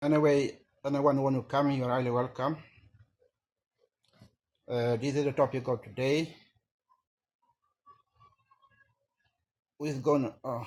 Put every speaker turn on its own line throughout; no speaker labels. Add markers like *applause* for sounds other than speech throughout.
Anyway, anyone who want to come, you're highly welcome. Uh, this is the topic of today. Who's going? Oh,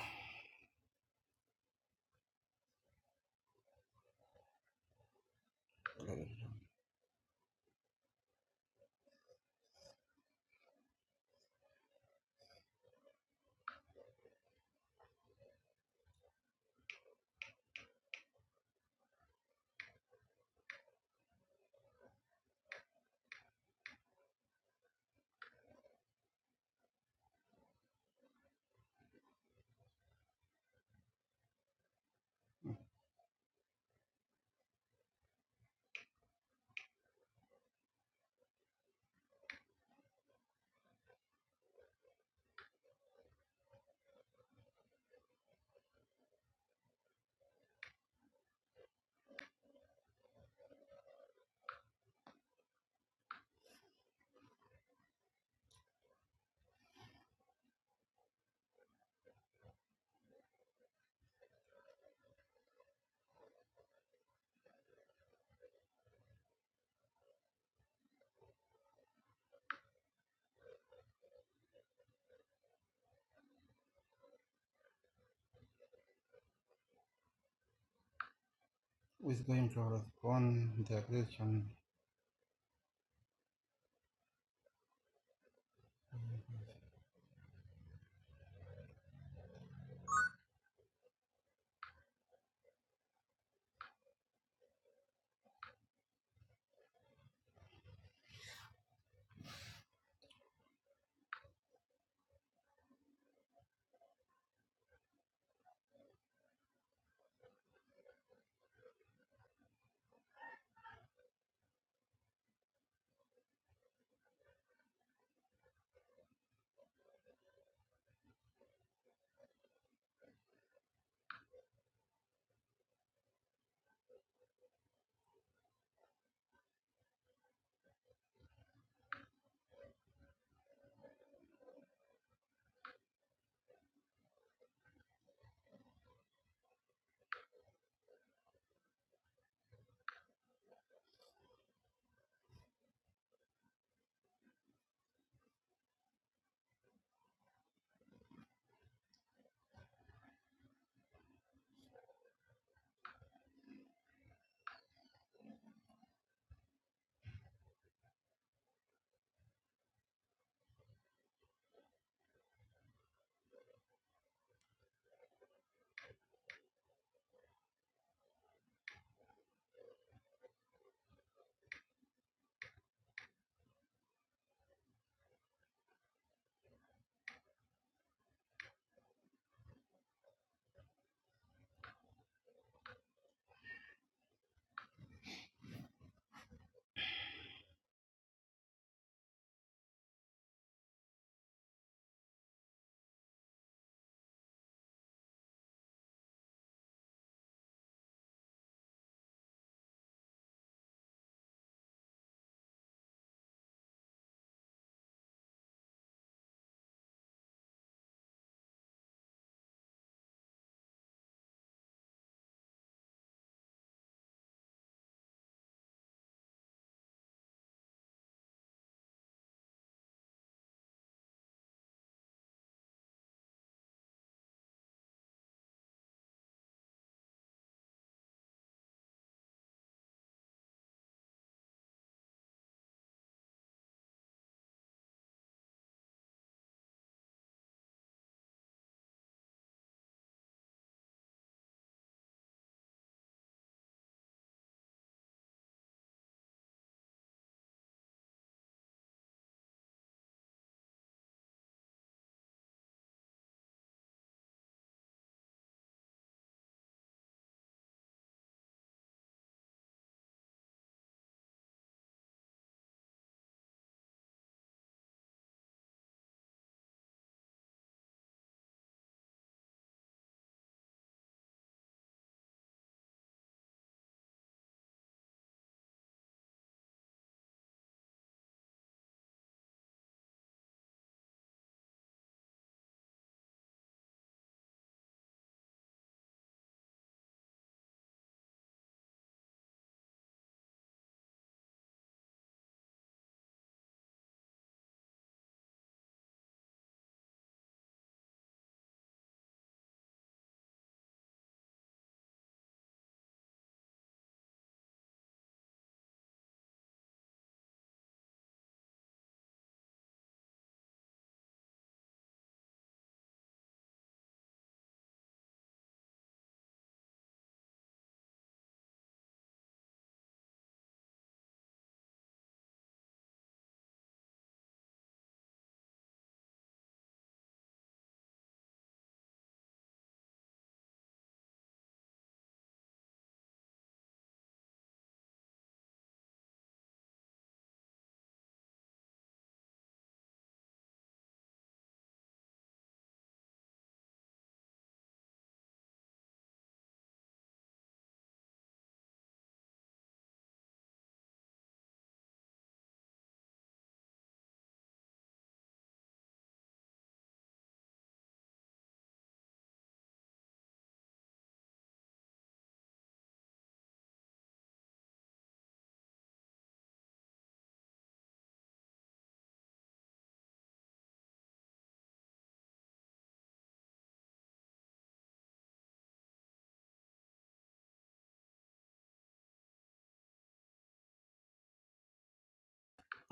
who's going to respond the question?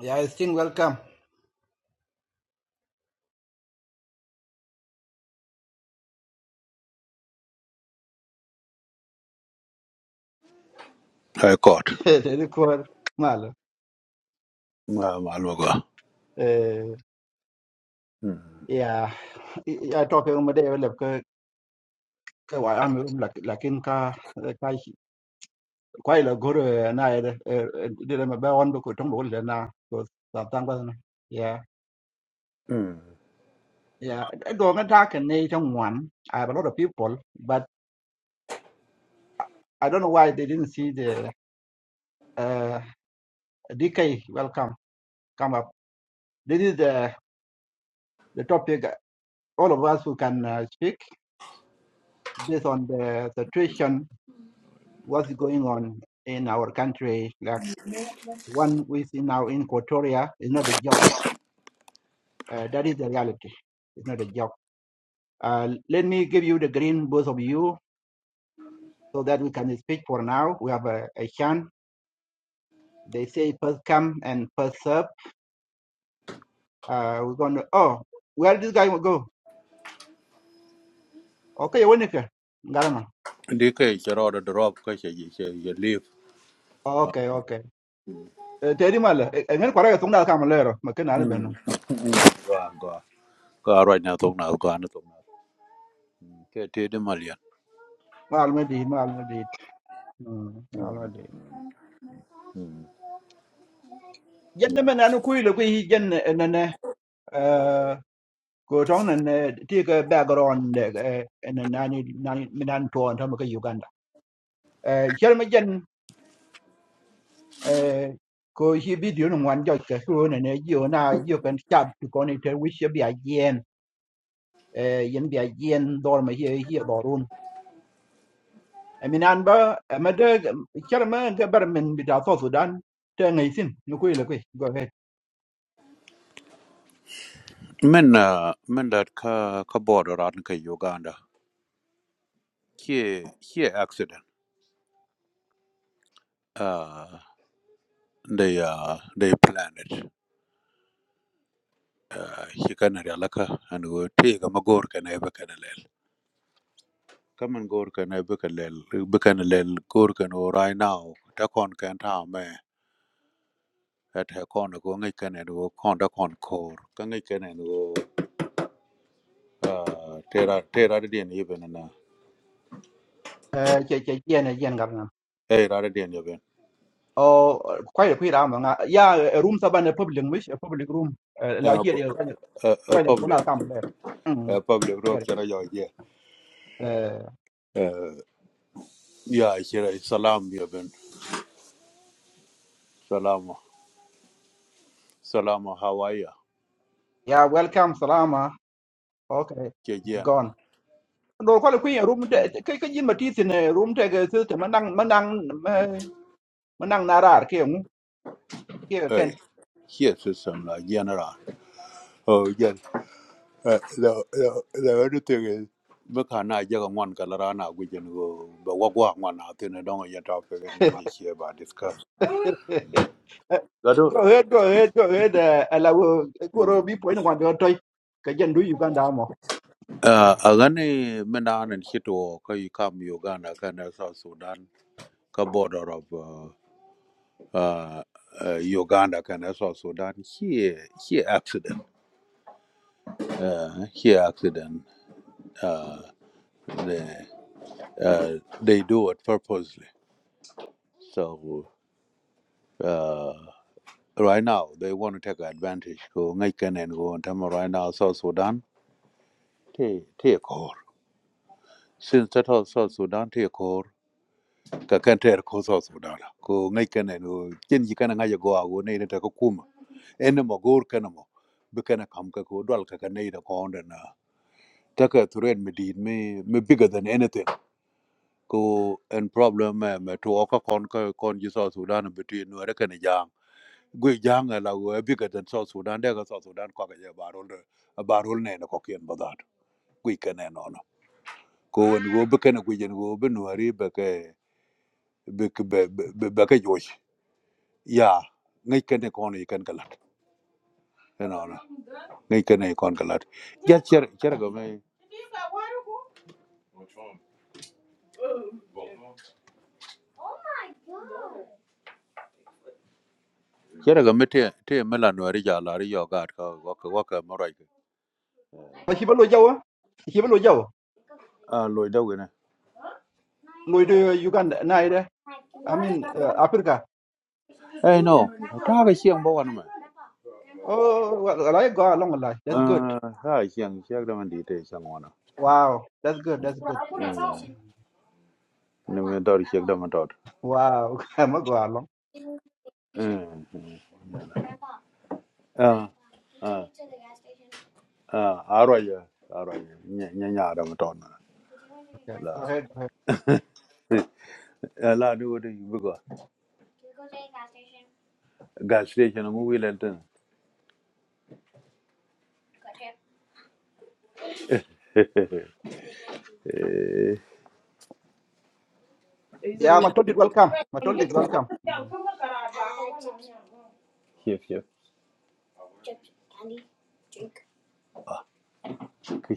Yeah, I think welcome.
I caught.
*laughs* This is malo.
Um, Alwaga.
Uh,
Mm.
yeah, I talk um day well ke ke why I'm um like like in ka ka quite a good uh, na eh did my be on ko tong bol na so tang ba na. yeah
Mm.
yeah do nga ta ken ne tong one I have a lot of people but I don't know why they didn't see the uh, DK, welcome. Come up. This is the, the topic uh, all of us who can uh, speak based on the situation, what's going on in our country. Like one we see now in Equatoria is not a joke. Uh, that is the reality. It's not a joke. Uh, let me give you the green, both of you, so that we can speak for now. We have a, a chance. They say first come and first serve. Uh, we're going to, oh, where did this guy go? Okay, Winnipeg. Garama.
Dike chero drop ka che ye che ye leave.
Okay, okay. Eh, tedi mala ngen kwara ga tungda kam lero ma ken ana beno
Mm. Ga ga ga right now tong na ga na tong na. Ke te de malian.
mal me di mal me di mal me
Mm.
di
Mm.
jenne
Yeah.
men anu kuy le kuy jenne nene eh, background eh, eh, nen nani nani minan to on ma ke uganda eh chel me jen eh, ko hi video no wan jo ke ko ne ne yo na yo ken chat ko ne te wi eh, min an ba amade charma ga barmen bita so sudan te ngai sin nu kuile kui go ahead
Men uh, men that ka ka border ran ka Uganda. here, here accident. Uh, they uh, they planned it. Uh, he kana alaka and go take a magor Can eba kana Come and go can I can lel can lel go can go right now. Ta con can ta me. At her con go ngay can and go con ta con core. Can ngay can and go. Ah, tera tera de dien even na.
eh che che yene yen gamna
Hey, rather than even.
o kwai kui ra ma nga ya eh, room saban a public mish a public room eh, la
Uh,
here ya
uh, uh,
ranya
public,
kuna kam le mm
uh, public road
here
can I yeah.
eh
Uh, yeah, here salam even. Salam, salam, how are you?
ya welcome salama okay it's
Hey,
gone do kwai kui room te kai kai yin mati sin eh, room te ga su te manang manang manang narar ke mu
here is some like general. oh yes. Uh, the, the, the other thing is, meka na jaga ngwan kala rana gujen go ba wagwa ngwan atene donga ya topic and guje share ba discuss.
*laughs*
Gado.
go ahead, go ahead, go ahead. Uh, alawo koro
Mm.
bi point ngwan do toy ka jandu Uganda mo.
Uh,
Yeah.
agani mena anen hito ka you come Uganda kan South Sudan ka border of uh, uh, uh, Uganda kan South Sudan here here accident. Uh, here accident. Uh, they uh, they do it purposely. So. uh, right now they want to take advantage go ngaken and go and tama right now south sudan take, te kor since that all south sudan take kor ka kan ter ko south sudan Go, ngaken and go chen ji kana ngaja go ago ne ta ko kuma en mo gor kana mo be kana kam ka dal ka ne da ko onda me me bigger than anything ko and problem eh, me to ka kon ka south sudan between no and kana gwe la we bigger than South Sudan de South Sudan ko ga je barol de barol ne na ko kien badat gwe kene no no go be kene gwe jen go be no ari josh ya ngai kene ko no ikan galat no no ngai kene ikon galat ja cher cher ga me cher ga me te te mela no ari ja la ari yo ga ka ko
Ma hibalo jawo, hibalo jawo.
a lo da
Lo do Uganda na ida. I mean uh, Africa.
no
Oh, well, I go along like that's good.
ah ha siang siang da man
Wow, that's good, that's good.
Nimi dor chek dama dor.
Wow, *laughs* I'm gonna go along.
Ah, ah, ah, Arroyo. Arroyo. nyanya dama dor na.
Okay,
La,
go ahead, go ahead.
*laughs* eh, la du wadi bigo. Gas station ngu movie tan. He said,
Yeah,
well,
I'm told it welcome. i
want to
told it
get
welcome.
Chef, chef.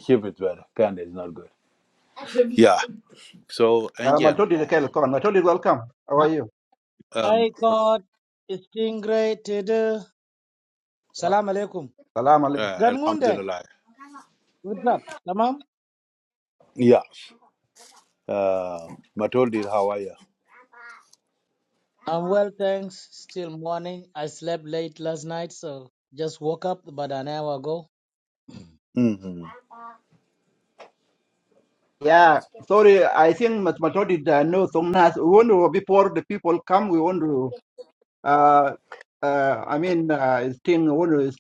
Chef is bad. Candy is not good. Yeah. So,
I'm
enje no
told it okay,
mo.
come on. i told it welcome. How are you?
Um,
I got stingray to do. Salam alaikum.
Salam alaikum.
uh,
Ganmunde,
alhamdulillah.
what's up? Tamam?
Yeah. Uh, Matoldi, how are you?
I'm well, thanks. Still morning. I slept late last night, so just woke up about an hour ago.
Mm-hmm.
Yeah, sorry. I think mathematics uh, no song nas. We want to before the people come. We want to uh uh. I mean, uh, thing we want to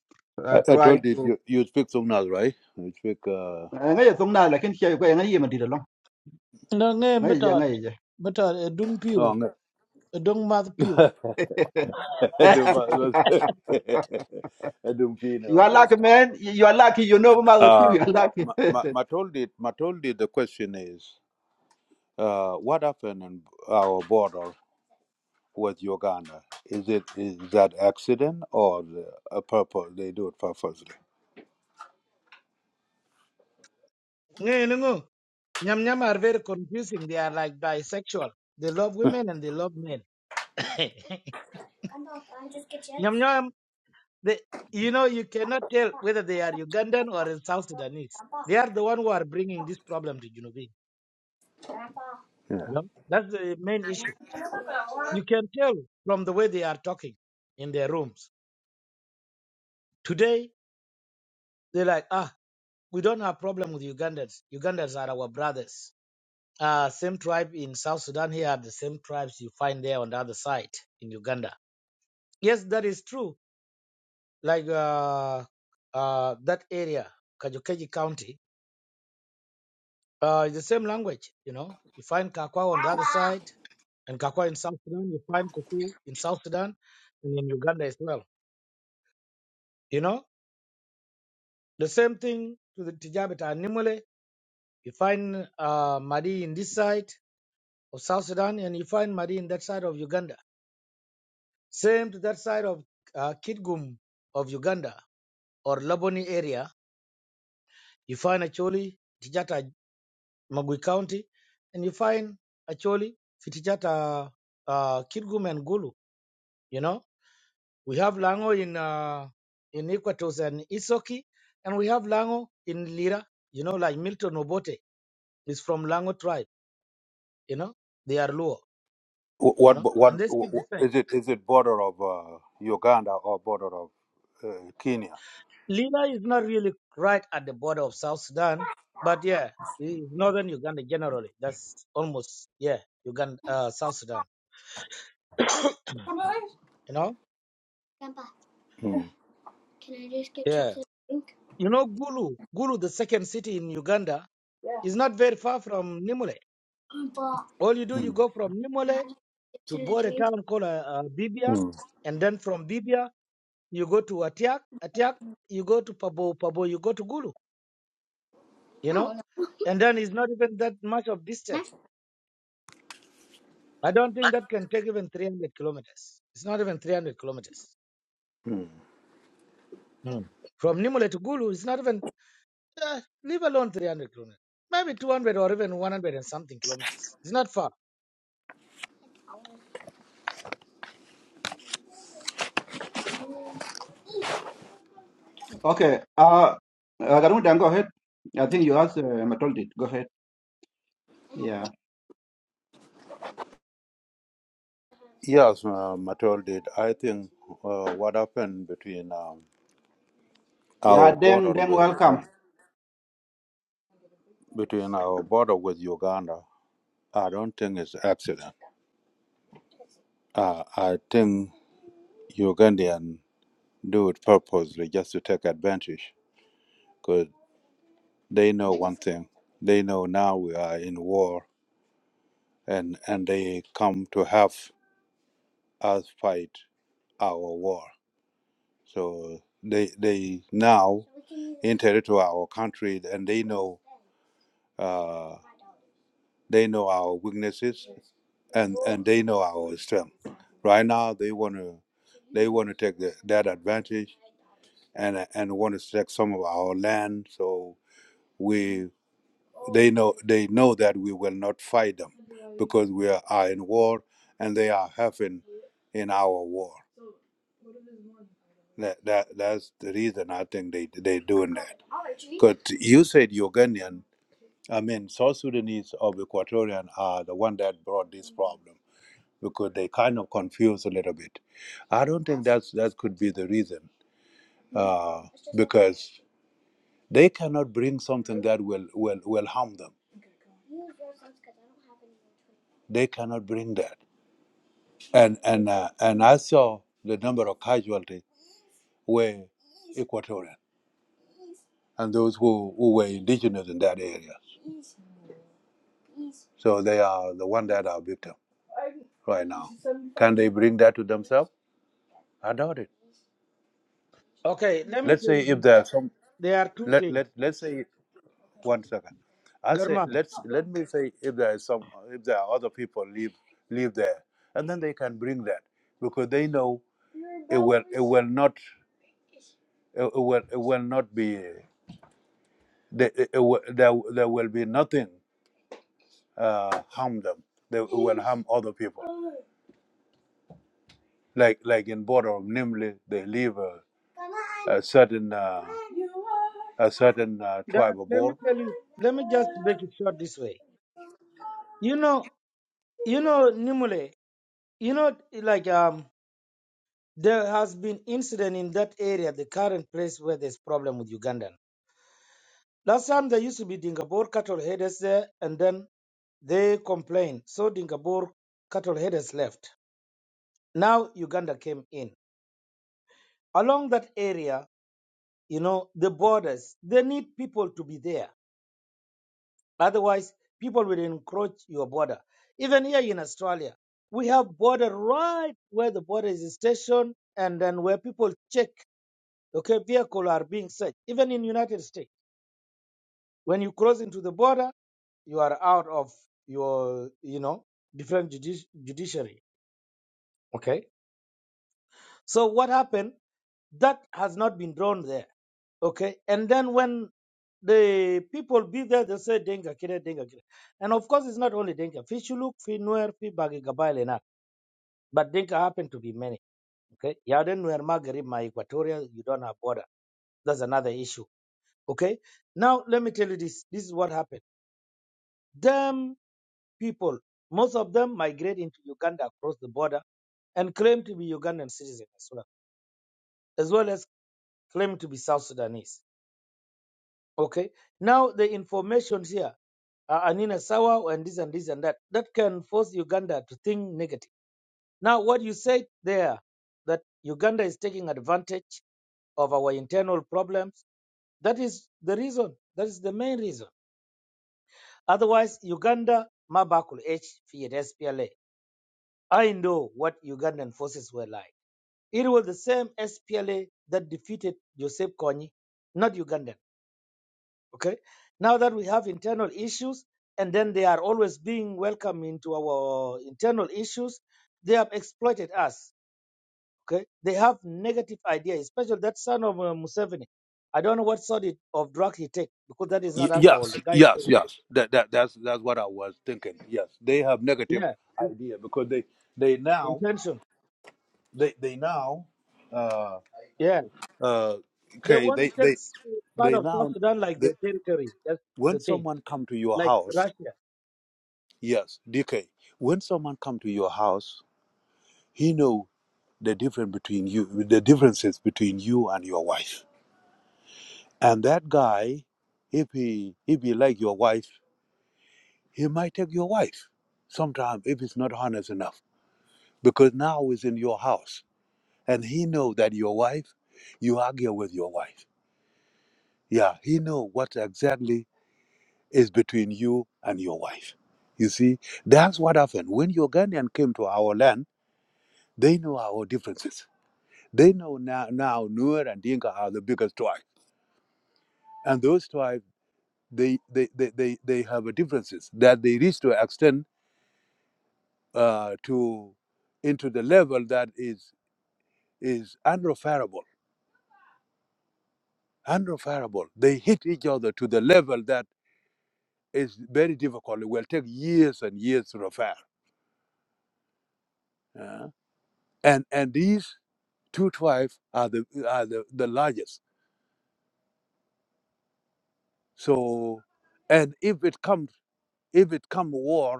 uh,
I, I
try
told you,
to.
you you speak Songnas, right? You speak uh
Ngay song nas. Lakin siya ko ngay yaman dito long.
No, ngay
Ngay yah
method.
ngay yah.
Method, a dung
oh
pew.
no.
A dung mouth pew.
*laughs* I do my
*laughs*
*laughs* I do mean *laughs*
You are
okay.
lucky, man. You are lucky. You know about the people.
Uh
You are lucky.
ma,
*laughs*
ma, ma told it ma told it the question is uh what happened in our border with Uganda? Is it is that accident or the, a purpose they do it purposely?
Ngay nungu. *laughs* Nyam nyam are very confusing. They are like bisexual. They love
*laughs* yeah.
women and they love men. *laughs* Nyam Nyam They, you know, you cannot tell whether they are Ugandan or South Sudanese. They are the one who are bringing this problem to Junubin. You know, that's the main issue. You can tell from the way they are talking in their rooms. Today, they're like, ah, we don't have problem with Ugandans. Ugandans are our brothers. Uh, same tribe in South Sudan here are the same tribes you find there on the other side in Uganda. Yes, that is true. Like uh, uh, that area, Kajukeji County, Uh, it's the same language, you know. You find Kakwa on the other side, and Kakwa in South Sudan. You find Kuku in South Sudan, and in Uganda as well. You know, the same thing to the Tijabet and Nimule. You find uh, Madi in this side of South Sudan, and you find Madi in that side of Uganda. Same to that side of uh, Kitgum of Uganda or Laboni area. You find actually Tijata Magui County, and you find actually Fitijata uh, Kitgum and Gulu. You know. We have Lango in uh, in Iquitos and Isoki, and we have Lango in Lira. You know, like Milton Obote is from Lango tribe. You know, they are Luo.
Wh-
You
What
know,
bo- what
and they
wh-
speak the
wh-
same.
is it is it border of uh, Uganda or border of uh, Kenya?
Lira is not really right at the border of South Sudan, but yeah, it's northern Uganda generally. That's almost yeah, Uganda, uh, South Sudan. You know,
Mm.
yeah. You know, Gulu, Gulu, the second city in Uganda, is not very far from Nimule. All you do, you
Mm,
go from Nimule to board a town called uh, uh, Bibia,
mm,
and then from Bibia you go to Atiak, Atiak you go to Pabo, Pabo you go to Gulu, you know, and then it's not even that much of distance. I don't think that can take even 300 kilometers. It's not even 300 kilometers.
mm.
Mm. From Nimule to Gulu, it's not even, uh, leave alone 300 kilometers. Maybe 200 or even 100 and something kilometers. It's not far.
Okay. Uh, uh Karungu, then go ahead. I think you asked uh, mathematics. Go ahead. Yeah.
Yes, uh, Matol did. I think uh, what happened between um,
Yeah.
our
Then
border
then
with
welcome.
Uganda, between our border with Uganda, I don't think it's accident. Uh, I think Ugandan do it purposely just to take advantage, because they know one thing. They know now we are in war, and and they come to have us fight our war. So they they now enter into our country and they know uh, they know our weaknesses and and they know our strength. Right now they want to they want to take the, that advantage and and want to take some of our land. So we. They know they know that we will not fight them because we are, are in war and they are having in our war. That, that that's the reason I think they they doing that. Because you said Ugandan, I mean South Sudanese or Equatorian are the one that brought this problem because they kind of confuse a little bit. I don't think that's that could be the reason uh, because they cannot bring something that will will will harm them. They cannot bring that. and and uh, and I saw the number of casualties were Equatorian and those who, who were indigenous in that area. So they are the one that are victim right now. Can they bring that to themselves? I doubt it.
Okay, let me
Let's
tell you
say if
this.
there are some
There are two
let
things.
let let's say one second. I say
German,
let's let me say if there is some if there are other people live live there and then they can bring that because they know it will it will not it will it will not be. They, it, will- there, there will be nothing uh, harm them. They will harm other people. Like like in border of Nimli, they leave a, a certain uh, a certain uh,
there,
tribe of
let me
Bor.
tell you, let me just make it short this way. You know, You know, Nimule, you know, like um, there has been incident in that area, the current place where there's problem with Ugandan. Last time there used to be Dingabor cattle headers there, and then they complained, so Dingabor cattle headers left. Now Uganda came in. Along that area, you know, the borders, they need people to be there. Otherwise, people will encroach your border. Even here in Australia, we have border right where the border is stationed and then where people check okay, vehicle are being searched. Even in United States, when you cross into the border, you are out of your, you know, different judici- judiciary. Okay. So what happened? That has not been drawn there. Okay. And then when the people be there, they say Denga Kire, Denga Kire. And of course, it's not only Denga. Fishuluk, Finuer, Fibagi Gabail and that. But Denga happen to be many. Okay. Yaden Nuer Magarib, my Equatorial, you don't have border. That's another issue. Okay. Now, let me tell you this. This is what happened. Them people, most of them migrate into Uganda across the border and claim to be Ugandan citizens as well, as well as claim to be South Sudanese. Okay. Now the information here, uh, Anina Sawa and this and this and that, that can force Uganda to think negative. Now what you said there, that Uganda is taking advantage of our internal problems, that is the reason. That is the main reason. Otherwise, Uganda, Mabakul H, Fiat, SPLA, I know what Ugandan forces were like. It was the same SPLA that defeated Joseph Kony, not Ugandan. Okay. Now that we have internal issues, and then they are always being welcomed into our internal issues, they have exploited us. Okay. They have negative ideas, especially that son of uh, Museveni. I don't know what sort it- of drug he take because that is
Y-
not alcohol. The
yes,
guy,
yes, yes. That, that that's that's what I was thinking. Yes, they have negative
yeah, it's
idea because they they now
intention.
they they now uh
Yeah.
uh
They
okay
want to
they
take
they
s- part
they
of South
now
Sudan like their territory. That's the
when
thing.
someone come to your
Like
house
Russia.
yes dk when someone come to your house he know the difference between you the differences between you and your wife and that guy if he if he like your wife he might take your wife sometimes if it's not honest enough because now he's in your house and he know that your wife you argue with your wife yeah he know what exactly is between you and your wife you see that's what happened when your Ugandan came to our land They know our differences. They know now, now Nuer and Dinka are the biggest tribe. And those tribes, they, they, they, they, they have a differences that they reach to extend uh, to into the level that is is unreferable. Unreferable. They hit each other to the level that is very difficult. It will take years and years to refer. uh, and and these two tribes are the are the, the largest. So and if it comes if it come war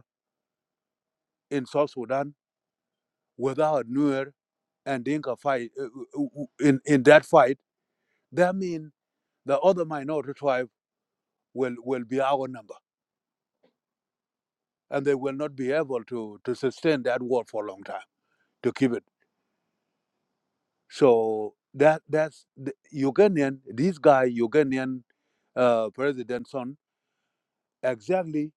in South Sudan without Nuer and Dinka fight uh, uh, uh, uh, in in that fight, that means the other minority tribe will will be our number, and they will not be able to to sustain that war for a long time to keep it. So that that's the Ugandan. This guy Ugandan uh, president son exactly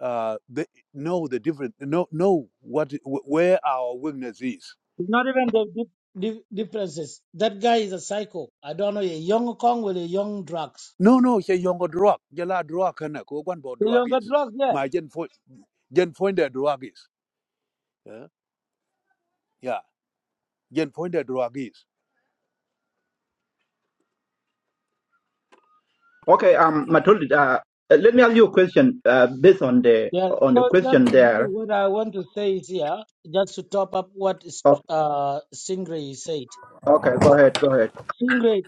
uh, they know the difference. Know know what where our weakness is
It's not even the dif- dif- differences. That guy is a psycho. I don't know, a young Kong with a young drugs.
No, no, she yongo drug. Jela drug kana ko one bo
The
drug
younger
is.
drugs, yeah.
My gen point gen point the drug is. Yeah, yeah. Gen point the drug is.
Okay, um, Matul, uh, let me ask you a question uh, based on the
Yeah,
on the
so that's
question
the bigger
there.
what I want to say is here, just to top up what is-
Oh,
uh, Stingray said.
okay, go ahead, go ahead.
Stingray,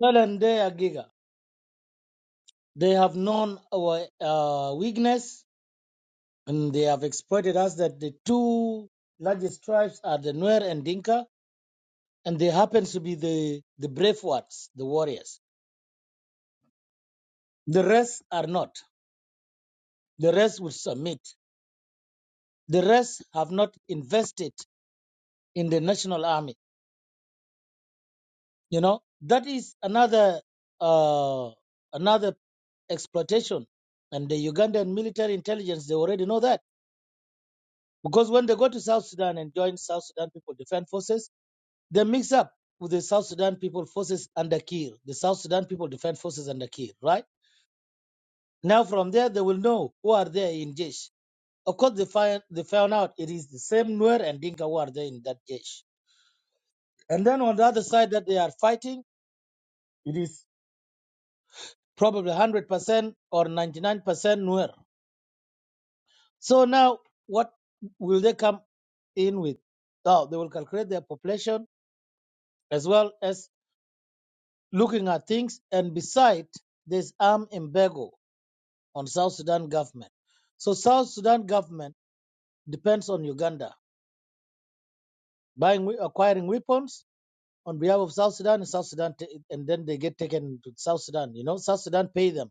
tell them they are giga. They have known our uh, weakness and they have exploited us that the two largest tribes are the Nuer and Dinka, and they happen to be the, the brave ones, the warriors. The rest are not. The rest will submit. The rest have not invested in the national army. You know that is another uh, another exploitation, and the Ugandan military intelligence they already know that because when they go to South Sudan and join South Sudan People Defense Forces, they mix up with the South Sudan People Forces under Kir, the South Sudan People Defense Forces under Kir, right? Now from there they will know who are there in Jesh. Of course, they find they found out it is the same Nuer and Dinka who are there in that Jesh And then on the other side that they are fighting, it is probably 100% or 99% Nuer. So now, what will they come in with? Now, they will calculate their population as well as looking at things. And beside, there's arm embargo on South Sudan government. So South Sudan government depends on Uganda buying, acquiring weapons on behalf of South Sudan and South Sudan, and then they get taken to South Sudan. You know, South Sudan pay them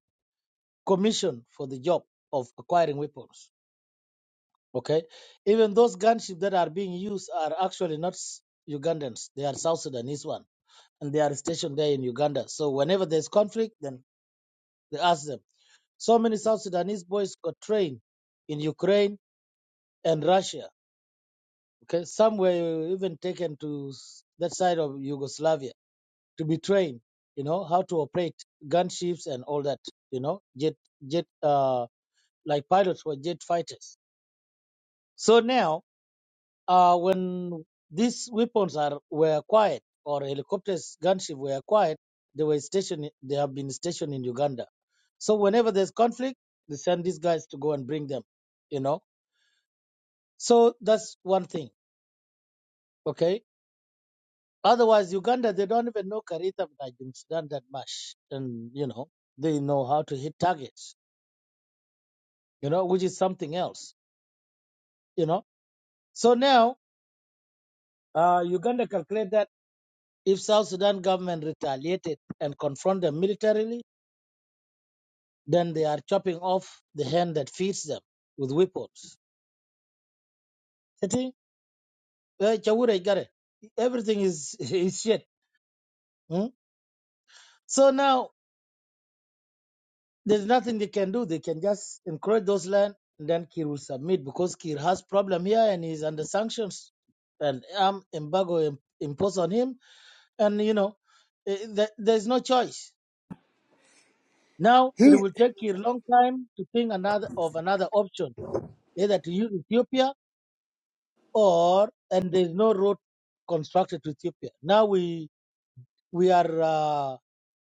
commissioned for the job of acquiring weapons. Okay, even those gunships that are being used are actually not S- Ugandans; they are South Sudanese one, and they are stationed there in Uganda. So whenever there's conflict, then they ask them. So many South Sudanese boys got trained in Ukraine and Russia. Okay, some were even taken to s- that side of Yugoslavia to be trained. You know how to operate gunships and all that. You know jet jet uh like pilots were jet fighters. So now Uh, when these weapons are were acquired or helicopters, gunship were acquired, they were stationed. They have been stationed in Uganda. So whenever there's conflict, they send these guys to go and bring them. You know. So that's one thing. Okay. Otherwise, Uganda they don't even know Karita Vinajum Sudan that much, and you know they know how to hit targets. You know, which is something else. You know. So now, uh, Uganda calculate that if South Sudan government retaliated and confront them militarily Then they are chopping off the hand that feeds them with weapons. You think? Eh, Chaura Igare. Everything is, *laughs* is shit. hmm? So now there's nothing they can do. They can just encourage those land and then Kir will submit because Kir has problem here and he's under sanctions and arm embargo im- imposed on him. And, you know, eh, th- there's no choice. Now it
He
will take Kir long time to think another of another option, either to use Ethiopia or and there's no road constructed to Ethiopia. Now we we are uh,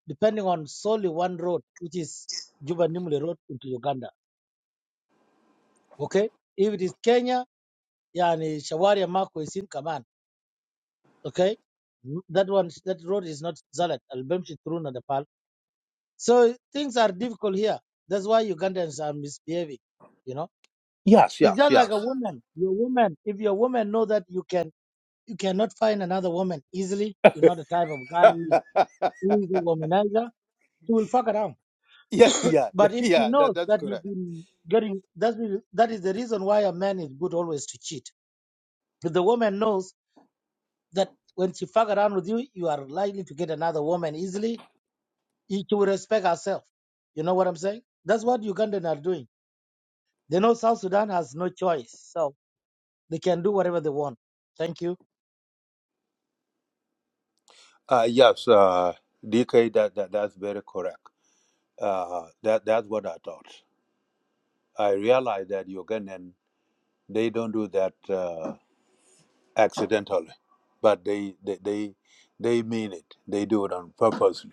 depending on solely one road, which is Juba Nimule Road into Uganda. Okay, if it is Kenya, yani Shawari Mako is in command. Okay, Mm, that one that road is not Zalat Al Bemshi through Nadapal. So things are difficult here. That's why Ugandans are misbehaving. You know,
yes,
it's
yes,
just like
yes.
a
*laughs*
woman. Your woman, if your woman know that you can you cannot find another woman easily, you're not the type of guy
Ah,
who is a womanizer, she will fuck around.
yeah, yeah, *laughs* yeah.
But if she
yeah,
knows
That, that's
that you've
correct.
been getting, that's that is the reason why a man is good always to cheat. Because the woman knows that when she fuck around with you, you are likely to get another woman easily. She will respect herself. You know what I'm saying? That's what Ugandan are doing. They know South Sudan has no choice, so they can do whatever they want. Thank you.
Uh, yes, uh, DK. That, that that's very correct. Uh, that that's what I thought. I realized that Ugandan they don't do that uh, accidentally, but they they they, they mean it. They do it on purpose.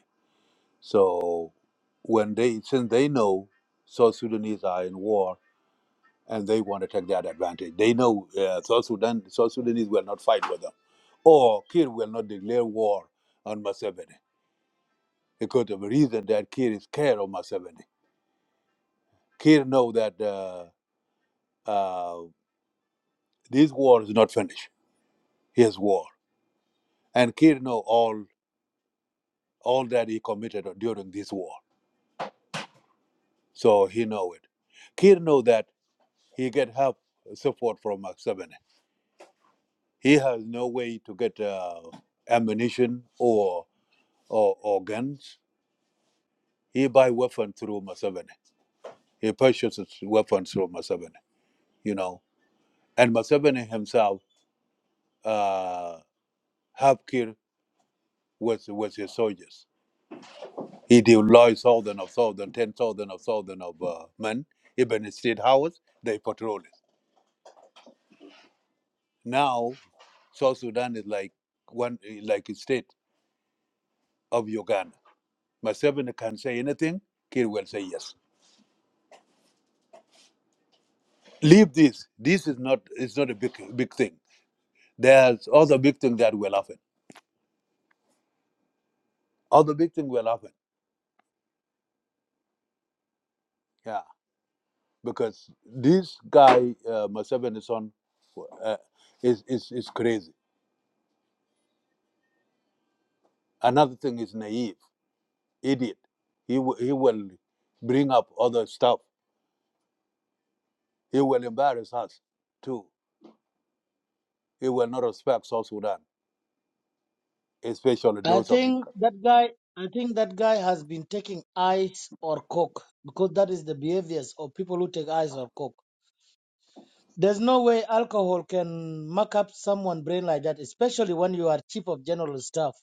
So when they since they know South Sudanese are in war and they want to take that advantage, they know uh, South Sudan South Sudanese will not fight with them, or Kir will not declare war on Museveni because of the reason that Kir is scared of Museveni. Kir know that uh, uh, this war is not finished. His war, and Kir know all all that he committed during this war, so he know it. Kir know that he get help support from Museveni He has no way to get uh, ammunition or, or or guns. He buy weapons through Museveni. He purchases weapons through Museveni. You know, and Museveni himself uh, have killed with with his soldiers. He deployed thousand of thousand, ten thousand of thousand of uh, men. Even in state house, they patrol it. Now South Sudan is like one like a state of Uganda. Museveni can say anything. Kir will say yes leave this. This is not it's not a big big thing. There's other big thing that will happen. Other big thing will happen. Yeah, because this guy, uh, my seven son, uh, is is is crazy. Another thing is naive, idiot. He will he will bring up other stuff. He will embarrass us too. He will not respect South Sudan, especially
I
those of
think
DK.
that guy. I think that guy has been taking ice or coke because that is the behaviors of people who take ice or coke There's no way alcohol can muck up someone's brain like that, especially when you are chief of general staff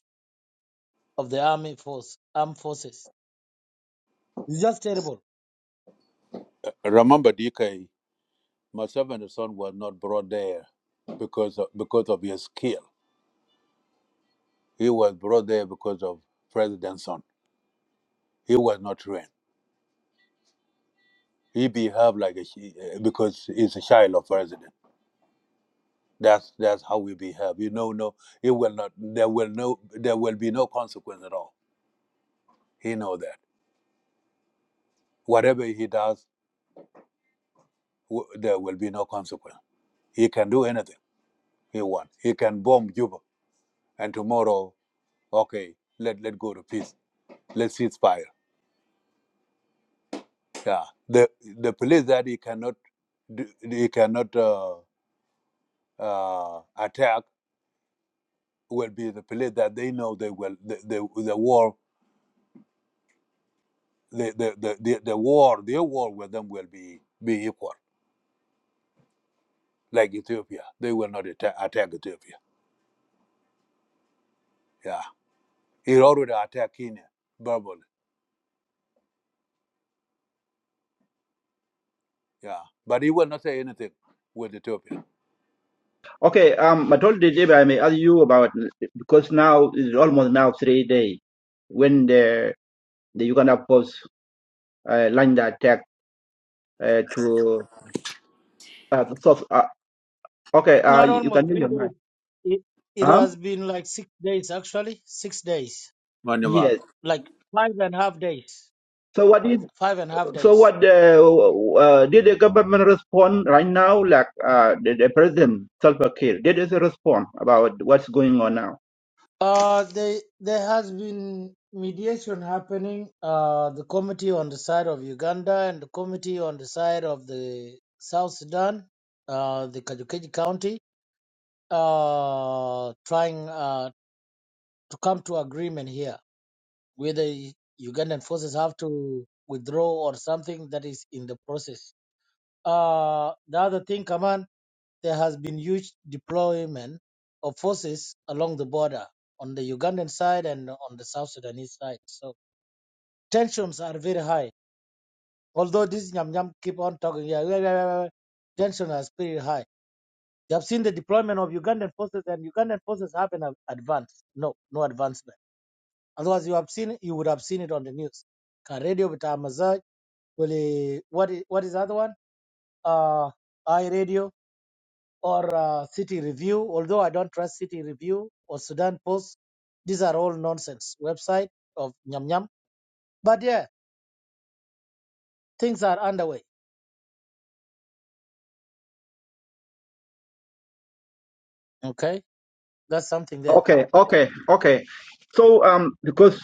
of the army force, armed forces. It's just terrible.
Remember, DK, my seven son was not brought there because of, because of his skill He was brought there because of president's son. He was not trained. He behaved like a chi- eh, because he's a child of president. That's that's how we behave. You know, no, it will not. There will no. There will be no consequence at all. He know that whatever he does, w- there will be no consequence. He can do anything he wants. He can bomb Cuba, and tomorrow, okay, let let go to peace. Let's cease fire. Yeah, the the police that he cannot, do- he cannot uh, uh, attack will be the place that they know they will the the, the war the the, the the the war their war with them will be be equal like Ethiopia they will not attack, attack Ethiopia yeah he already attacked Kenya verbally yeah but he will not say anything with Ethiopia
Okay, um, Matul, if I may ask you about because now it's almost now three days when the the Uganda Post uh, lined the attack uh, to uh, South. Uh, okay, uh,
Not
you can
almost
do
three
your
days.
mind.
It, it
Huh?
has been like six days, actually, six days,
Manjavar.
Yes.
like five and a half days,
So what is
five and a half
So
days.
what uh, uh, did the government respond right now? Like uh, the, the president Salva Kiir did it respond about what's going on now?
Uh, they, there has been mediation happening. Uh, the committee on the side of Uganda and the committee on the side of the South Sudan, uh, the Kajukeji County uh, trying uh, to come to agreement here, whether Ugandan forces have to withdraw or something that is in the process. Uh, the other thing, Kaman, there has been huge deployment of forces along the border on the Ugandan side and on the South Sudanese side. So tensions are very high. Although this Nyam Nyam keep on talking, yeah, yeah, yeah, yeah, yeah, tension is pretty high. They have seen the deployment of Ugandan forces, and Ugandan forces haven't advanced. No, no advancement Otherwise, you have seen it, you would have seen it on the news. Can radio with Amazon, will it- what is, what is the other one? Uh, I radio or uh, City Review. Although I don't trust City Review or Sudan Post, these are all nonsense website of Nyam Nyam. But yeah, things are underway. Okay, that's something there.
Okay, okay, okay. So um, because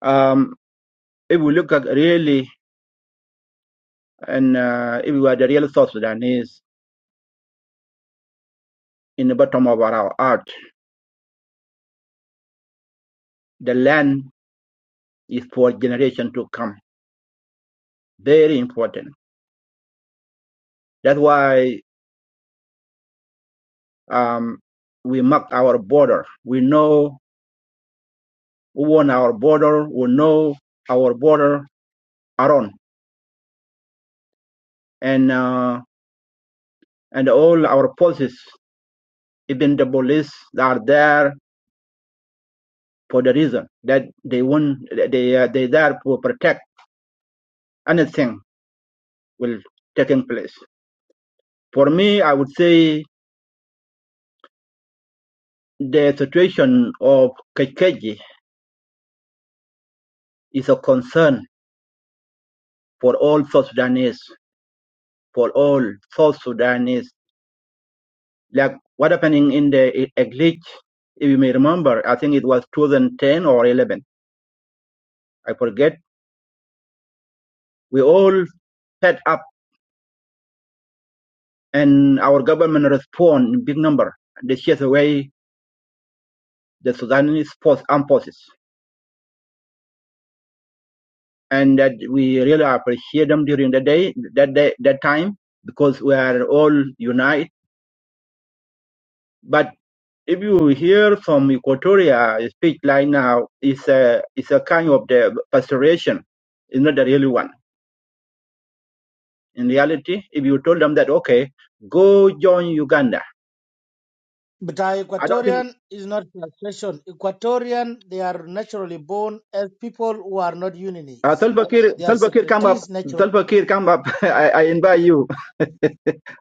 um, if we look at really and uh, if we are the real South Sudanese in the bottom of our heart, the land is for generation to come. Very important. That's why um, we mark our border. We know who own our border. We know our border around and uh, and all our policies, even the police are there for the reason that they want they uh, they there to protect anything will taking place. For me, I would say the situation of Kekeji is a concern for all South Sudanese, for all South Sudanese. Like what happening in the Eglich, if you may remember, I think it was 2010 or 11. I forget. We all fed up and our government respond in big number. They chase away the Sudanese force, armed forces, and that we really appreciate them during the day, that day, that time, because we are all united. But if you hear from Equatoria speech right now, it's a it's a kind of the pastoration. It's not the real one. In reality, if you told them that okay, go join Uganda,
But uh,
I don't think
Equatorian is not frustration. Equatorian, they are naturally born as people who are not
uh,
unionists.
Salva Kiir
They are
Salva Kiir come up.
separatists naturally
Salva Kiir come up. *laughs* I, I invite you.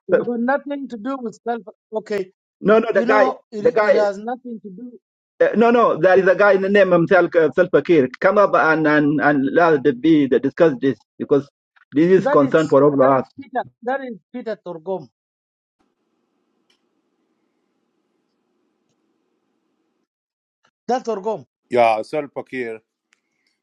It got nothing to do with self. Okay,
No, no, the
you
guy,
know,
the
it, it
guy.
has nothing to do.
Uh, no, no, there is a guy in the name himself, uh, Salfakir. Come up and and and let the be the discuss this because this is
That
concern
is
for all of
that is
us.
Peter. That is Peter Torgom. That's Torgom.
yeah Salva Kiir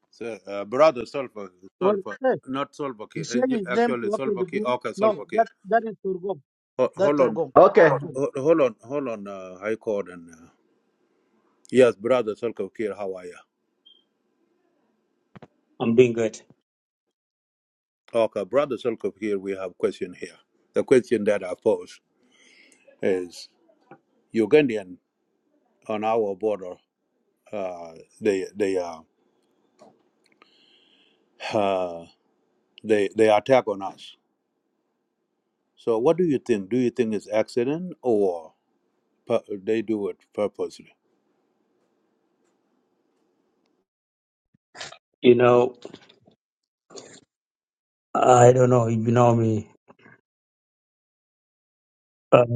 so, uh, brother Salva
Well,
Salva
hey,
not Salva
he
Kiir uh,
changed his name to
actually Salva Kiir
Akedugum.
okay
No,
Salva Kiir
that that is Torgom.
Ho-
That
hold on
Torgom.
Okay,
Torgom.
ho- hold on hold on uh, High Court and uh, yes brother Salva Kiir how are you
I'm doing good.
Okay, Brother Solkov here, we have question here. The question that I pose is Ugandan on our border, uh, they they uh, uh, they they attack on us. So what do you think? Do you think it's accident or pu- they do it purposely?
You know, I don't know. if You know me.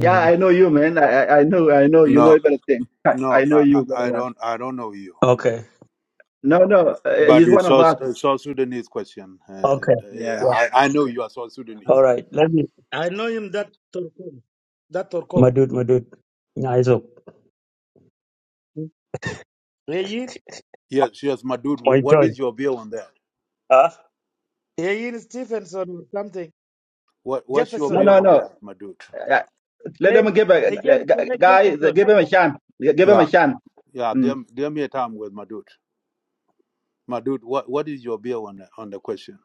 yeah, I know you, man. I I I know, I know, you know
No,
everything. *laughs* I,
no,
I know
I, I
you very
I
well.
don't I don't know you.
okay.
No, no,
But,
uh,
but
he's one
it's
of
South,
us.
uh, South Sudanese question. Uh,
Okay.
Yeah.
Yeah.
I, I know you are South
Huh?
All
Sudanese.
right. Let me,
I know him. That Torgom. That
my
Torgom.
dude, my dude. Nice up.
Hmm. Ayin
Yes, yes, my dude.
My
What
turn.
is your view on that?
Huh?
Ayin Stephenson or something.
What What's your
No,
Jefferson.
view
no,
on
no.
that, my dude?
Uh, let
Hey,
him give a
again,
uh,
Chole
guy. uh,
Jefferson.
Give him a chance. Uh, Give him
Yeah,
a chance.
Yeah, dear,
Mm.
dear me a time with my dude. My dude, what, what is your view on the, on the question?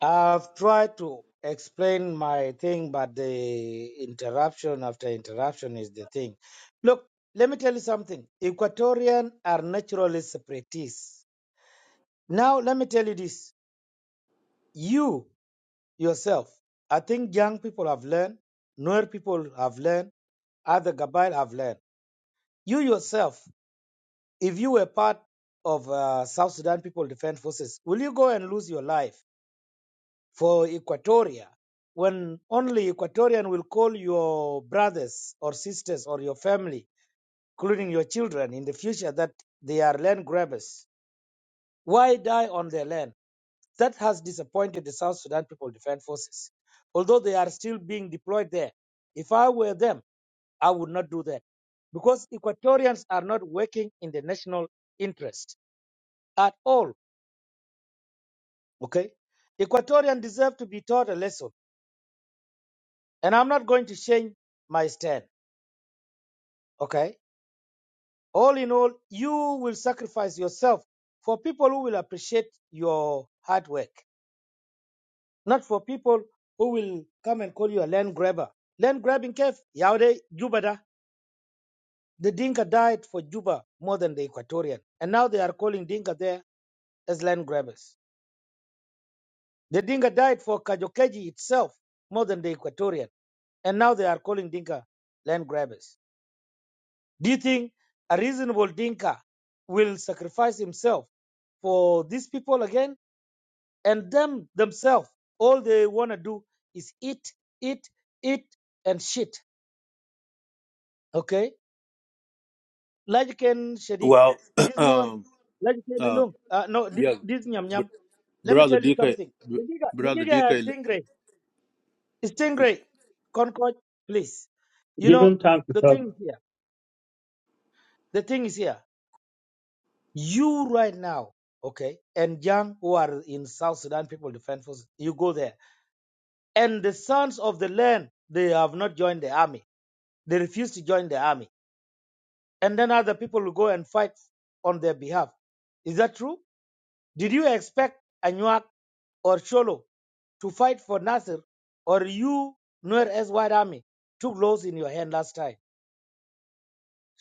I've tried to explain my thing, but the interruption after interruption is the thing. Look, let me tell you something. Equatorian are naturally separatists. Now, let me tell you this. You yourself, I think young people have learned, newer people have learned, other Gabayel have learned. You yourself, if you were part of uh, South Sudan People Defense Forces, will you go and lose your life? for Equatoria, when only Equatorian will call your brothers or sisters or your family, including your children in the future, that they are land grabbers. Why die on their land? That has disappointed the South Sudan People Defense Forces. Although they are still being deployed there, if I were them, I would not do that because Equatorians are not working in the national interest at all. Okay? Equatorians deserve to be taught a lesson, and I'm not going to change my stand. Okay. All in all, you will sacrifice yourself for people who will appreciate your hard work, not for people who will come and call you a land grabber. Land grabbing cave, Yaude, Juba da. The Dinka died for Juba more than the Equatorian. And now they are calling Dinka there as land grabbers. The Dinka died for Kajokeji itself more than the Equatorian. And now they are calling Dinka land grabbers. Do you think a reasonable Dinka will sacrifice himself for these people again? And them themselves, all they want to do is eat, eat, eat, and shit. Okay? Lajiken Shadid.
Well,
This
*clears throat*
Nuer,
um,
Lajiken
uh,
Ulum. Uh, no, this,
yeah,
this Nyam
br-
Nyam. Let me
brother
tell you
DK,
something.
br-
The giga, the
brother
giga has
DK.
Stingray. It's Stingray. Concord, please. You
Give
know,
him time to
the
talk.
thing is here. The thing is here. You right now, okay, and young who are in South Sudan People Defense Forces, you go there. And the sons of the land, they have not joined the army. They refuse to join the army. And then other people will go and fight on their behalf. Is that true? Did you expect Anuak or Cholo to fight for Nasser or you, Nuer S. White Army, took laws in your hand last time?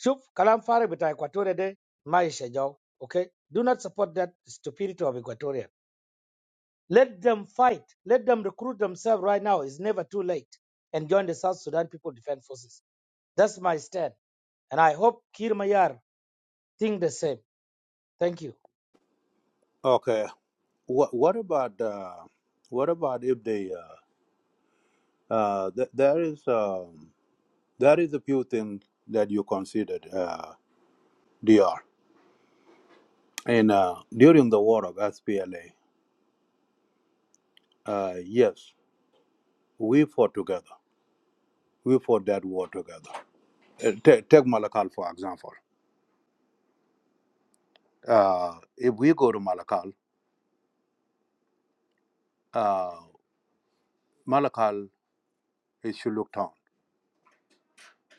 Shuf, kalam fare bita Equatoria de, maisha jau. Okay? Do not support that stupidity of Equatoria. Let them fight. Let them recruit themselves right now. It's never too late. And join the South Sudan People Defense Forces. That's my stand. And I hope Kir Mayar think the same. Thank you.
Okay, what what about uh, what about if they uh, uh, th- there is um, there is a few things that you considered uh, DR and uh, during the war of SPLA. Uh, yes, we fought together. We fought that war together. Uh, ta- take Malakal for example. Uh, if we go to Malakal, uh, Malakal is Shuluk town.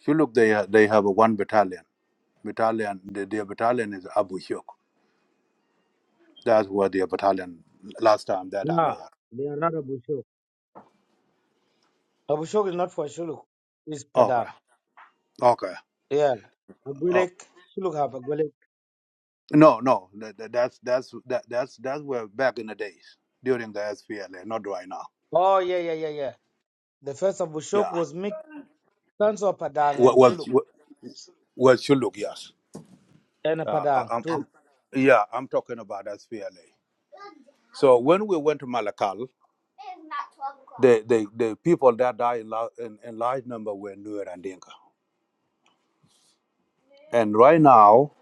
Shuluk, they, ha- they have a one battalion. Battalion, the, their battalion is Abu Shuk. That's where their battalion last time that I
Nah,
know.
they are not a Bushok. Abushok is not for Shuluk. It's
of. Okay,
Padang.
okay.
Yeah.
Oh,
Agulek. Shuluk have Agulek.
no, no. That, that- that's that's that, that's that's where back in the days during the SPLA, not right now.
Oh, yeah, yeah, yeah, yeah. The first
Yeah,
Abushok was mixed sons of Padang and
what was
Shuluk.
what what Shuluk? Yes.
And a
Uh, I,
Padang
I'm,
too.
I'm, yeah, I'm talking about SPLA. So when we went to Malakal, the, the, the people that died in, lar- in, in large number were Nuer and Dinka. And right now,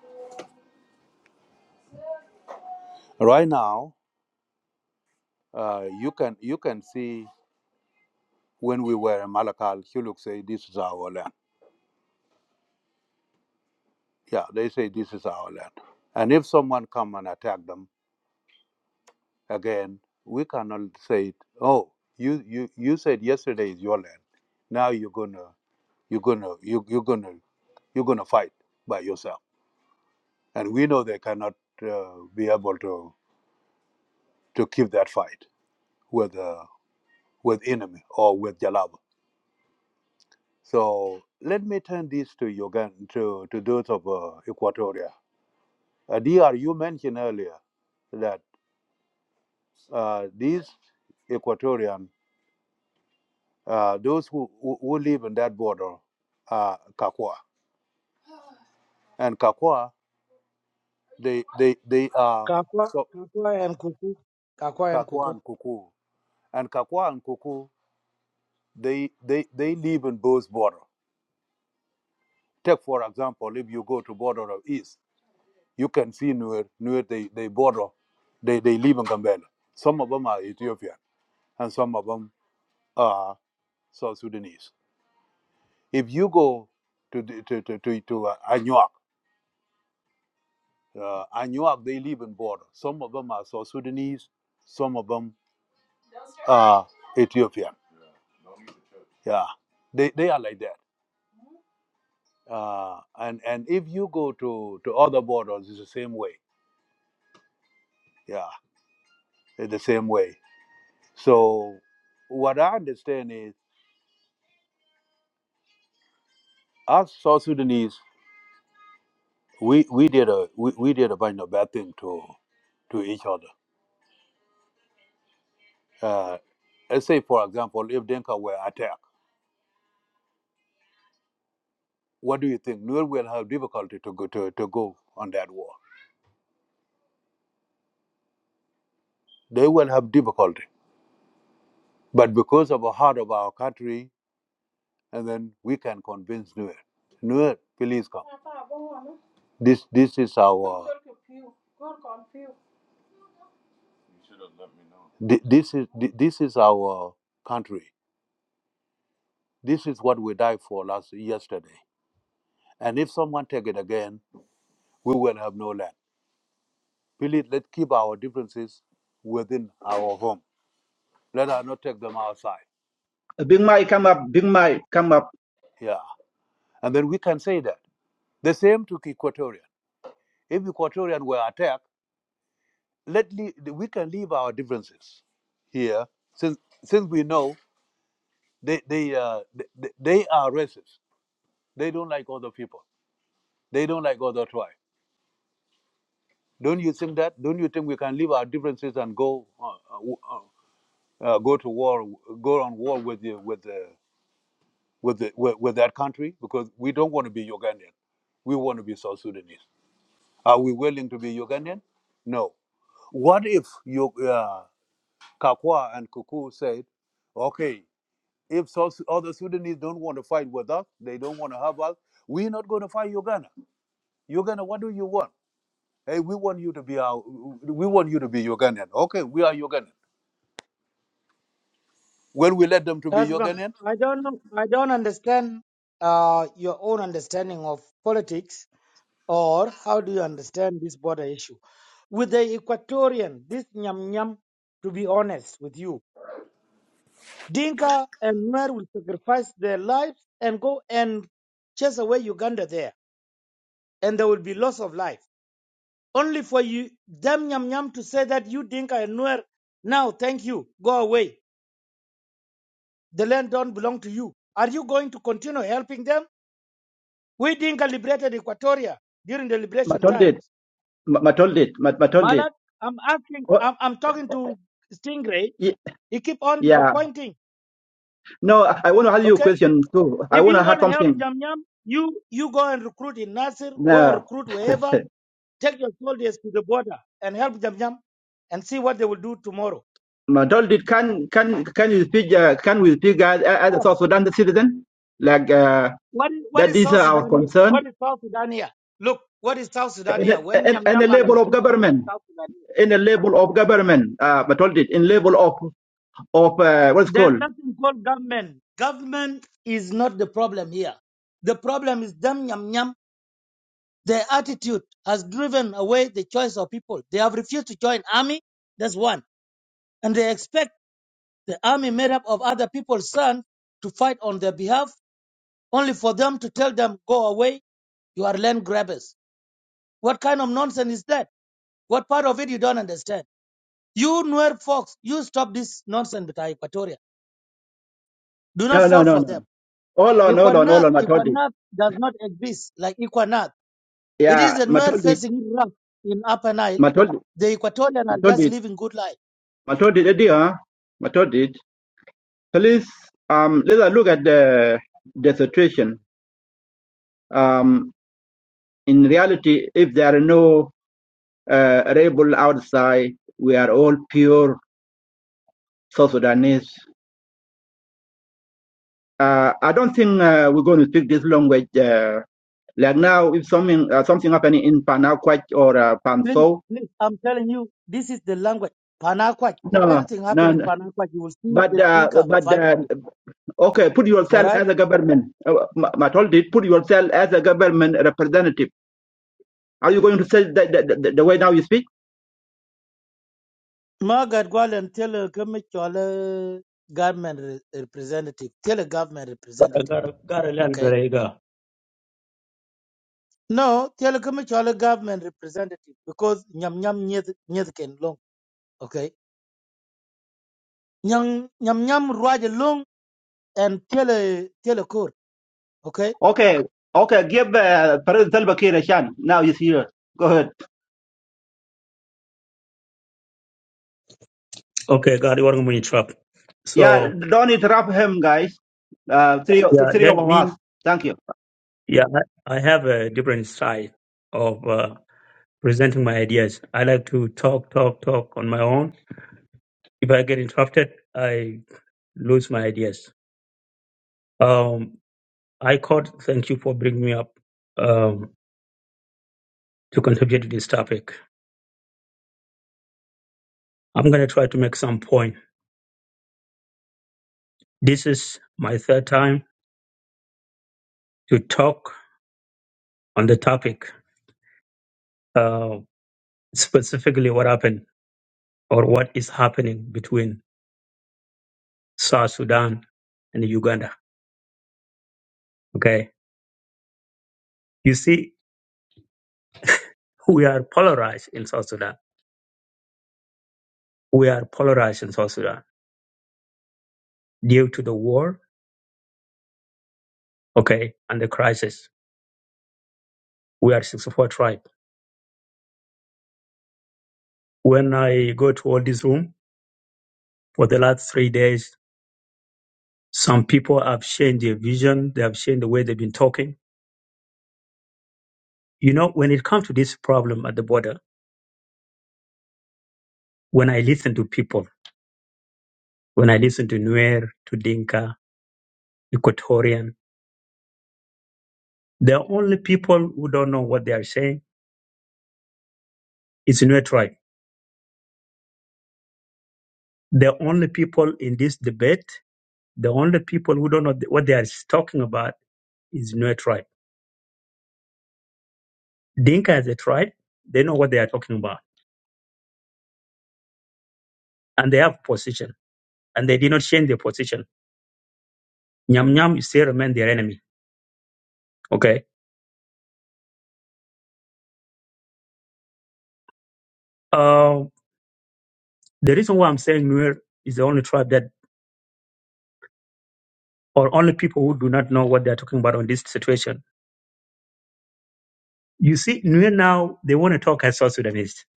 right now, uh, you can you can see when we were in Malakal, Huluk say this is our land. Yeah, they say this is our land. And if someone come and attack them again, we cannot say, oh, you you, you said yesterday is your land. Now you're gonna you're gonna you, you're gonna you're gonna fight by yourself. and we know they cannot uh, be able to to keep that fight with uh, with enemy or with Jalaba. So let me turn this to Uganda to to those of uh, Equatoria. Uh, Dr. You mentioned earlier that uh, these Equatorian, uh, those who, who who live in that border, are Kakwa and Kakwa, they they they are
Kakwa,
so
Kakwa and Kuku. Kakwa and Kuku.
Kakwa and Kuku, and Kakwa and Kuku, they they they live in both border. Take for example, if you go to border of east, you can see near near the, the border, they, they live in Gambela. Some of them are Ethiopian and some of them are South Sudanese. If you go to the, to to to, to uh, Anyuak, uh, Anyuak they live in border. Some of them are South Sudanese, some of them are Ethiopian. Yeah, they they are like that. Uh, and and if you go to to other borders, it's the same way. Yeah, it's the same way So what I understand is us South Sudanese, we, we did a we, we did a bunch of bad thing to to each other. Uh, let's say for example, if Denka were attacked, what do you think? Nuer will have difficulty to go to, to go on that war. They will have difficulty. But because of the heart of our country, and then we can convince Nuer. Nuer, please come. This this is our thi- this is thi- this is our country. This is what we died for last yesterday. And if someone take it again, we will have no land. Please let's keep our differences within our home. Let us not take them outside.
Big Mike, come up. Big Mike, come up.
Yeah. And then we can say that. The same to Equatorian. If Equatorian were attacked, let le- we can leave our differences here since since we know they they uh, they, they are racist. They don't like other people. They don't like other tribe. Don't you think that? Don't you think we can leave our differences and go? uh, uh, uh, go to war, go on war with the, with the, with, the, with with that country because we don't want to be Ugandan. We want to be South Sudanese. Are we willing to be Ugandan? No. What if you, uh, Kakwa and Kuku said, okay, if South, other Sudanese don't want to fight with us, they don't want to have us, we're not going to fight Uganda. Uganda, what do you want? Hey, we want you to be our, we want you to be Ugandan. Okay, we are Ugandan. Will we let them to be
Asma,
Ugandan?
I don't know, I don't understand uh, your own understanding of politics or how do you understand this border issue. With the Equatorian, this nyam nyam, to be honest with you, Dinka and Nuer will sacrifice their lives and go and chase away Uganda there, and there will be loss of life. Only for you, them nyam nyam to say that you Dinka and Nuer, now thank you, go away. The land don't belong to you. Are you going to continue helping them? We Dinka liberated Equatoria during the liberation times.
Matoldit, Matoldit, Matoldit.
Malak, I'm asking,
Oh,
I'm, I'm talking to Stingray.
y-
He keep on
yeah.
disappointing.
No, I I want to ask you a
Okay,
question too. I
if
want
you
to add
want to help
something.
Jamyam, you you go and recruit in Nasir, go and
No,
recruit wherever. Take your soldiers to the border and help Jamyam, and see what they will do tomorrow.
Madolid, can can can you speak? Uh, can we speak as, as a
No.
South Sudan citizen? Like uh,
What is, what
that
is
is
South
our
Sudan here? What
concern.
is South Sudan here? Look, what is South Sudan here?
And,
When
and, and the
Jamyam are
level of
refusing to be
government,
South Sudan
in the level of government, uh, Matoldi, in level of of uh, what's
There's
called?
nothing called government. Government is not the problem here. The problem is them yam yam. Their attitude has driven away the choice of people. They have refused to join army. That's one. And they expect the army made up of other people's sons to fight on their behalf, only for them to tell them, go away, you are land grabbers. What kind of nonsense is that? What part of it you don't understand? You, Nuer folks, you stop this nonsense with Equatoria. Do not
No, no,
fall
no,
for them.
no. Hold on, hold on, hold
Equanath,
on, Matoldi.
Equanath does not exist like Equanath. It is
Yeah,
the Nuer
Matoldi,
facing rough in Upper Nile.
Matoldi,
The Equatorian are just
Matoldi,
living good life.
Matoldi, dear, Matoldi. Please, um, let's look at the the situation. Um, in reality, if there are no uh, rebel outside, we are all pure South Sudanese. Uh, I don't think uh, we're going to speak this language. Uh, like now, if something uh, something happening in Panakwach or uh,
Please,
Panso,
please, I'm telling you, this is the language. Panakwaj. If
no,
anything happen
no,
in
no.
Panakwaj, you will see
But
the
uh,
Dinka
but uh,
fighting it.
okay, put
All
yourself
right?
as a government. Uh, Ma- Matoldi, put yourself as a government representative. Are you going to say that, that, that- the way now you speak?
Margaret go and tell a government re- representative. Tell a government representative.
Gotta, gotta learn
Okay?
Berega.
No, tell a government tell a government representative because nyam nyam nyeth nyeth ken long. Okay? Nyam nyam nyam ruaje long and tele tele kor. Ok,
Okay, okay, give uh, President Salva Kiir a chance. Now he's here. Go ahead.
Okay. Got it. What money trap.
Yeah,
So,
don't interrupt him, guys. Uh, three,
yeah,
three of
let
us.
me,
Thank you.
yeah, I, I have a different side of uh, presenting my ideas. I like to talk, talk, talk on my own. If I get interrupted, I lose my ideas. Um, I caught. Thank you for bringing me up um, to contribute to this topic. I'm going to try to make some point. This is my third time to talk on the topic, uh, specifically what happened or what is happening between South Sudan and Uganda. Okay, you see, we are polarized in South Sudan. We are polarized in South Sudan due to the war. Okay, and the crisis. We are 64 tribe. When I go to all this room for the last three days, Some people have changed their vision. They have changed the way they've been talking. You know, when it comes to this problem at the border, when I listen to people, when I listen to Nuer, to Dinka, Equatorian, the only people who don't know what they are saying is Nuer tribe. The only people in this debate, the only people who don't know what they are talking about is Nuer tribe. Dinka as a tribe, they know what they are talking about and they have position and they did not change their position. Nyam Nyam still remain their enemy. Okay Um, The reason why I'm saying Nuer is the only tribe that, or only people who do not know what they're talking about on this situation. You see, Nuer now, they want to talk as South Sudanese. *laughs*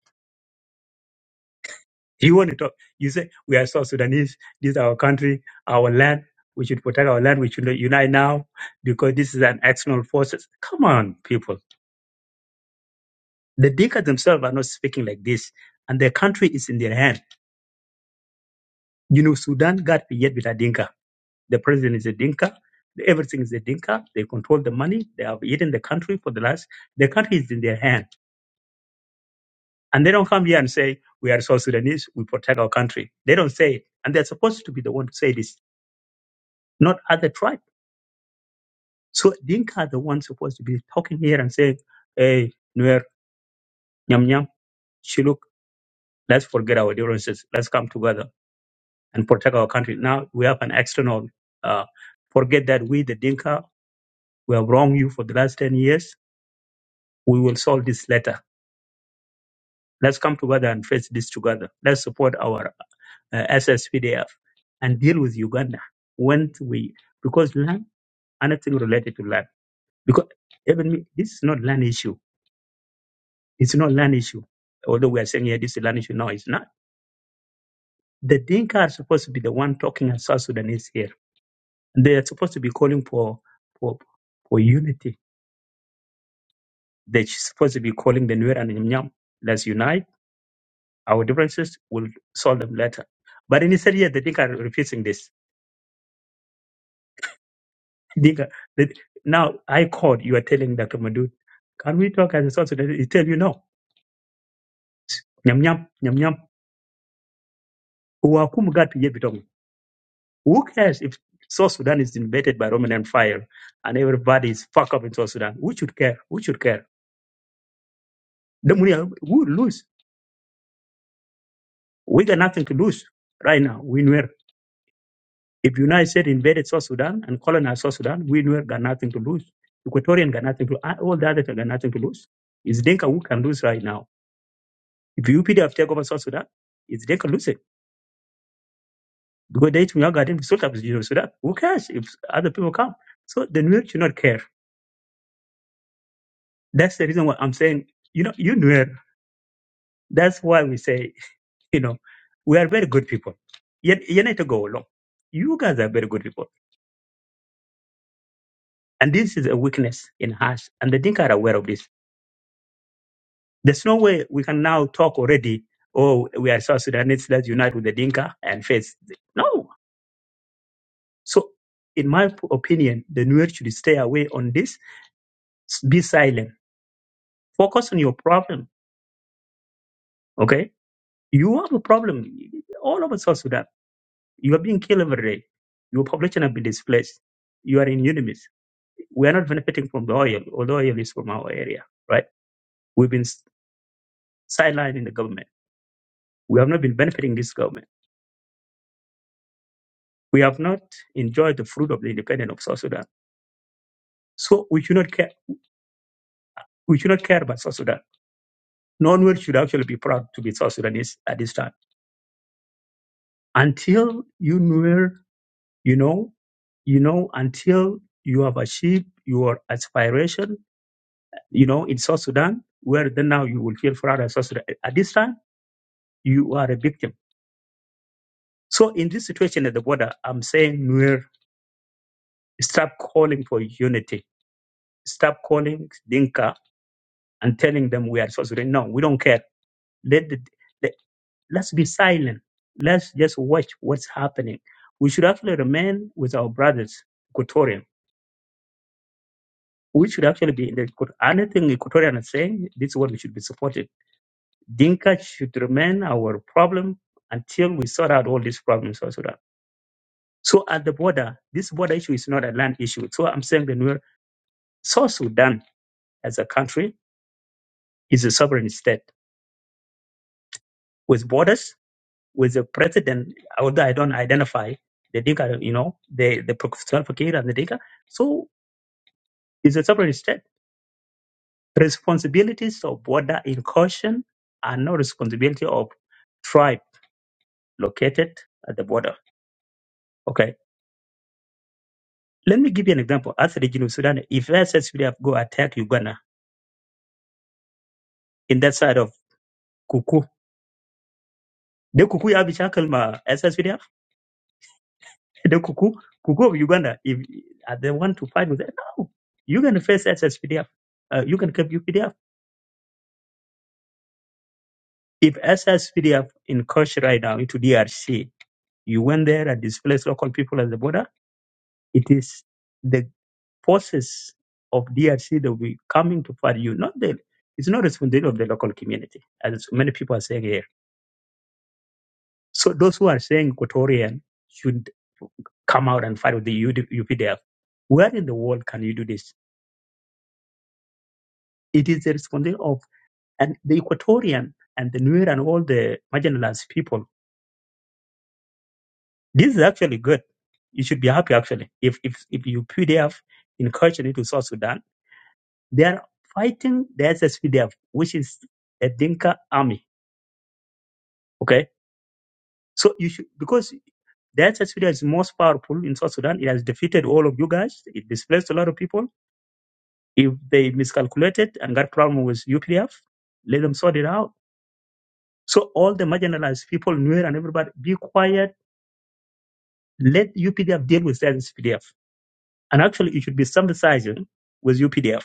You want to talk, you say, we are South Sudanese, this is our country, our land, we should protect our land, we should unite now because this is an external forces. Come on, people. The Dinka themselves are not speaking like this, and their country is in their hand. You know, Sudan got yet with a Dinka. The president is a Dinka. Everything is a Dinka. They control the money. They have eaten the country for the last. The country is in their hand, and they don't come here and say we are South Sudanese. We protect our country. They don't say it, and they're supposed to be the one to say this, not other tribe. So Dinka are the ones supposed to be talking here and saying, "Hey, Nuer, Nyam Nyam, Shiluk, let's forget our differences. Let's come together and protect our country." Now we have an external. Uh, forget that we, the Dinka, we have wronged you for the last ten years we will solve this later. Let's come together and face this together. Let's support our uh, SSPDF and deal with Uganda when we because land anything related to land because even me, this is not land issue. It's not land issue. Although we are saying yeah, this is land issue, no, it's not. The Dinka are supposed to be the one talking as South Sudanese here. They are supposed to be calling for for for unity. They're supposed to be calling the Nuer and the Nyam. Let's unite. Our differences will solve them later. But instead, yeah, the Dinka are refusing this Dinka, that- now I called, you are telling Dr. Madud, can we talk as a South Sudanese? He tell you no. Nyam nyam, nyam nyam. Uwakumu gatu ye bitong. Who cares if South Sudan is invaded by Roman Empire and everybody is fucked up in South Sudan? We should care. We should care. The money we lose. We got nothing to lose right now. We were if United States invaded South Sudan and colonized South Sudan, we were got nothing to lose. Equatorian got nothing to all the others got nothing to lose. It's Dinka who can lose right now If you UPDF take over South Sudan, it's they can lose it because they too young garden sort of you know, Sudan. Who cares if other people come? So the Nuer should not care. That's the reason why I'm saying, you know, you Nuer. That's why we say, *laughs* you know, we are very good people. Yet you need to go along. You guys are very good people, and this is a weakness in us, and the Dinka are aware of this. There's no way we can now talk already. Oh, we are South Sudanese. Let's unite with the Dinka and face. the-" No. So, in my p- opinion, the Nuer should stay away on this Be silent. Focus on your problem. Okay? You have a problem. All over South Sudan. You are being killed every day. Your population have been displaced. You are in enemies. We are not benefiting from the oil, although oil is from our area, right? We've been s- sidelined in the government. We have not been benefiting this government. We have not enjoyed the fruit of the independence of South Sudan. So we should not care. We should not care about South Sudan. No one should actually be proud to be South Sudanese at this time until you knew. You know, you know, until you have achieved your aspiration, you know, in South Sudan, where then now you will feel proud of South Sudan. At this time, you are a victim. So in this situation at the border, I'm saying Nuer, stop calling for unity. Stop calling Dinka and telling them we are South Sudan. No, we don't care. Let the, let, let's be silent. Let's just watch what's happening. We should actually remain with our brothers, Equatorians we should actually be in the Equat- anything Equatorian is saying, this is what we should be supported. Dinka should remain our problem until we sort out all these problems in South Sudan. So at the border, this border issue is not a land issue. So I'm saying that we're South Sudan as a country is a sovereign state with borders, with a president, although I don't identify the Dinka, you know, the, the Professor Fakir and the Dinka. So it's a sovereign state. Responsibilities of border incursion are no responsibility of tribe located at the border. Okay. Let me give you an example. As the Guinea Sudan, if SSPDF go attack Uganda in that side of Kuku, the Kuku have shackle ma SSPDF, *laughs* the Kuku, Kuku of Uganda, if are they want to fight with them, no. You can face SSPDF. Uh, you can keep UPDF. If SSPDF in right now into DRC, you went there and displaced local people at the border, it is the. forces of DRC that will be coming to fight you. Not the it's not responsibility of the local community, as many people are saying here. So those who are saying Equatorian should come out and fight with the UPDF, where in the world can you do this? It is the responsibility of and the Equatorian and the Nuer and all the marginalized people. This is actually good. You should be happy actually. If if if you UPDF incursion into South Sudan, they are fighting the SSPDF, which is a Dinka army. Okay So you should because that Sudan is most powerful in South Sudan. It has defeated all of you guys. It displaced a lot of people. If they miscalculated and got problem with UPDF, let them sort it out. So all the marginalized people, Nuer and everybody, be quiet. Let UPDF deal with that UPDF. And actually, it should be sympathizing with UPDF,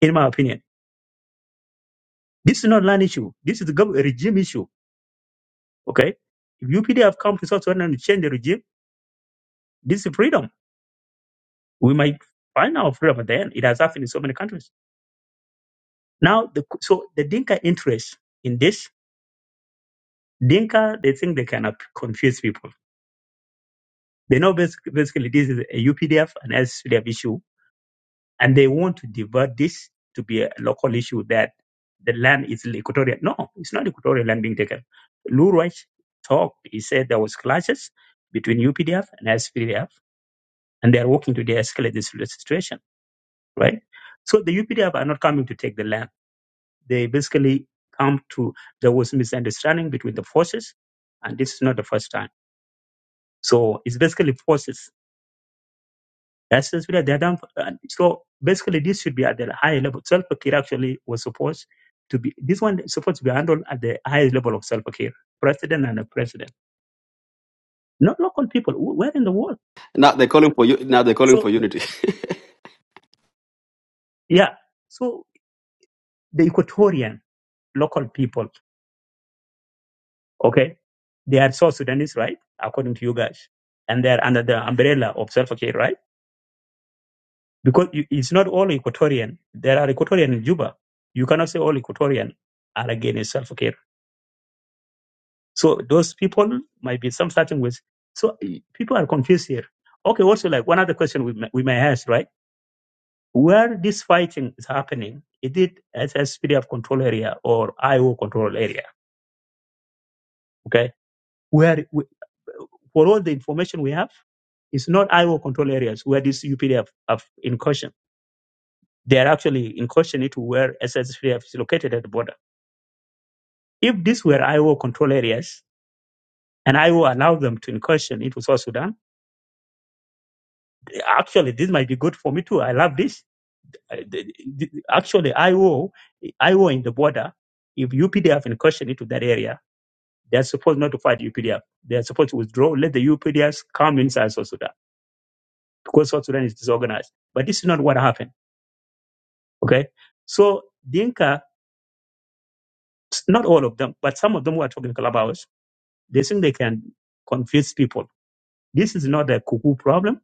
in my opinion. This is not land issue. This is a gov- a regime issue. Okay, if UPDF come to South Sudan and change the regime, this is freedom. We might find our freedom at the end. It has happened in so many countries. Now, the, so the Dinka interest in this, Dinka, they think they cannot confuse people. They know basically, basically this is a UPDF and SPDF issue, and they want to divert this to be a local issue that the land is equatorial. No, it's not equatorial land being taken. Lou Reich talked. He said there was clashes between UPDF and SPDF, and they are working to de-escalate this situation, right? So the UPDF are not coming to take the land they basically come to there was misunderstanding between the forces, and this is not the first time. So it's basically forces. That's just where they're done. and So basically, this should be at the higher level. Self care actually was supposed to be this one is supposed to be handled at the highest level of self care, president and a president, not local people. Wh- Where in the world?
Now they're calling for you. Now they're calling
So
for unity.
yeah, so the Equatorian local people, okay, they are South Sudanese, right? According to you guys, and they're under the umbrella of self care, right? because you, it's not all Equatorian. There are Equatorian in Juba. You cannot say all Equatorian are against self care. So those people might be some starting with. So eh, people are confused here. Okay, also like one other question we may, we may ask, right? Where this fighting is happening, is it as a S P D F control area or IO control area? Okay, where we, for all the information we have, it's not IO control areas where this UPDF have incursion. They are actually incursion into where SSPDF is located at the border If these were IO control areas and IO allowed them to incursion into South Sudan, actually, this might be good for me too. I love this. Uh, Actually, IO, IO in the border, if UPDF incursion into that area, they're supposed not to fight UPDF. They're supposed to withdraw, let the UPDFs come inside South Sudan because South Sudan is disorganized. But this is not what happened. Okay. So Dinka, not all of them, but some of them who are talking about, they think they can confuse people. This is not a cuckoo problem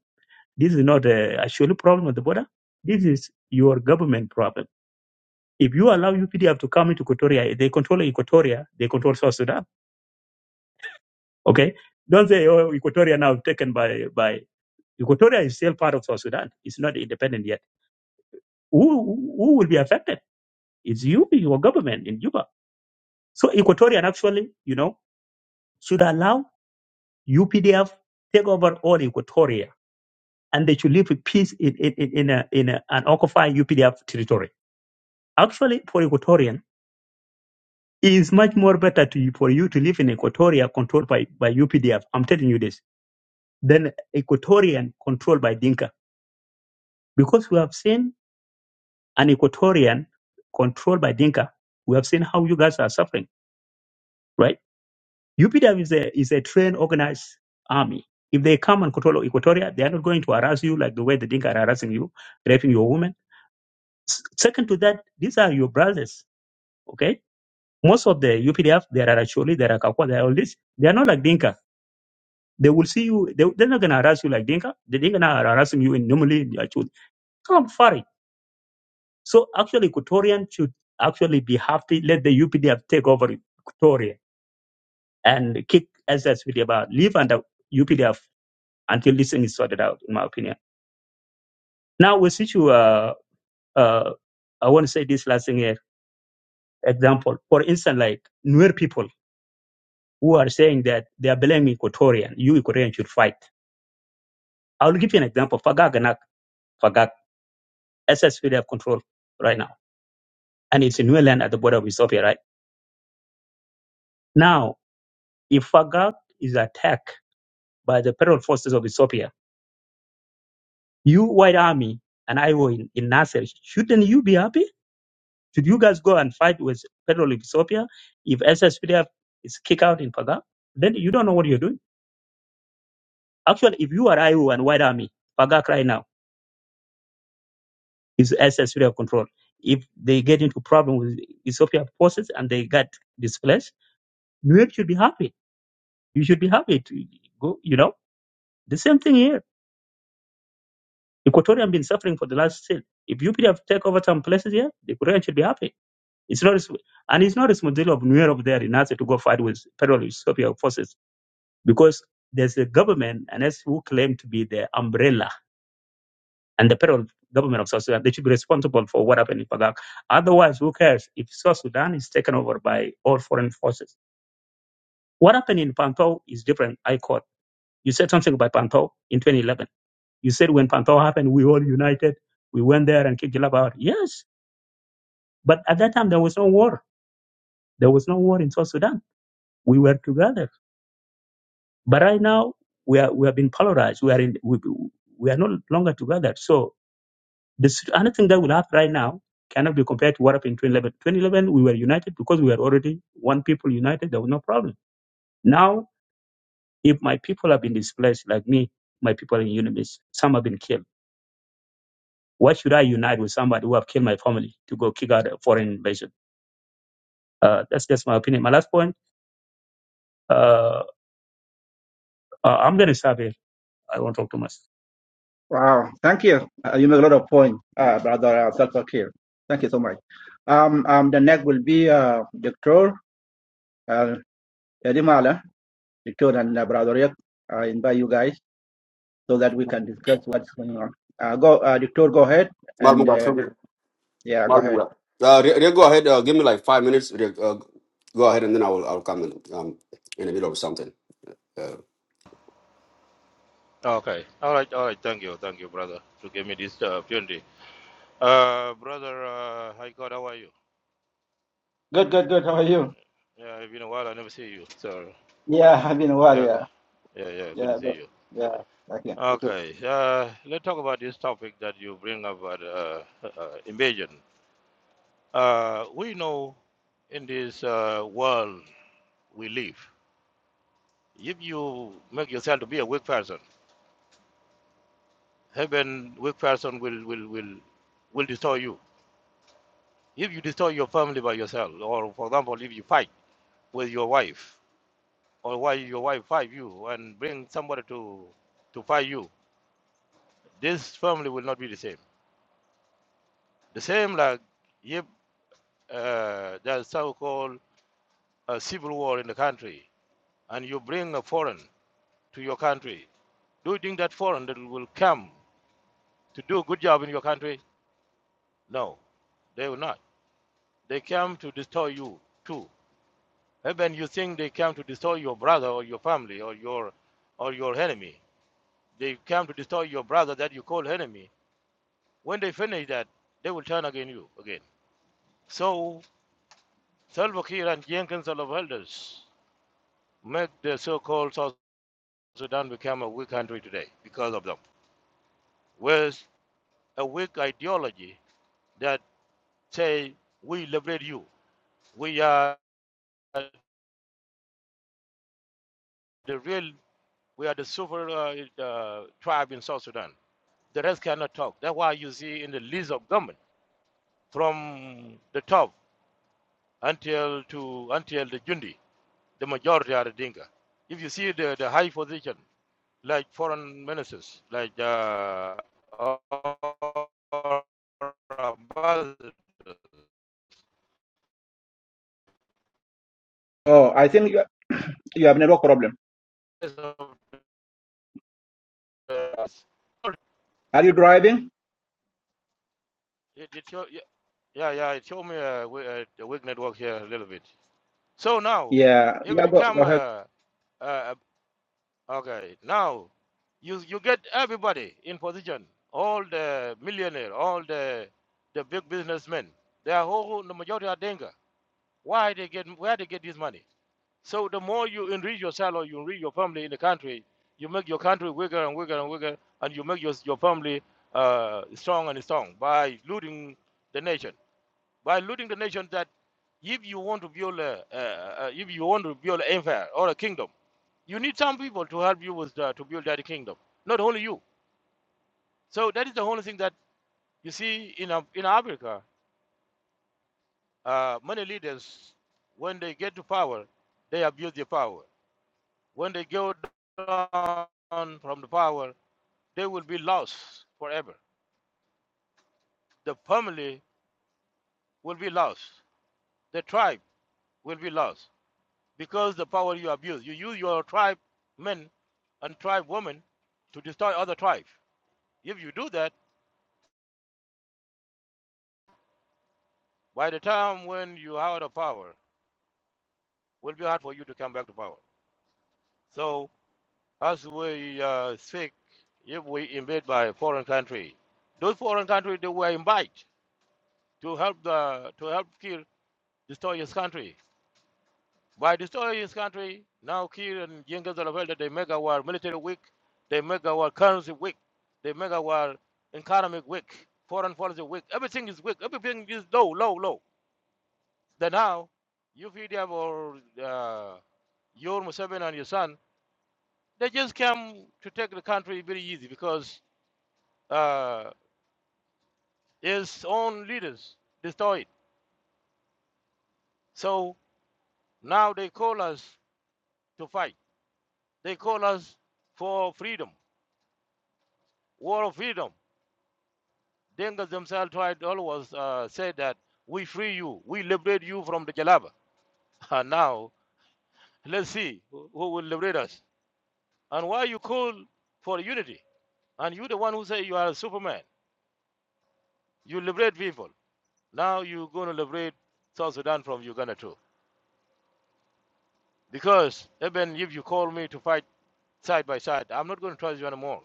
This is not a actual problem at the border. This is your government problem. If you allow UPDF to come into Equatoria, they control Equatoria, they control South Sudan. Okay? Don't say, oh, Equatoria now taken by, by Equatoria is still part of South Sudan. It's not independent yet. Who, who will be affected? It's you, your government in Juba. So Equatorian actually, you know, should allow UPDF take over all Equatoria and they should live in peace in, in, in, in, a, in a, an occupied UPDF territory. Actually, for Equatorian, It is much more better to you, for you to live in Equatoria controlled by, by UPDF. I'm telling you this. Than Equatorian controlled by Dinka. Because we have seen an Equatorian controlled by Dinka. We have seen how you guys are suffering, right? UPDF is a, is a trained, organized army. If they come and control Equatoria, they are not going to harass you like the way the Dinka are harassing you, raping your women. S- Second to that, these are your brothers, okay? Most of the UPDF, there are actually, there are Kakwa, there are all this. They are not like Dinka They will see you. They, they're not going to harass you like Dinka. They're going to harass you in normally. Actually, come Farid. So actually, Equatorian should actually be happy. Let the UPDF take over Equatoria and kick SSPDF out. Leave under UPDF until this thing is sorted out, in my opinion. Now, with issue, uh, uh, I want to say this last thing here. Example, for instance, like Nuer people who are saying that they are blaming Equatorian. You Equatorian should fight. I'll give you an example. Fagak and Fagak, SSPDF control right now and it's in New land at the border of Ethiopia, right? Now, if Fagak is attacked by the federal forces of Ethiopia, you White Army and I O in, in Nasser, shouldn't you be happy? Should you guys go and fight with federal Ethiopia if SSPDF is kicked out in Fagak? Then you don't know what you're doing. Actually, if you are IO and White Army, Fagak right now is SSPDF control. If they get into problem with Ethiopia forces and they get displaced, you should be happy. You should be happy to go, you know. The same thing here Equatorial have been suffering for the last still. If UPD have taken over some places here, the Equatorial should be happy. It's not, and it's not a responsibility of New up there in answer to go fight with federal Ethiopia forces because there's a government and that's who claim to be the umbrella and the federal government of South Sudan. They should be responsible for what happened in Pagak. Otherwise, who cares if South Sudan is taken over by all foreign forces? What happened in Pantau is different. I caught. You said something about Pantau in 2011. You said when Pantau happened, we all united. We went there and kicked Jalaba out. Yes, But at that time, there was no war. There was no war in South Sudan. We were together. But right now, we are we have been polarized. We are in we, we are no longer together. So this anything that will happen right now cannot be compared to what happened in 2011. 2011, we were united because we were already one people united. There was no problem. Now, if my people have been displaced, like me, my people in Unibis, some have been killed. Why should I unite with somebody who have killed my family to go kick out a foreign invasion? Uh, that's just my opinion. My last point. Uh, uh, I'm going to stop here. I won't talk too much.
Wow, thank you. Uh, you make a lot of point, uh, brother uh, Salva Kiir. Thank you so much. Um, um, the next will be uh, Doctor uh, Edimala, Doctor and uh, Brother Rick. I invite you guys so that we can discuss what's going on. Uh, go, uh, Doctor, go ahead
*laughs*
and
Malmuga,
uh,
Toby.
yeah, go ahead.
Malmuga. Uh, Re- Re, go ahead. Uh, give me like five minutes. Re, uh, go ahead, and then I will. I'll come in, um, in the middle of something. Uh,
Oh, Okay. All right. All right. Thank you. Thank you, brother, to give me this uh, opportunity. Uh, brother, uh, hi God, how are you?
Good, good, good. How are you?
Yeah, it's been a while. I never see you. So,
Yeah, *laughs* I've been a while.
yeah, g-
Yeah,
yeah, yeah. Good to
yeah,
see
good.
you.
yeah. Okay, you too.
Okay. Uh, let's talk about this topic that you bring up about uh, uh, invasion. Uh, we know in this uh, world we live, if you make yourself to be a weak person, heaven weak person will will will will destroy you. If you destroy your family by yourself, or for example, if you fight. with your wife or why your wife fight you and bring somebody to to fight you this family will not be the same the same like if uh, there's so-called a civil war in the country and you bring a foreign to your country do you think that foreign that will come to do a good job in your country no they will not they come to destroy you too even you think they come to destroy your brother or your family or your or your enemy they come to destroy your brother that you call enemy When they finish that, they will turn against you again. So Salva Kiir and Young Council of Elders make the so-called South Sudan become a weak country today because of them. With a weak ideology that say we liberate you, we are the real, we are the super uh, uh, tribe in South Sudan. The rest cannot talk. That's why you see in the list of government from the top until to until the Jundi, the majority are the Dinka. If you see the, the high position, like foreign ministers, like uh, or ambassadors
Oh, I think you you have network problem. Are you driving?
It, it show, yeah, yeah, yeah, it showed me a, we- uh the weak network here a little bit. So now,
Yeah,
if
yeah,
it
go,
come,
go ahead.
uh, uh, okay, now you you get everybody in position, all the millionaire, all the the big businessmen. They are all the majority are Denga. Why they get where they get this money? So the more you enrich yourself or you enrich your family in the country, you make your country bigger and bigger and bigger, and you make your, your family uh, strong and strong by looting the nation. By looting the nation, that if you want to build a, uh, uh, if you want to build an empire or a kingdom, you need some people to help you with uh, to build that kingdom, not only you. So that is the only thing that you see in uh, in Africa. Uh, many leaders, when they get to power, they abuse their power When they go down from the power, they will be lost forever. The family will be lost. The tribe will be lost because the power you abuse. You use your tribe men and tribe women to destroy other tribes. If you do that, by the time when you are out of power, it will be hard for you to come back to power. So as we uh, speak, if we invade by a foreign country, those foreign countries they were invited to help the to help Kir destroy his country. By destroying his country, now Kir and Genghis Olavelde, they make our military weak, they make our currency weak, they make our economic weak, foreign policy weak. Everything is weak. Everything is low, low, low. Then now, you UPDF or uh, your Museveni and your son, they just came to take the country very easy because uh, his own leaders destroyed. So now they call us to fight. They call us for freedom, war of freedom. Dengas themselves tried always uh, say that we free you, we liberate you from the Jalaba. *laughs* And now let's see who will liberate us. And why you call for unity? And you the one who say you are a Superman. You liberate people. Now you going to liberate South Sudan from Uganda too. Because even if you call me to fight side by side, I'm not going to trust you anymore.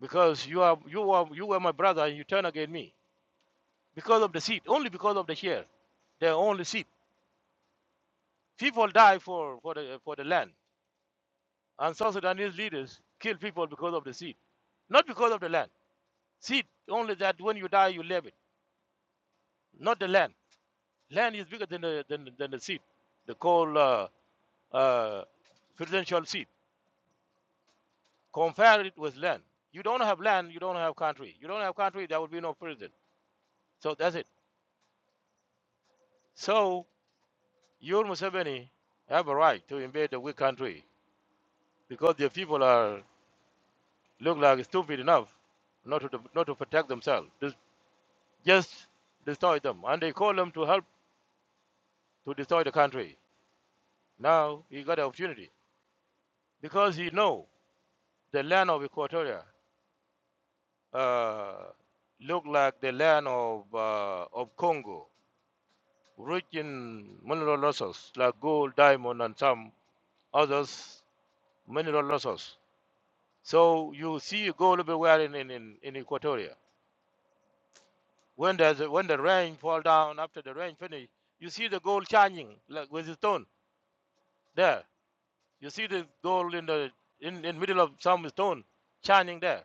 Because you are you are you were my brother and you turn against me because of the seat, only because of the share, their only seat. People die for for the for the land. And South Sudanese leaders kill people because of the seed, not because of the land. Seed, only that when you die, you leave it, not the land. Land is bigger than the, than, than the seed, the called uh, uh, presidential seed. Compare it with land. You don't have land, you don't have country. You don't have country, there will be no president. So that's it. So your Museveni have a right to invade a weak country because their people are look like stupid enough not to not to protect themselves. Just, just destroy them, and they call them to help. to destroy the country. Now he got an opportunity because he know the land of Equatoria uh, look like the land of uh, of Congo, rich in mineral resources like gold, diamond, and some others mineral resources. So you see gold everywhere in in, in, in Equatoria. When there's a, when the rain fall down after the rain finish, you see the gold shining like with the stone there. You see the gold in the in in middle of some stone shining there.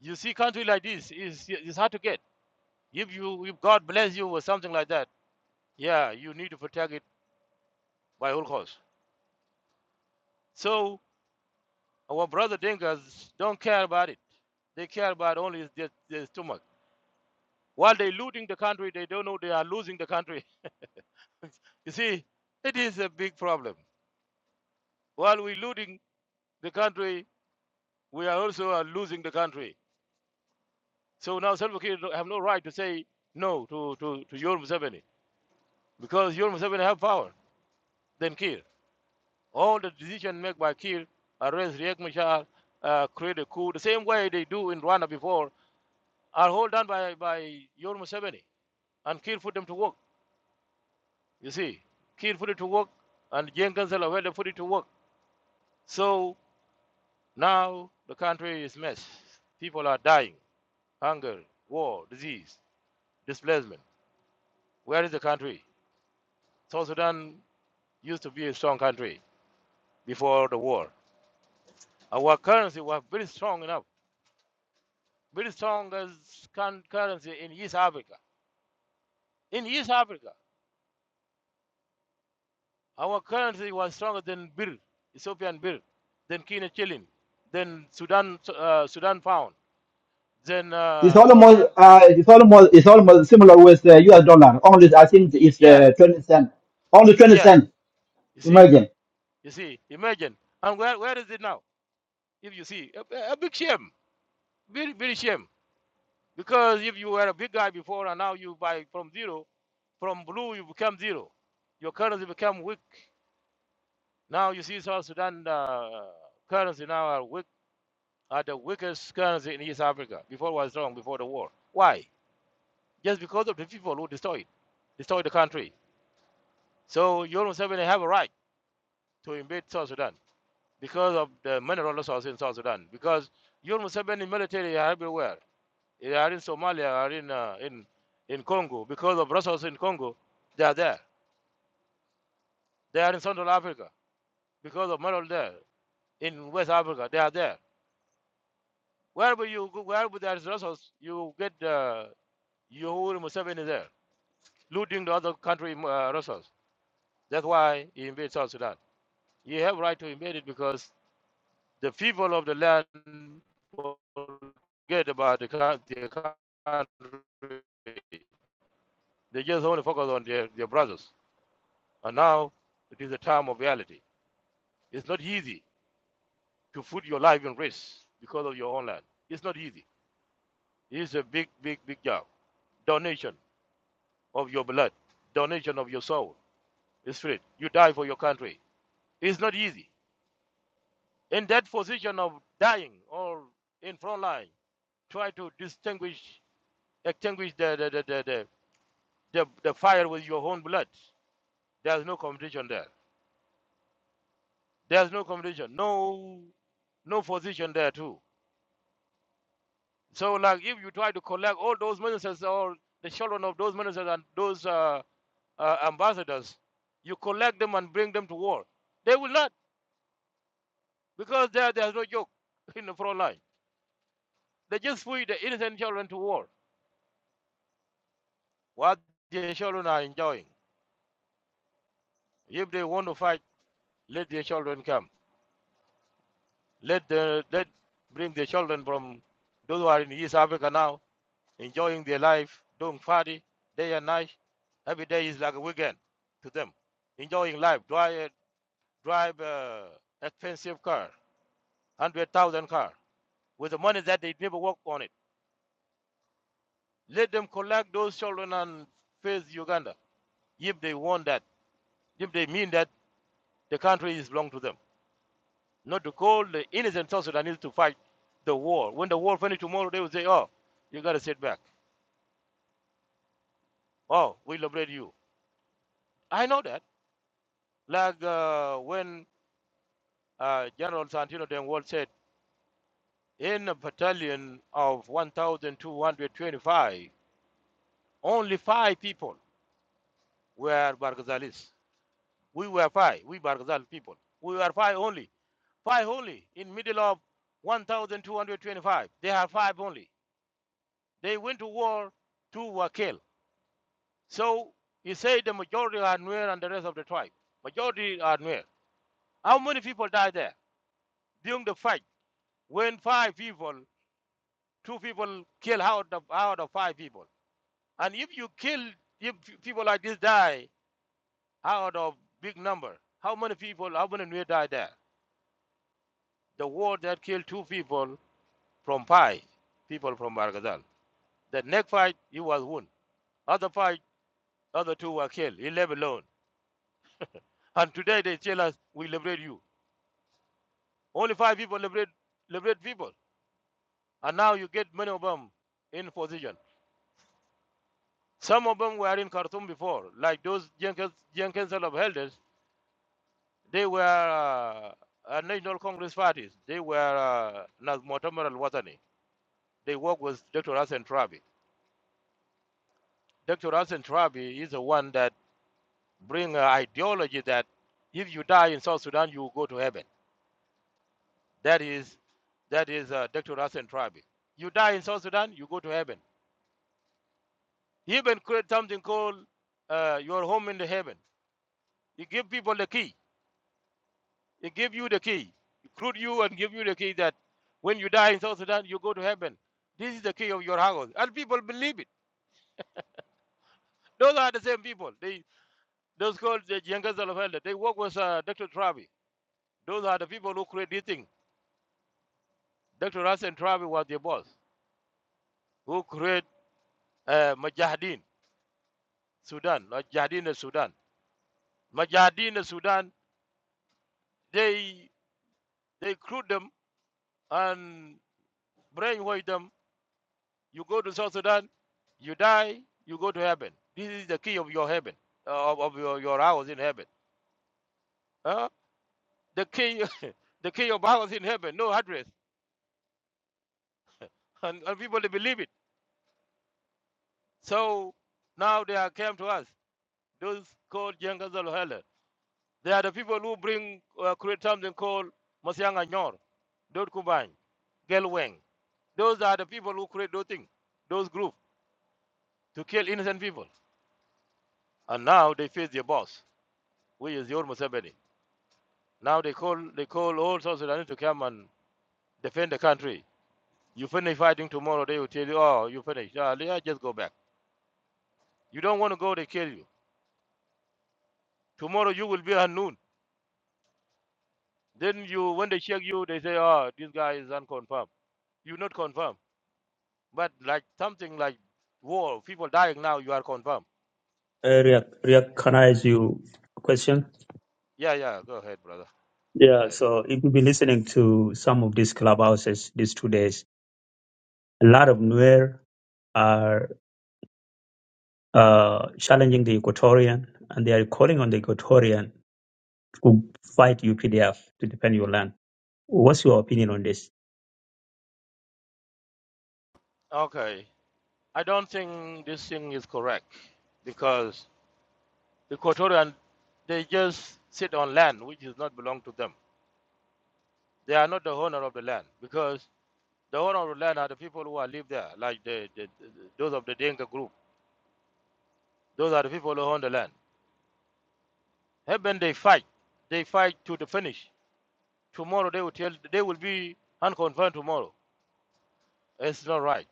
You see, country like this is it's hard to get. If you if God bless you or something like that, yeah, you need to protect it by all costs. So our brother Dinkas don't care about it. They care about only their, their stomach. While they looting the country, they don't know they are losing the country. *laughs* You see, it is a big problem. While we looting the country, we are also are losing the country. So now Salva Kiir have no right to say no to, to, to Yoram Museveni because Yoram Museveni have power than Kiir. All the decisions made by Kiir, arrest Riek Machar, uh, create a coup, the same way they do in Rwanda before, are all done by, by Yoram Museveni. And Kiir put them to work, you see. Kiir put it to work, and Jenkins and Lavelle put it to work. So now the country is mess. People are dying. Hunger, war, disease, displacement. Where is the country? South Sudan used to be a strong country before the war. Our currency was very strong enough very strong as currency in East Africa. In East Africa, our currency was stronger than birr, Ethiopian birr, than Kenyan shilling, than Sudan uh, Sudan pound, than
It's
uh,
almost
Kenyan.
uh, it's almost it's almost similar with the US dollar. Only I think it's
Yeah,
uh, twenty cent. Only twenty
yeah.
cent.
You see,
Imagine.
you see. Imagine. And where where is it now? If you see, a a big shame, very very shame. Because if you were a big guy before and now you buy from zero, from blue you become zero, your currency become weak Now you see South Sudan uh, currency now are, weak, are the weakest currency in East Africa. Before it was strong, before the war. Why? Just because of the people who destroyed, destroyed the country. So you almost Museveni have a right to invade South Sudan because of the mineral resources in South Sudan. Because you almost Museveni military are everywhere. They are in Somalia, are in, uh, in, in Congo. Because of resources in Congo, they are there. They are in Central Africa because of mineral there. In West Africa, they are there. Wherever you go, wherever there's resources, you get uh, Yoweri Museveni there, looting the other country uh, resources. That's why he invaded South Sudan. You have right to invade it because the people of the land forget about the coun- their country. They just only focus on their, their brothers. And now it is a time of reality. It's not easy to put your life in risk because of your own land. It's not easy. It's a big, big, big job. Donation. of your blood, donation of your soul, spirit. You die for your country. It's not easy. In that position of dying or in front line, try to distinguish, extinguish the the, the, the, the, the, the fire with your own blood. There's no competition there. There's no competition. No, no position there too. So like if you try to collect all those ministers or the children of those ministers and those uh, uh, ambassadors, you collect them and bring them to war. They will not. because there, there's no joke in the front line. They just put the innocent children to war. What the children are enjoying. If they want to fight, let their children come. Let the let bring the children from those who are in East Africa now, enjoying their life, doing party day and night. Every day is like a weekend to them, enjoying life. Drive drive uh, expensive car, hundred thousand car, with the money that they never work on it. Let them collect those children and face Uganda if they want that, if they mean that the country is belong to them. Not to call the innocent South Sudanese to fight the war. When the war finishes tomorrow, they will say, oh, you got to sit back. Oh, we liberate you. I know that. Like uh, when uh, General Santino Denwall said, in a battalion of 1,225, only five people were Barghazalis. We were five, we Barghazal people. We were five only. Five only in middle of 1,225. They are five only. They went to war, two were killed. So you say the majority are Nuer and the rest of the tribe. Majority are Nuer. How many people died there during the fight? When five people, two people kill out of out of five people. And if you kill if people like this die out of big number, how many people, how many Nuer died there? The war that killed two people from five people from Bargazal. The next fight, he was wounded. Other fight, other two were killed. He left alone. And today they tell us, we liberate you. Only five people liberate, liberate people. And now you get many of them in position. Some of them were in Khartoum before, like those young council of Elders. They were uh, uh, National Congress parties. They were uh, Nas Mu'tamar al-Watani. They work with Dr. Hassan Trabi. Dr. Hassan Trabi is the one that bring an ideology that if you die in South Sudan, you go to heaven. That is, that is uh, Dr. Hassan Trabi. You die in South Sudan, you go to heaven. He even create something called uh, your home in the heaven. He give people the key. He give you the key. He Recruit you and give you the key that when you die in South Sudan, you go to heaven. This is the key of your house. And people believe it. Those are the same people. They those called the Jengas of Elder. They work with uh, Dr. Travi. Those are the people who create this thing. Dr. Hassan Travi was their boss, who create uh, Mujahideen Sudan, Mujahideen of Sudan. Mujahideen Sudan, they they recruit them and brainwash them You go to South Sudan, you die, you go to heaven. This is the key of your heaven, uh, of, of your, your house in heaven. Huh? The key, *laughs* the key of house in heaven, no address, and, and people they believe it. So now they are came to us. Those called Jengas Helen. They are the people who bring uh, create something called Masianga Nyor, Dot Kubang, Gelweng. Those are the people who create those things, those groups to kill innocent people. And now they face their boss, which is Yor Museveni. Now they call they call all South Sudanese to come and defend the country. You finish fighting tomorrow, they will tell you, oh, you finished. Ah, yeah, just go back. You don't want to go, they kill you. Tomorrow you will be at noon. Then you, when they check you, they say, oh, this guy is unconfirmed. You're not confirmed. But like something like war, people dying now, you are confirmed.
Uh, Riak, Riak, can I ask you a question?
Yeah, yeah, go ahead, brother. Go
Yeah,
ahead.
so if you've been listening to some of these clubhouses these two days, a lot of Nuer are uh, challenging the Equatorian and they are calling on the Equatorian to fight UPDF to defend your land. What's your opinion on this?
Okay. I don't think this thing is correct because the Equatorian, they just sit on land which does not belong to them They are not the owner of the land because the owner of the land are the people who are live there, like the, the, the those of the Denka group. Those are the people who own the land. Even they fight. They fight to the finish. Tomorrow they will tell they will be unconfirmed tomorrow. It's not right.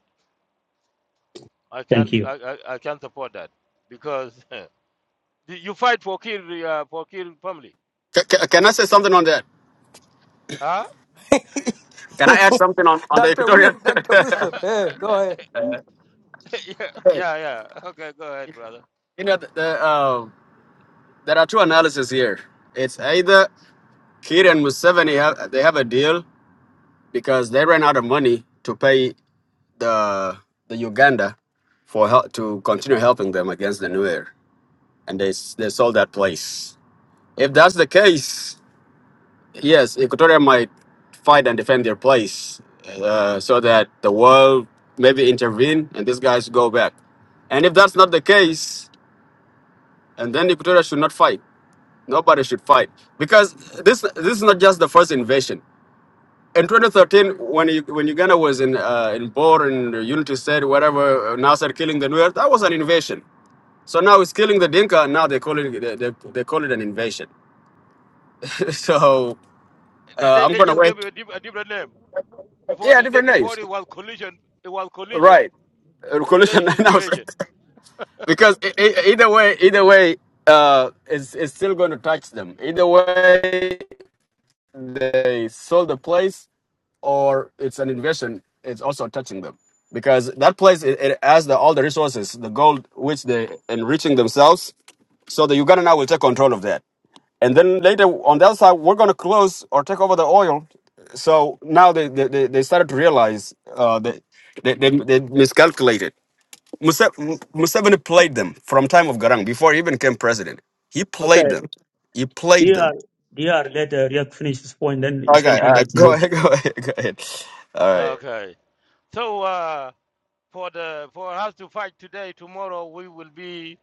I can't
Thank you.
I, I, I can't support that because *laughs* you you fight for kill uh, for kill family.
ca- ca- can I say something on that?
Huh?
Can I add something on
*laughs*
on the
Dr.
Equatorial?
Weir,
*laughs*
Dr. *laughs* Wilson, hey, go ahead.
*laughs* yeah, yeah, yeah. Okay, go ahead, brother.
you know, the, the, um there are two analyses here. It's either Kir and Museveni have they have a deal because they ran out of money to pay the the Uganda for help to continue helping them against the Nuer. and they s- they sold that place. If that's the case, yes, Equatorial might fight and defend their place uh, so that the world maybe intervene and these guys go back. And if that's not the case, and then Equatorial should not fight. Nobody should fight because this this is not just the first invasion. In 2013, when you, when Uganda was in uh, in Bor and Unity State, whatever, uh, Nasser killing the Nuer, that was an invasion. So now it's killing the Dinka, and now they call it they, they, they call it an invasion. *laughs* so
They, they,
Uh, I'm
they
gonna
just gave
wait.
you a, diff- a different name. Before
Yeah,
the, they,
different
before
names.
it was collision, it was collision.
Right. Uh,
Today
Coalition *laughs*
it is
nine hours.
invasion.
because e- e- either way, either way, uh, it's it's still going to touch them. Either way, they sold the place or it's an invasion. It's also touching them because that place it, it has the, all the resources, the gold which they enriching themselves. So the Uganda now will take control of that. And then later on the other side, we're going to close or take over the oil. So now they, they, they they started to realize uh, they, they, they, they miscalculated. Muse- M- Museveni played them from time of Garang before he even became president. He played
Okay,
them. He played
DR,
them.
DR, let uh, Riak finish this point, then it's going to
Okay,
come
all
back
right,
to
go
you.
ahead, *laughs* go ahead, go ahead. All right.
Okay. So uh, for the for us to fight today, tomorrow we will be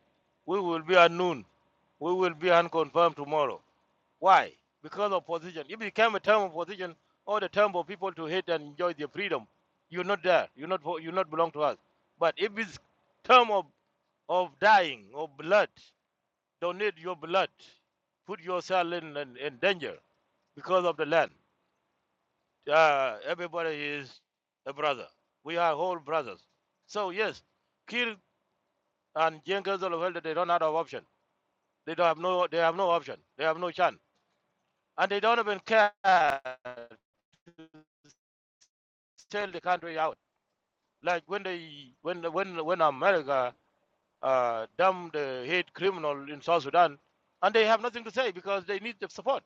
we will be at noon. We will be unconfirmed tomorrow. Why? Because of position. If it became a term of position or the term for people to hate and enjoy their freedom, you're not there. You're not for- you not belong to us. But if it's term of of dying of blood, donate your blood, put yourself in, in, in danger because of the land uh, everybody is a brother. We are all brothers. So yes, Kir and Jenkins of Elder, they don't have an option. They don't have no they have no option. They have no chance. And they don't even care to sell the country out. Like when they when when when America uh damn the hate criminal in South Sudan and they have nothing to say because they need the support.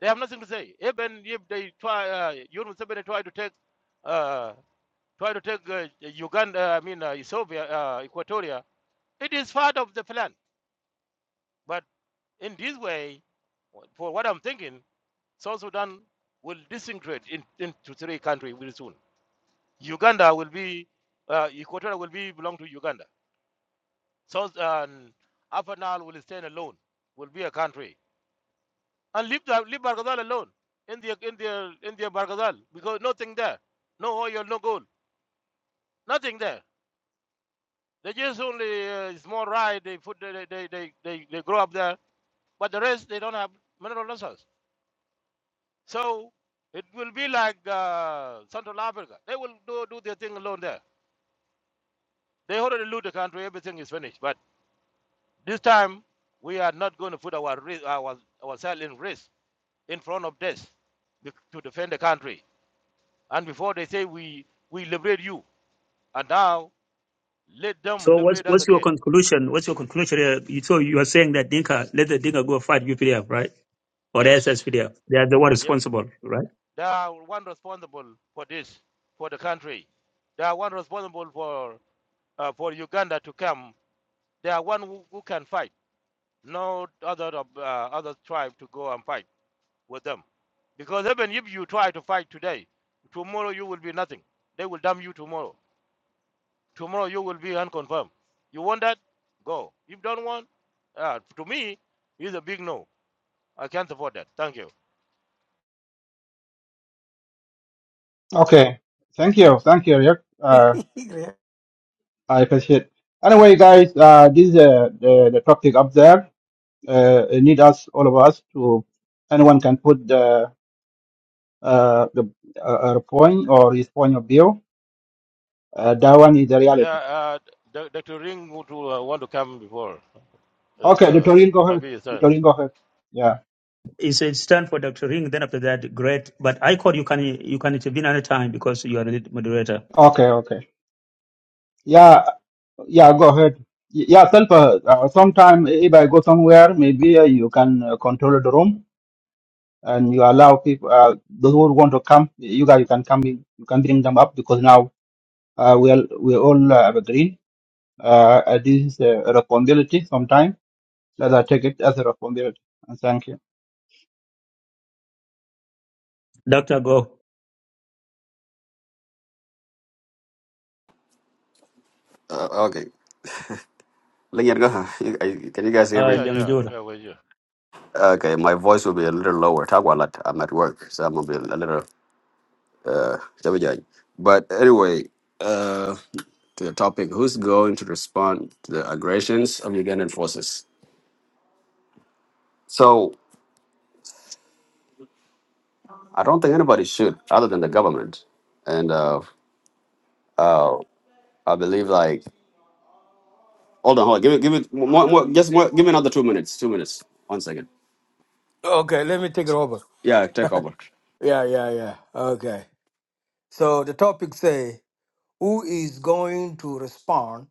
They have nothing to say. Even if they try uh Yunus try to take uh try to take uh, Uganda, I mean, uh, Ethiopia, uh, Equatoria, it is part of the plan. But in this way, for what I'm thinking, South Sudan will disintegrate in, into three countries very soon. Uganda will be, uh, Equatoria will be belong to Uganda. South um, Upper Nile will stand alone, will be a country, and leave the, leave Bargazal alone in the in the in the Bargazal because nothing there, no oil, no gold, nothing there. They just only uh, small rice. They put they they they they they grow up there, but the rest they don't have mineral resources. So it will be like uh, Central Africa. They will do do their thing alone there. They already loot the country. Everything is finished. But this time we are not going to put our risk, our ourselves in risk in front of death be- to defend the country. And before they say we we liberate you, and now let them
So what's
liberate us
what's your
again.
conclusion? What's your conclusion? Riek? You- So you are saying that Dinka, let the Dinka go fight UPDF, right? or
Yes.
SSPDF. They are the one
Yep.
responsible, right?
They are one responsible for this, for the country. They are one responsible for uh, for Uganda to come. They are one who, who can fight. No other of, uh, other tribe to go and fight with them, because even if you try to fight today, tomorrow you will be nothing. They will damn you tomorrow. Tomorrow you will be unconfirmed. You want that? Go. If don't want, uh, to me, it's a big no. I can't support that. Thank you.
Okay. Thank you. Thank you, Rick.
*laughs*
Uh, I appreciate Anyway, guys, uh, this is uh, the, the topic up there. Uh, it need us, all of us, to anyone can put the, uh, the uh, uh, point or his point of view. Uh, that one is the
Yeah,
reality.
uh, Dr. Ring would uh, want to come before. And,
Okay,
uh,
Tutorial, go
my
ahead.
biggest son.
Tutorial, go ahead. Yeah.
It's a stand for Dr. Ring. Then after that, great. But I call you can you can intervene anytime because you are the lead moderator.
Okay, okay. Yeah. Yeah, go ahead. Y- Yeah, self. Uh, uh, sometime if I go somewhere, maybe uh, you can uh, control the room and you allow people uh, those who want to come. You guys can come. in, You can bring them up because now uh, we all we all uh, have agreed. Uh, uh, this is a responsibility. Sometimes let us take it as a responsibility. And thank you.
Doctor, go.
Uh, okay. Lingyat, go ahead. You- I- Can you guys hear
Uh,
me?
Yeah,
let me
yeah.
do it.
Where were you?
Okay, my voice will be a little lower. Talk a lot. I'm at work, so I'm gonna be a little. Uh, Jabba Jai. but anyway, uh, to the topic, who's going to respond to the aggressions of Ugandan forces? So I don't think anybody should, other than the government. And uh, uh, I believe like, hold on, hold on, give it, give it, more, more, just more, give me another two minutes, two minutes, one second.
okay, let me take it over.
Yeah, take over.
Yeah, yeah, yeah. Okay. So the topic say, who is going to respond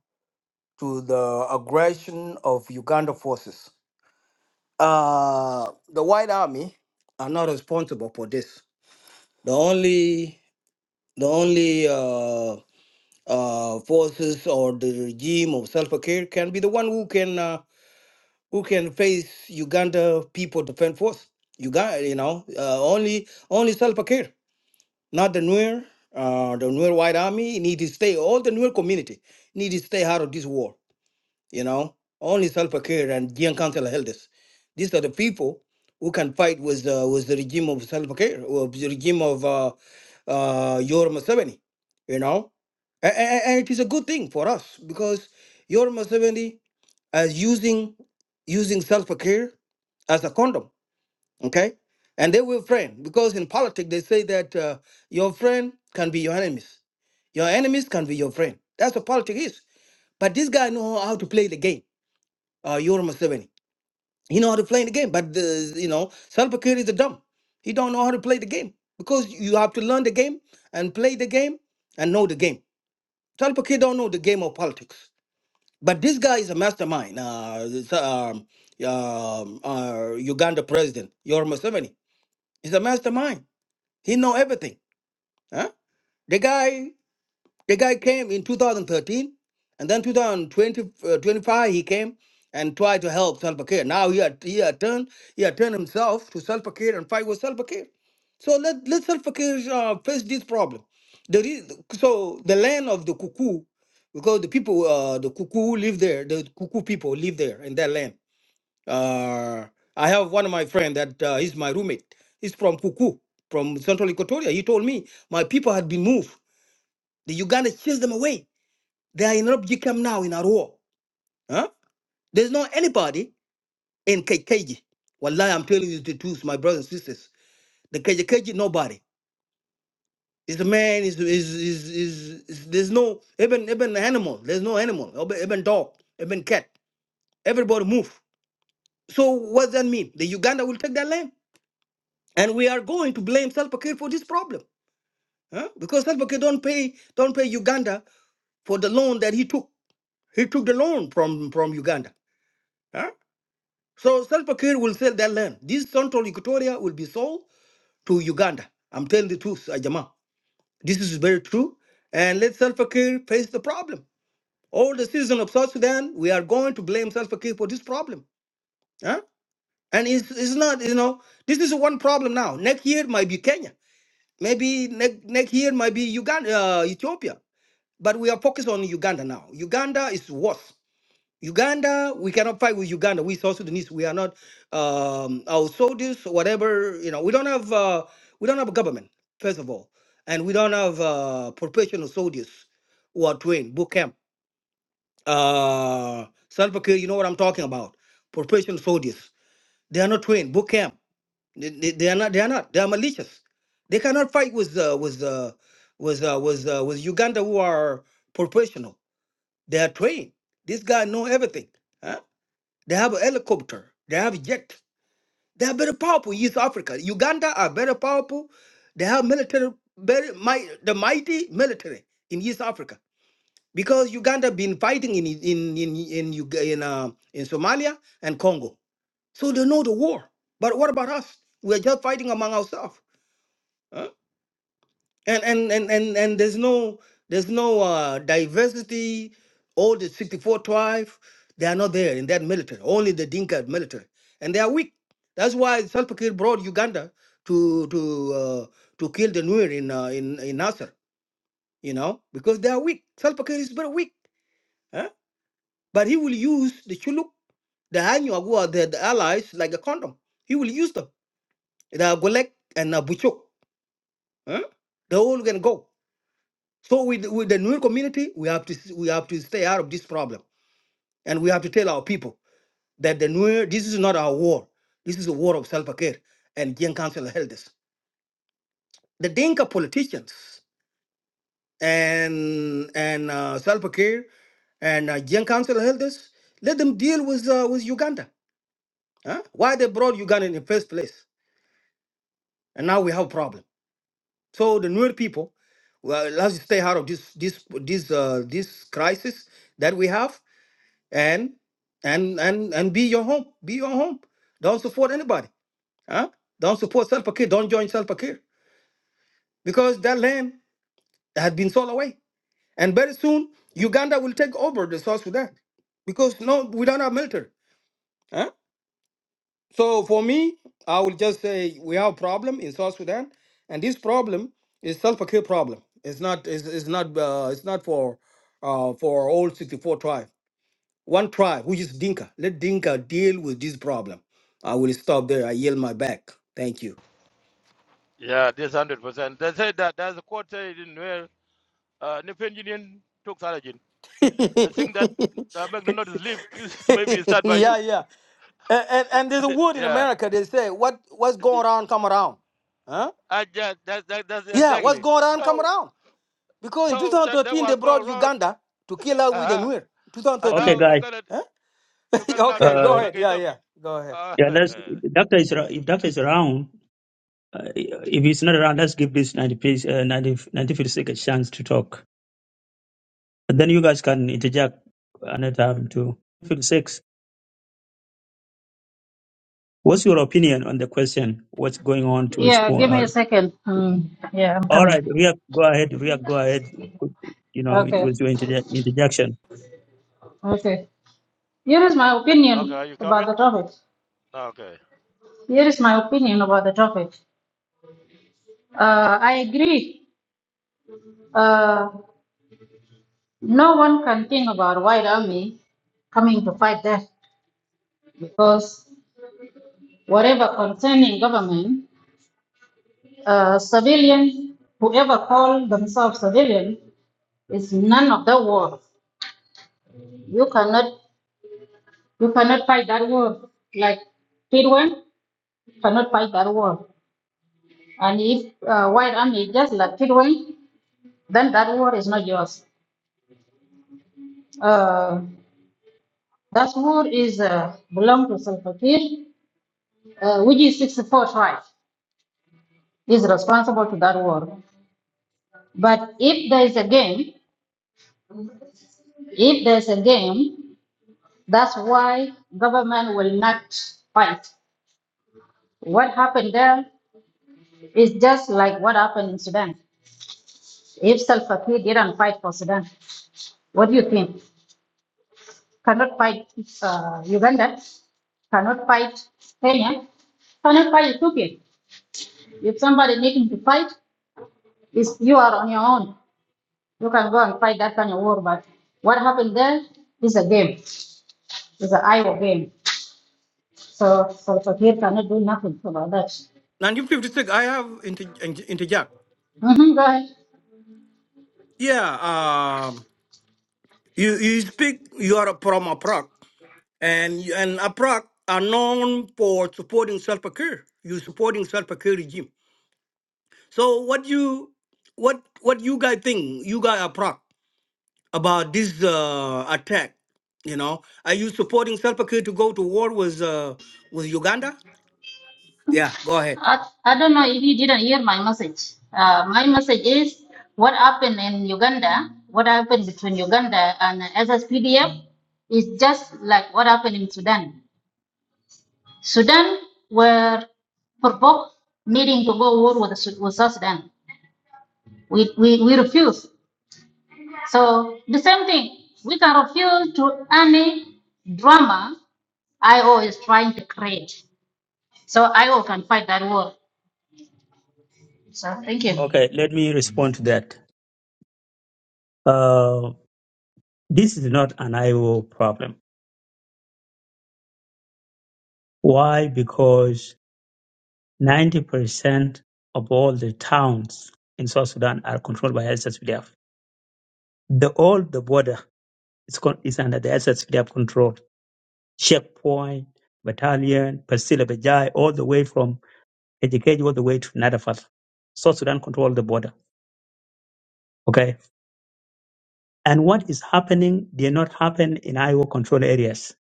to the aggression of Uganda forces? Uh, the White Army are not responsible for this. The only, the only uh, uh, forces or the regime of self-care can be the one who can. uh, who can face Uganda people defense force. Uganda, you know, uh, only only Salva Kiir, not the Nuer, uh, the Nuer White Army need to stay. All the Nuer community need to stay out of this war. You know, only Salva Kiir and Gian Council elders. These are the people who can fight with uh, with the regime of Salva Kiir or the regime of uh, uh, Yoram Museveni. You know, and, and it is a good thing for us because Yoram Museveni as using using self-care as a condom okay and they were friend because in politics they say that uh, your friend can be your enemies your enemies can be your friend that's what politics is but this guy know how to play the game uh Yoram Museveni. he know how to play the game but the, you know self-care is a dumb he don't know how to play the game because you have to learn the game and play the game and know the game self-care don't know the game of politics but this guy is a mastermind. Uh, this, um, um, uh, Uganda president Yoweri Museveni is a mastermind. He know everything. Huh? The guy. The guy came in 2013, and then 2020, uh, 25, he came and tried to help Salva Kiir. Now he had, he had turned he had turned himself to Salva Kiir and fight with Salva Kiir. So let let Salva Kiir uh, face this problem. The re- so the land of the Kuku, because the people uh, the cuckoo live there, the Kuku people live there in that land. Uh, I have one of my friend that uh, he's my roommate. He's from Kuku, from Central Equatoria. He told me my people had been moved. The Uganda chased them away they are in Rob Jikam now in Arua. Huh? There's not anybody in KKG. Wallahi, I'm telling you the truth, my brothers and sisters. The KKG, nobody. It's a man, is is is is is- there's no even even animal, there's no animal, even even dog, even cat. Everybody move. So what does that mean? The Uganda will take that land. And we are going to blame Salva Kiir for this problem. Huh? Because Salva Kiir don't pay don't pay Uganda for the loan that he took. He took the loan from from Uganda. Huh? So Salva Kiir will sell that land. This central Equatoria will be sold to Uganda. I'm telling the truth, Ajama. This is very true. And let Salva Kiir face the problem. All the citizens of South Sudan, we are going to blame Salva Kiir for this problem. Huh? And it's, it's not, you know, this is one problem now. Next year might be Kenya. Maybe next, next year might be Uganda, uh, Ethiopia. But we are focused on Uganda now. Uganda is worse. Uganda, we cannot fight with Uganda. We South Sudanese, we are not um, our soldiers, whatever. You know, we don't have uh, we don't have a government first of all, and we don't have uh, professional soldiers who are trained boot camp. Uh, Salva Kiir, you know what I'm talking about. Professional soldiers, they are not trained boot camp. They, they, they are not. They are not. They are malicious. They cannot fight with uh, with uh, with uh, with uh, with Uganda who are professional. They are trained. This guy know everything. huh? They have a helicopter. They have jet. They are very powerful. East Africa, Uganda are very powerful. They have military, very might, the mighty military in East Africa because Uganda been fighting in in in in Uga- in, uh, in Somalia and Congo. So they know the war. But what about us? We are just fighting among ourselves. huh? and and and and, and there's no there's no uh, diversity all the 64 tribes they are not there in that military only the dinka military and they are weak that's why Salva Kiir brought uganda to to uh, to kill the Nuer in uh, in in nasser you know because they are weak Salva Kiir is very weak huh? but he will use the chuluk the Anyuag who are the, the allies like a condom he will use them the Golek and uh, Buchok. huh? they all can go So with, with the Nuer community, we have to s- we have to stay out of this problem, and we have to tell our people that the Nuer this is not our war. This is a war of self care and Gen Council held this. The Dinka politicians and and uh, self care and uh, Gen Council held this. Let them deal with uh, with Uganda. Huh? Why they brought Uganda in the first place, and now we have a problem. So the Nuer people, well, let's stay out of this this this uh, this crisis that we have and and and and be your home. Be your home. Don't support anybody. Huh? Don't support self care. Don't join self care because that land has been sold away, and very soon Uganda will take over the South Sudan because no, we don't have military. Huh? So for me, I will just say we have a problem in South Sudan, and this problem is self care problem. It's not. It's, it's not. Uh, it's not for uh, for all sixty four tribe. One tribe, which is Dinka. Let Dinka deal with this problem. I will stop there. I yield my back. Thank you.
Yeah, this hundred percent. They said that there's a quote said in where uh Nipin Union took Sarajin.
*laughs*
The
yeah,
thing that uh, McDonald is leave is *laughs* maybe start by you.
yeah. And, and and there's a word in
Yeah.
America they say what what's going around come around. Huh?
I just that, that that's
Yeah, what's
exactly.
going around come
So
around. Because in
so that that
2013 they
was
brought
going wrong.
Uganda to kill out with the
Uh-huh.
Nuer.
And
okay,
2013.
now you
guys.
gotta
Huh?
you gotta
*laughs*
now turn
okay,
it
go
Uh,
on
ahead.
against
Yeah,
them.
yeah. Go ahead.
Uh,
yeah, let's. Doctor is ar- if Doctor is around. Uh, if he's not around, let's give this 90 piece, uh, 90, ninety-fifth a chance to talk. And then you guys can interject another time too. 56. What's your opinion on the question? What's going on to
Yeah,
respond?
give me
uh,
a second. Um, yeah, I'm
All right,
coming.
Ria, go ahead. Ria, go ahead. You know,
Okay,
with your interje- interjection.
okay. Here is my
*laughs* okay, are
opinion
you
about
coming?
the topic.
Okay.
Here is my opinion about the topic. Uh, I agree. Uh, no one can think about white army coming to fight that because whatever concerning government, uh, civilian, whoever call themselves civilian, is none of the war. You cannot, you cannot fight that war like Kidwan cannot fight that war. And if uh, white army just like it away, then that war is not yours. Uh, that war is uh, belong to Salva Kiir, uh, which is 64 tribe is responsible to that war. But if there is a game, if there is a game, that's why government will not fight. What happened there is just like what happened in Sudan. If Salva Kiir didn't fight for Sudan, what do you think? Cannot fight uh, Uganda? Cannot fight Kenya. Cannot fight Ethiopia. If somebody needing to fight, is you are on your own. You can go and fight that kind of war. But what happened there is a game. It's an Iowa game. So so so here cannot do nothing about that.
1956, I have inter- inter- interject.
hmm go ahead.
Yeah, You you speak you are from Aprak and you- and Aprak are known for supporting Salva Kiir. You supporting Salva Kiir regime. So what you what what you guys think you guys Aprak about this uh, attack? You know, are you supporting Salva Kiir to go to war with uh, with Uganda? Yeah, go ahead.
I, I don't know if you didn't hear my message. Uh, my message is what happened in Uganda, what happened between Uganda and SSPDF is just like what happened in Sudan. Sudan were provoked needing to go war with, Su- with South Sudan. We, we, we refuse. So the same thing, we can refuse to any drama IO is trying to create. So IO can fight that war. So thank you.
Okay, let me respond to that. Uh, this is not an IO problem. Why? Because 90% of all the towns in South Sudan are controlled by SSPDF. The all the border is, con- is under the SSPDF control. Checkpoint, battalion, Pasila Bajai, all the way from Ejikeji all the way to Nadafat. South Sudan control the border. Okay And what is happening did not happen in IO control areas.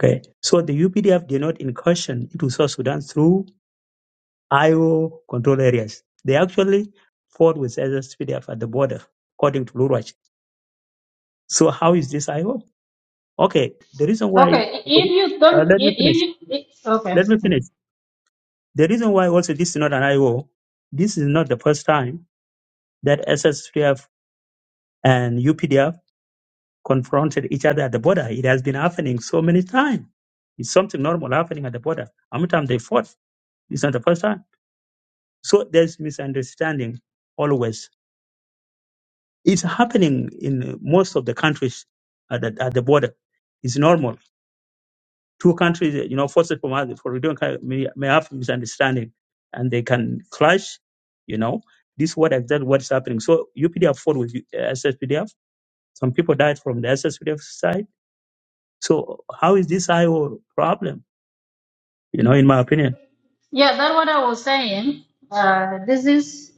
Okay. So the UPDF did not incursion into South Sudan through IO control areas. They actually fought with SSPDF at the border, according to Lurach. So how is this IO? Okay. The reason why,
Okay, if you
uh,
don't,
let me
if, if
finish.
you, if, okay.
Let me finish. The reason why also this is not an IO, this is not the first time that SSPDF and UPDF confronted each other at the border. It has been happening so many times. It's something normal happening at the border. How many times they fought? It's not the first time. So there's misunderstanding always. It's happening in most of the countries at the, at the border. It's normal. Two countries, you know, forces from other for doing may, may have misunderstanding and they can clash, you know. This is what exactly what's happening. So UPDF fought with uh, SSPDF. Some people died from the SSPDF side So how is this IO problem? You know, in my opinion,
Yeah, that's what I was saying. Uh, this is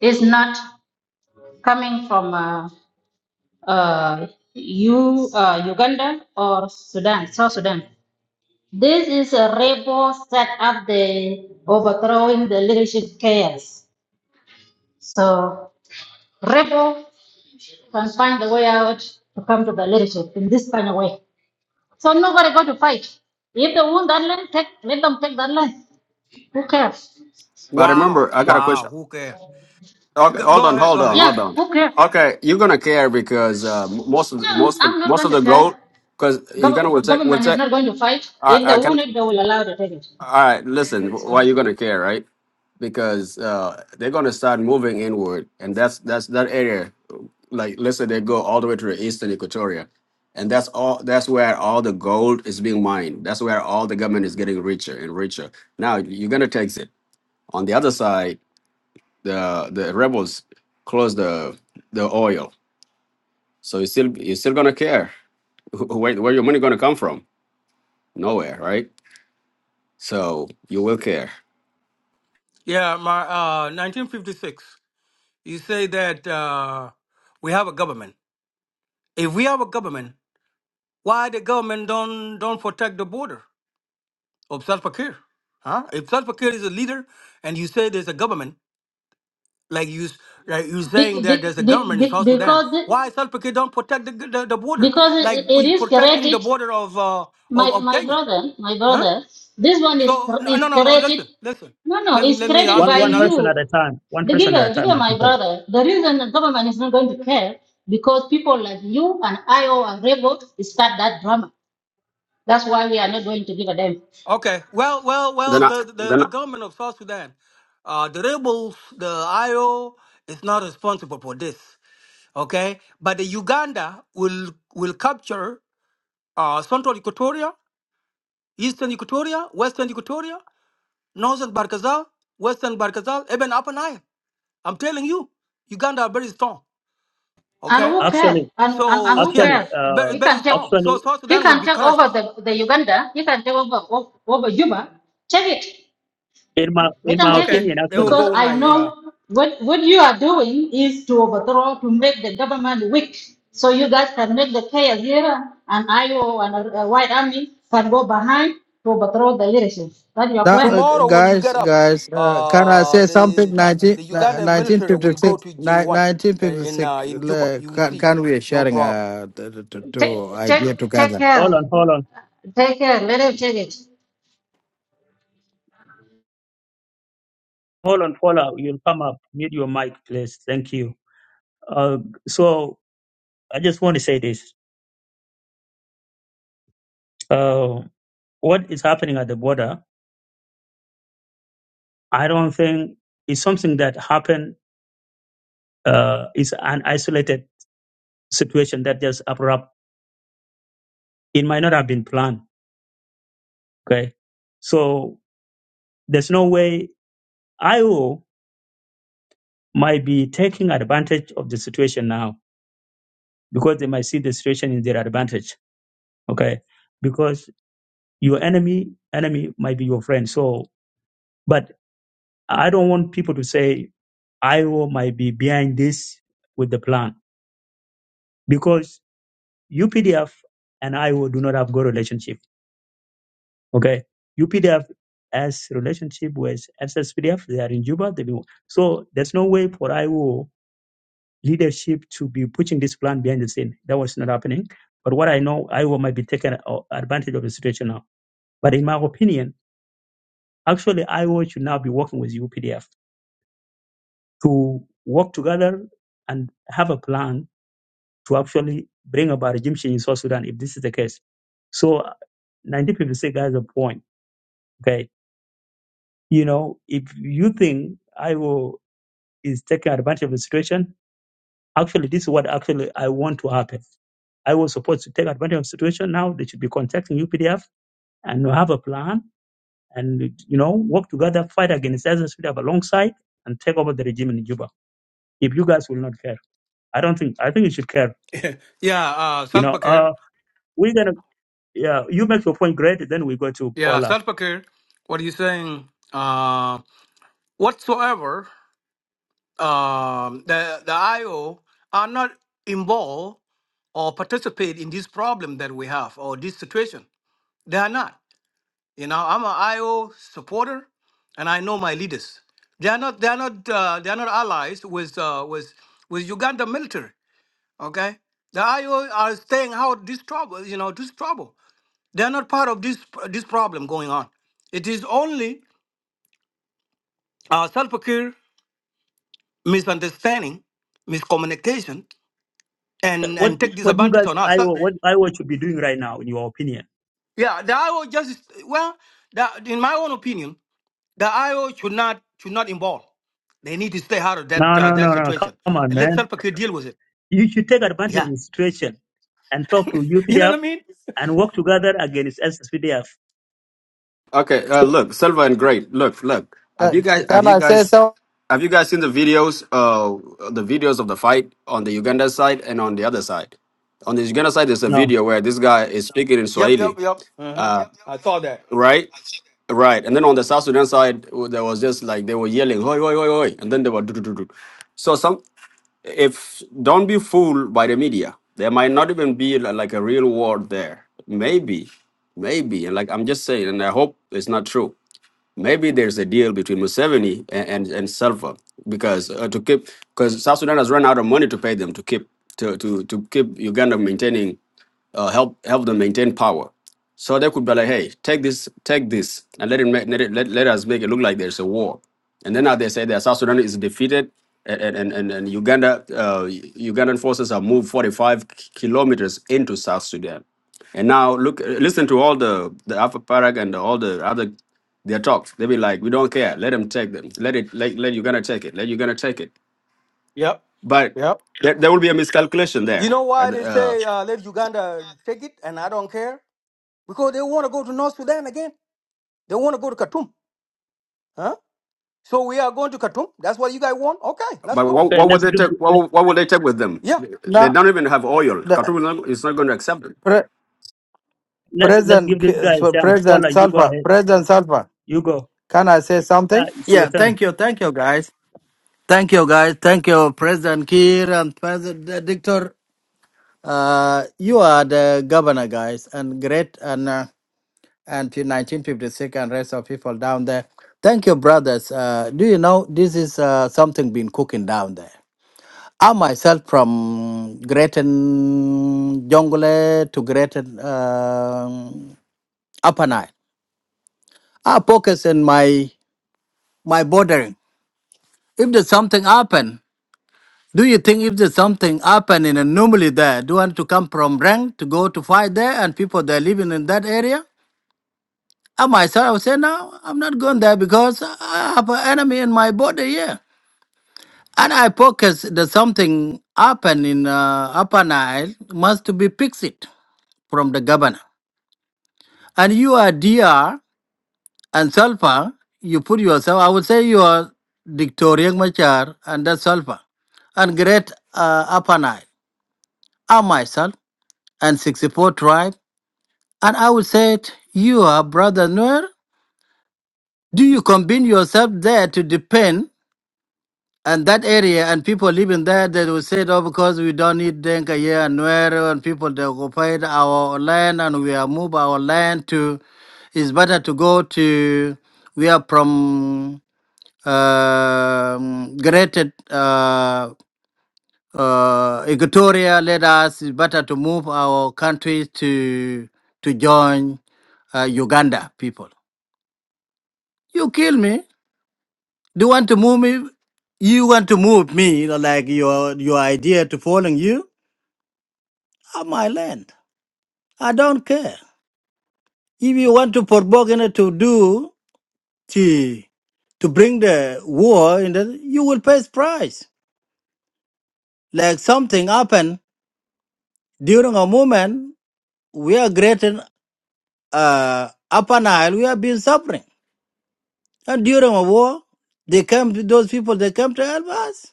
is not coming from. uh, uh, you, uh, Uganda or Sudan, South Sudan. This is a rebel set up the overthrowing the leadership chaos. So rebel can find a way out to come to the leadership in this kind of way. So nobody go to fight. If they want that land, take, let them take that land. Who cares?
But
Wow,
remember, I got a
wow,
question.
who cares?
Okay,
Go,
hold
go
on,
ahead, go
hold on,
ahead.
Yeah,
hold on.
who cares?
Okay, you're gonna care because uh, m- most of the,
No,
most of,
I'm not
most
going
of
to
the
care.
gold, because Uganda will
Gov-
take will
government is
take.
not going to fight.
I,
If they
I can.
want it, they will allow to take it.
All right, listen, why
So,
you gonna care, right? Because uh, they're gonna start moving inward, and that's that's that area. Like, let's say they go all the way to the eastern Equatoria, and that's all. That's where all the gold is being mined. That's where all the government is getting richer and richer. Now you're gonna tax it. On the other side, the the rebels close the the oil, so you still you're still gonna care. *laughs* Where where your money gonna come from? Nowhere, right? So you will care.
Yeah, my uh, 1956. You say that uh, we have a government. If we have a government. Why the government don't don't protect the border of South Pakir? Huh? If South Pakir is a leader and you say there's a government, like you s- like you saying
Be-
that
be-
there's a
be-
government in
be-
South Sudan,
because
why South Pakir don't protect the, g- the, the border?
because
Like
it
we
is
protecting the
created
border of uh,
my
of, of
my
Kenya.
brother my
Huh?
brother this one is
So
cr-
no
is
no no no
created
listen, listen.
no no
Let,
it's
let me
created
ask
one
by
you
one
another.
you
person at a time, one
the
person
giga,
at a
the
time,
giga
my
my
people.
brother the reason the government is not going to care because people like you and i or and rebel start that drama that's why we are not going to give a damn
Okay. Well well well
Then I
the the,
then
the government of South Sudan, uh, the rebels, the IO is not responsible for this. okay? But the Uganda will will capture uh, Central Equatoria, Eastern Equatoria, Western Equatoria, Northern Barkazal, Western Barkazal, even Upper Nile. I'm telling you, Uganda are very strong,
and
okay?
who cares?
Actually,
and and,
So
and
*laughs*
who
yeah,
actually,
cares?
very,
uh,
he
very
can take
strong. So
actually,
South
he
Sudan will
can
be
take
crushed.
over the, the uganda he can take over over over juba check it
in my
They
in
can
my
take it
Okay,
opinion,
they will
actually,
because
go now.
I
Yeah.
know what what you are doing is to overthrow, to make the government weak, so you guys can make the chaos here and IO and uh, White Army can go behind to overthrow the leadership. That's your
That, uh,
plan.
Tomorrow when you
guys,
get up,
guys, uh, can I
uh,
say something?
the
19,
the
uh,
Uganda military will go
1956,
to
ni-
J1 uh, in uh,
1956,
in Juba.
le-
You will
can,
see,
can we
no
sharing
problem.
uh, to, to, to
Take
idea
take take
together?
hold
care.
on, hold on,
Take care. Let him take it.
hold on, Paula, you'll come up. Mute your mic, please. Thank you. Uh, so I just want to say this: uh, what is happening at the border? I don't think it's something that happened. Uh, it's an isolated situation that just abrupt. It might not have been planned. Okay, so. There's no way IO might be taking advantage of the situation now because they might see the situation in their advantage. Okay. Because your enemy, enemy might be your friend. So, but I don't want people to say IO might be behind this with the plan because UPDF and IO do not have good relationship. Okay. UPDF has relationship with SSPDF. They are in Juba. They be, so there's no way for IO leadership to be pushing this plan behind the scene. That was not happening. But what I know, Iowa might be taking uh, advantage of the situation now. But in my opinion, actually, Iowa should now be working with UPDF to work together and have a plan to actually bring about a regime change in South Sudan if this is the case. So, uh, 1956 has a point. Okay. You know, if you think Iowa is taking advantage of the situation, Actually, this is what actually I want to happen. I was supposed to take advantage of the situation. Now they should be contacting UPDF and have a plan and you know work together, fight against ISIS have alongside and take over the regime in Juba. If you guys will not care, I don't think I think you should care.
Yeah, uh,
You know,
Salva Kiir.
uh, we're gonna yeah. You make your point great. Then we go to
Yeah,
Paula.
Salpakir, what are you saying? Uh, whatsoever, um, the the IO are not involved or participate in this problem that we have or this situation. They are not. You know, I'm an IO supporter, and I know my leaders. They are not. They are not. Uh, they are not allies with uh, with with Uganda military. Okay, the IO are staying out this trouble. You know, this trouble. They are not part of this this problem going on. It is only Uh, self-care, misunderstanding, miscommunication, and,
What
and take
what you
disadvantage
guys
on us. So,
Iowa what Iowa should be doing right now in your opinion?
yeah, the IO just, well, the, in my own opinion, the IO should not should not involve. They need to stay out of that
No
uh,
no
that
no no.
situation
Come on,
and let
man.
self-care deal with it.
You should take advantage
Yeah.
of the situation and talk to
You know
UPDF
what I mean?
and work together against SPDF.
Okay, uh,
So,
look, Silva and Great. Look, look. Have you
Can,
guys have
can
you
I say
guys
so?
have you guys seen the videos uh the videos of the fight on the Uganda side and on the other side? On the Uganda side there's a
no.
video where this guy is speaking in
Yep, yep,
Swahili.
yep. Uh-huh.
Uh
I saw that.
right? Right. And then on the South Sudan side there was just like they were yelling hoi hoi hoi hoi and then they were do do do do. So some if don't be fooled by the media. There might not even be li- like a real war there. Maybe. Maybe. And like I'm just saying and I hope it's not true maybe there's a deal between Museveni and and, and Salva because uh, to keep because South Sudan has run out of money to pay them to keep to to to keep Uganda maintaining uh, help help them maintain power. So they could be like, hey, take this, take this, and let it, make, let, it let, let us make it look like there's a war. And then now they say that South Sudan is defeated, and and and, and Uganda uh, Ugandan forces have moved 45 kilometers into South Sudan. And now look, listen to all the the Alpha Parag and all the other their talks. They be like, we don't care. Let them take them. Let it. Let, let Uganda take it. Let Uganda take it.
Yep,
But
yep.
there, there will be a miscalculation
You
there.
know why they say uh, let Uganda take it and I don't care? Because they want to go to North Sudan again. They want to go to Khartoum. So we are going to Khartoum. That's what you guys want? Okay, let's
But
go.
what,
Okay,
what would
let's
they
give
take? What,
let,
would- what would they take with them?
Yeah.
They
No,
don't even have oil.
the
Khartoum is not, is not going to accept it.
pre,
let's let's
President,
give this
Ki-
guy a
so
chance.
President
Paula, you go
Salva,
ahead.
President Salva,
You go.
can I say
Yeah,
something?
it's your
Yeah,
turn.
thank you, thank you, guys. Thank you, guys. Thank you, President Kiir and President Dictor. Uh, you are the governor, guys, and great. And uh, until 1956 and rest of people down there. Thank you, brothers. Uh, do you know this is uh, something been cooking down there? I myself from Greater Jongle to Greater um Upper Nile. I focus in my my bordering. If there's something happen, do you think if there's something happen in a normally there, do you want to come from Rang to go to fight there and people that are living in that area? I myself I would say, no, I'm not going there because I have an enemy in my body here. And I focus that something happen in uh, Upper Nile must be fixed from the governor. And you are DR and Sulfur, you put yourself, I would say you are Dictorian Machar and that Sulfur and great uh, Upper Nile. I myself and 64 tribe. And I would say, it, you are brother Noir. Do you combine yourself there to depend? and that area and people living there they will say oh because we don't need Denka here and where and people they occupied our land and we are move our land to it's better to go to we are from um greater uh uh Equatoria let us it's better to move our country to to join uh, Uganda people. You kill me. Do you want to move me? You want to move me like your your idea to following you on my land. I don't care. If you want to Borbogana to do to to bring the war in the you will pay price. Like something happened during a moment we are greater uh upper Nile, we have been suffering. And during a war, they came to those people they came to help us.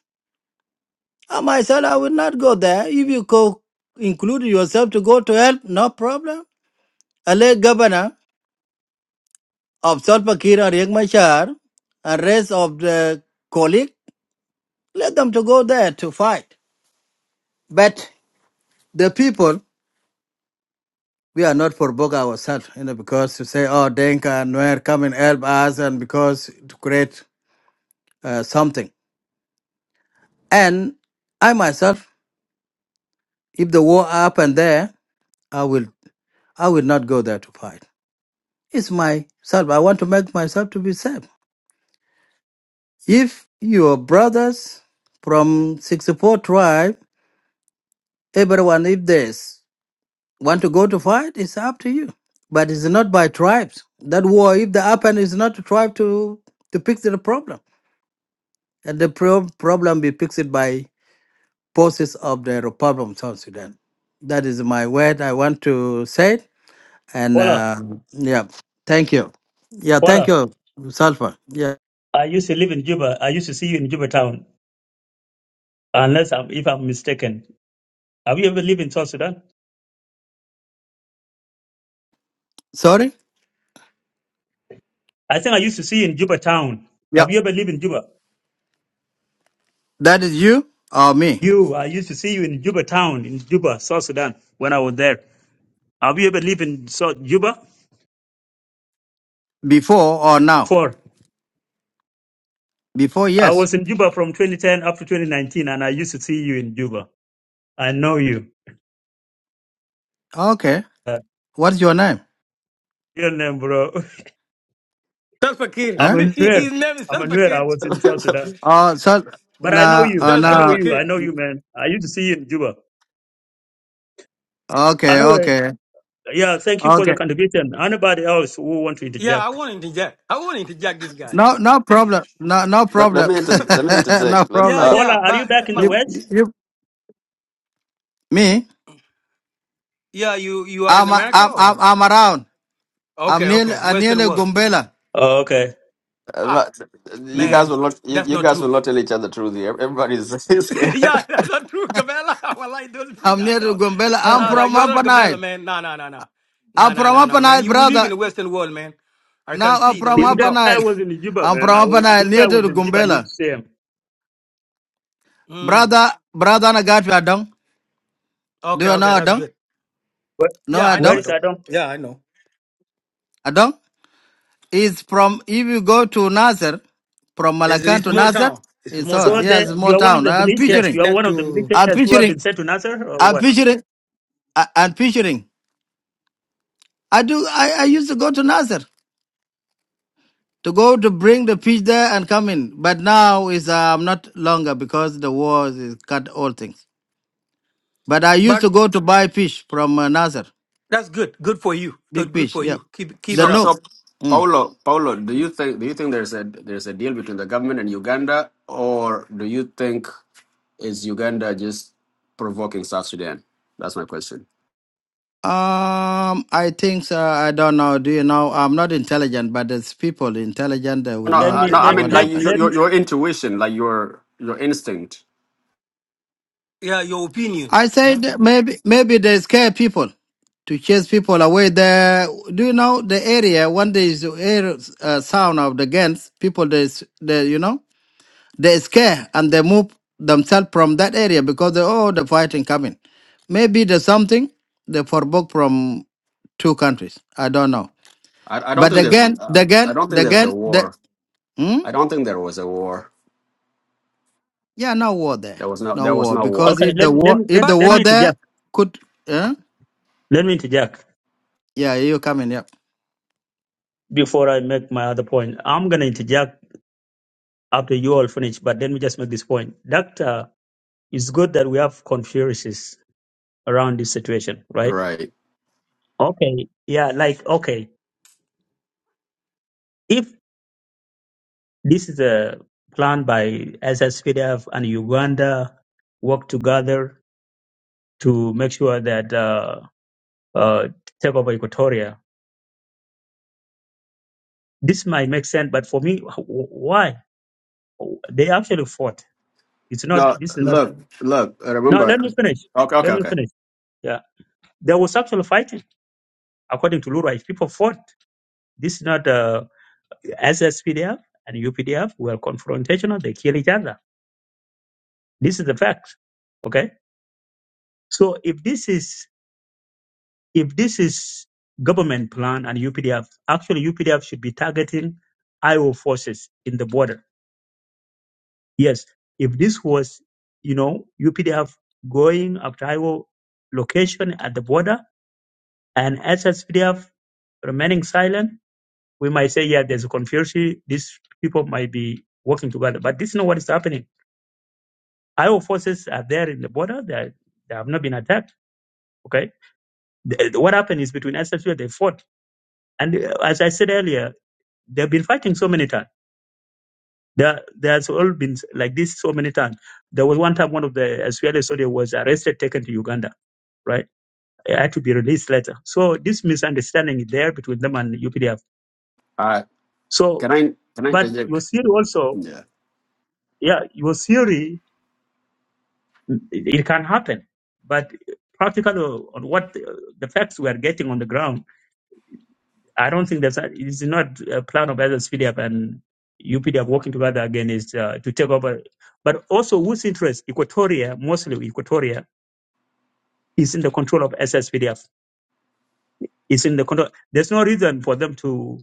I myself, I will not go there. If you co- include yourself to go to help, no problem. I late governor of Solpakir and Riek Machar and rest of the colleague, let them to go there to fight. But the people, we are not for bog ourselves, you know, because to say, oh, Denka and Nuer come and help us and because to create uh, something. And I myself, if the war happened there, I will, I will not go there to fight. It's myself. I want to make myself to be safe. If your brothers from 64 tribe, everyone, if they s- want to go to fight, it's up to you. But it's not by tribes. That war, if the happen, is not to try to, to fix the problem. And the pro- problem be fixed by forces of the Republic of South Sudan. That is my word I want to say. And
Paula,
uh, yeah, thank you. Yeah, thank
Paula,
you, Salva. Yeah,
I used to live in Juba. I used to see you in Juba town, unless I'm, if I'm mistaken. Have you ever lived in South Sudan?
sorry.
I think I used to see you in Juba town.
Yeah.
Have you ever lived in Juba?
That is you or me?
You, I used to see you in Juba town in Juba, South Sudan, when I was there. Have you ever lived in South Juba?
Before or now?
Four.
Before,
I
yes.
was in Juba from 2010 up to 2019, and I used to see you in Juba. I know you.
Okay.
Uh,
What's your name?
your name, bro. *laughs*
Self-Fakir.
I'm
*laughs*
Huh?
a Nuer.
His name is
I'm a Nuer. I
Self-Fakir.
was in South Sudan.
Oh, so,
But I know
nah,
you.
uh,
That's
I know
nah.
you.
Self-Fakir.
I know you, man. I used to see you in Juba.
Okay,
Anyway,
okay,
yeah, thank you for the
okay.
contribution. Anybody else who want to
Yeah, I
interject?
want to interject. I want to interject this guy.
No, no problem. No, no
Let, let
problem.
me inter, let me
*laughs* no
interject. Let,
Yeah,
problem.
uh,
Paula,
yeah,
are you
but
back in
my,
the
You,
West?
you, me?
yeah, you you are in
I'm, I'm,
America
I'm,
or
I'm around. I'm
okay,
near,
okay,
I'm near
Western world.
Gumbela.
Oh, okay.
I'm
Ah,
not- you
Mm.
guys
man,
will not you,
that's
you
not
guys will
true.
not tell each other the truth here. Everybody's *laughs*
*laughs*
scared.
yeah, that's not true, Gabela. *laughs* Well, I don't this
I'm
guy
near
no.
Gumbela. I'm
No, no,
from
you are not
Upper Nile.
Gabela, man. No, no, no, no, no,
I'm
no,
from
no, no,
Upper
man.
Nile,
You will live in
brother.
the Western world, man. I can
Now I'm
see the
from
way
This
you
Upper
talk.
guy
Nile.
was in
*laughs*
Juba,
I'm
man. I
from Upper
was,
Nile,
this
near
guy
to
was in Juba. I used
Gumbela.
to see him.
Mm.
Brother, brother Nagatu Adong. Do
Okay,
you
okay,
know
that's
Adong?
good.
But
No
Yeah, I know.
where
Adong?
I
is
don't.
Adam?
Yeah, I know.
Adong is from, if you go to Nazar, from
It's,
Malacan
it's a
to
small
Nazar,
town. It's a
it's
small
So
us.
town.
Yeah,
the,
it's a
you
small
are one of
town.
the
I'm
militias.
Next,
You
picturing.
are
next
one of the
to.
I'm
militias who have been
picturing.
sent to Nasser or
I'm
what?
picturing. I- I'm picturing. I do, I, I used to go to Nazar to go to bring the fish there and come in. But now is um, not longer because the war is cut all things. But I used
But
to go to buy fish from uh, Nazar.
that's good. Good for you. Good,
Big
good
fish,
for
yeah.
you. Keep, keep
The
it
So,
up.
nook.
so
Mm.
Paulo, Paulo, do you think do you think there's a there's a deal between the government and Uganda, or do you think is Uganda just provoking South Sudan? That's my question.
Um, I think so. I don't know. Do you know? I'm not intelligent, but there's people intelligent that would
No,
Let
know
uh,
me,
the,
no, I
the,
let,
mean
what
let,
like
happened.
your
let me,
your, your intuition, like your your instinct.
Yeah, your opinion.
I
Uh-huh.
said maybe maybe they scare people to chase people away. There, do you know the area when there is air uh, sound of the guns, people they s- they you know they scare and they move themselves from that area because they, oh the fighting coming. Maybe there's something they forbook from two countries. I don't know.
I, I don't
But
think there's
again,
uh,
the
I
gun,
don't
the
think there's a
gun, the gun,
war.
Hmm?
I don't think there was a war.
Yeah, no war there.
There was no
No
there was
war.
no
Because
war.
okay,
if
let,
the
let,
war if
let,
the
But,
let
war
me
but
there
interject.
could eh?
Let me interject.
yeah, you coming, yeah.
before I make my other point. I'm going to interject after you all finish, but let me just make this point. Doctor, it's good that we have conspiracies around this situation, right?
Right.
Okay. Yeah, like, okay, if this is a plan by SSPDF and Uganda work together to make sure that uh, uh, take over Equatoria, this might make sense, but for me, wh- why? They actually fought. It's
No,
not, this is not,
look, look,
no, let
remember
me finish.
Okay, okay,
Let me
okay.
finish. Yeah. There was actual fighting According to Lura, people fought. This is not uh, SSPDF and UPDF were confrontational. They kill each other. This is the fact. Okay. So if this is if this is government plan and UPDF, actually UPDF should be targeting IO forces in the border. Yes. If this was, you know, UPDF going after IO location at the border and SSPDF remaining silent we might say, yeah, there's a conspiracy. These people might be working together, but this is not what is happening. Our forces are there in the border. They, are- they have not been attacked. Okay. The- the- what happened is between SSU, they fought. And uh, as I said earlier, they've been fighting so many times. There, there's all been like this so many times. There was one time one of the SPLA soldiers was arrested, taken to Uganda, right? It Had to be released later. So this misunderstanding is there between them and UPDF.
Uh
So,
can I can I
but your
interject?
theory also,
Yeah.
yeah, your theory It can happen, but practically on what the facts we are getting on the ground, I don't think that's it's not a plan of either SPDF and UPDF working together again is uh, to take over. But also, whose interest? Equatoria, mostly Equatoria, is in the control of SSPDF. Is in the control. There's no reason for them to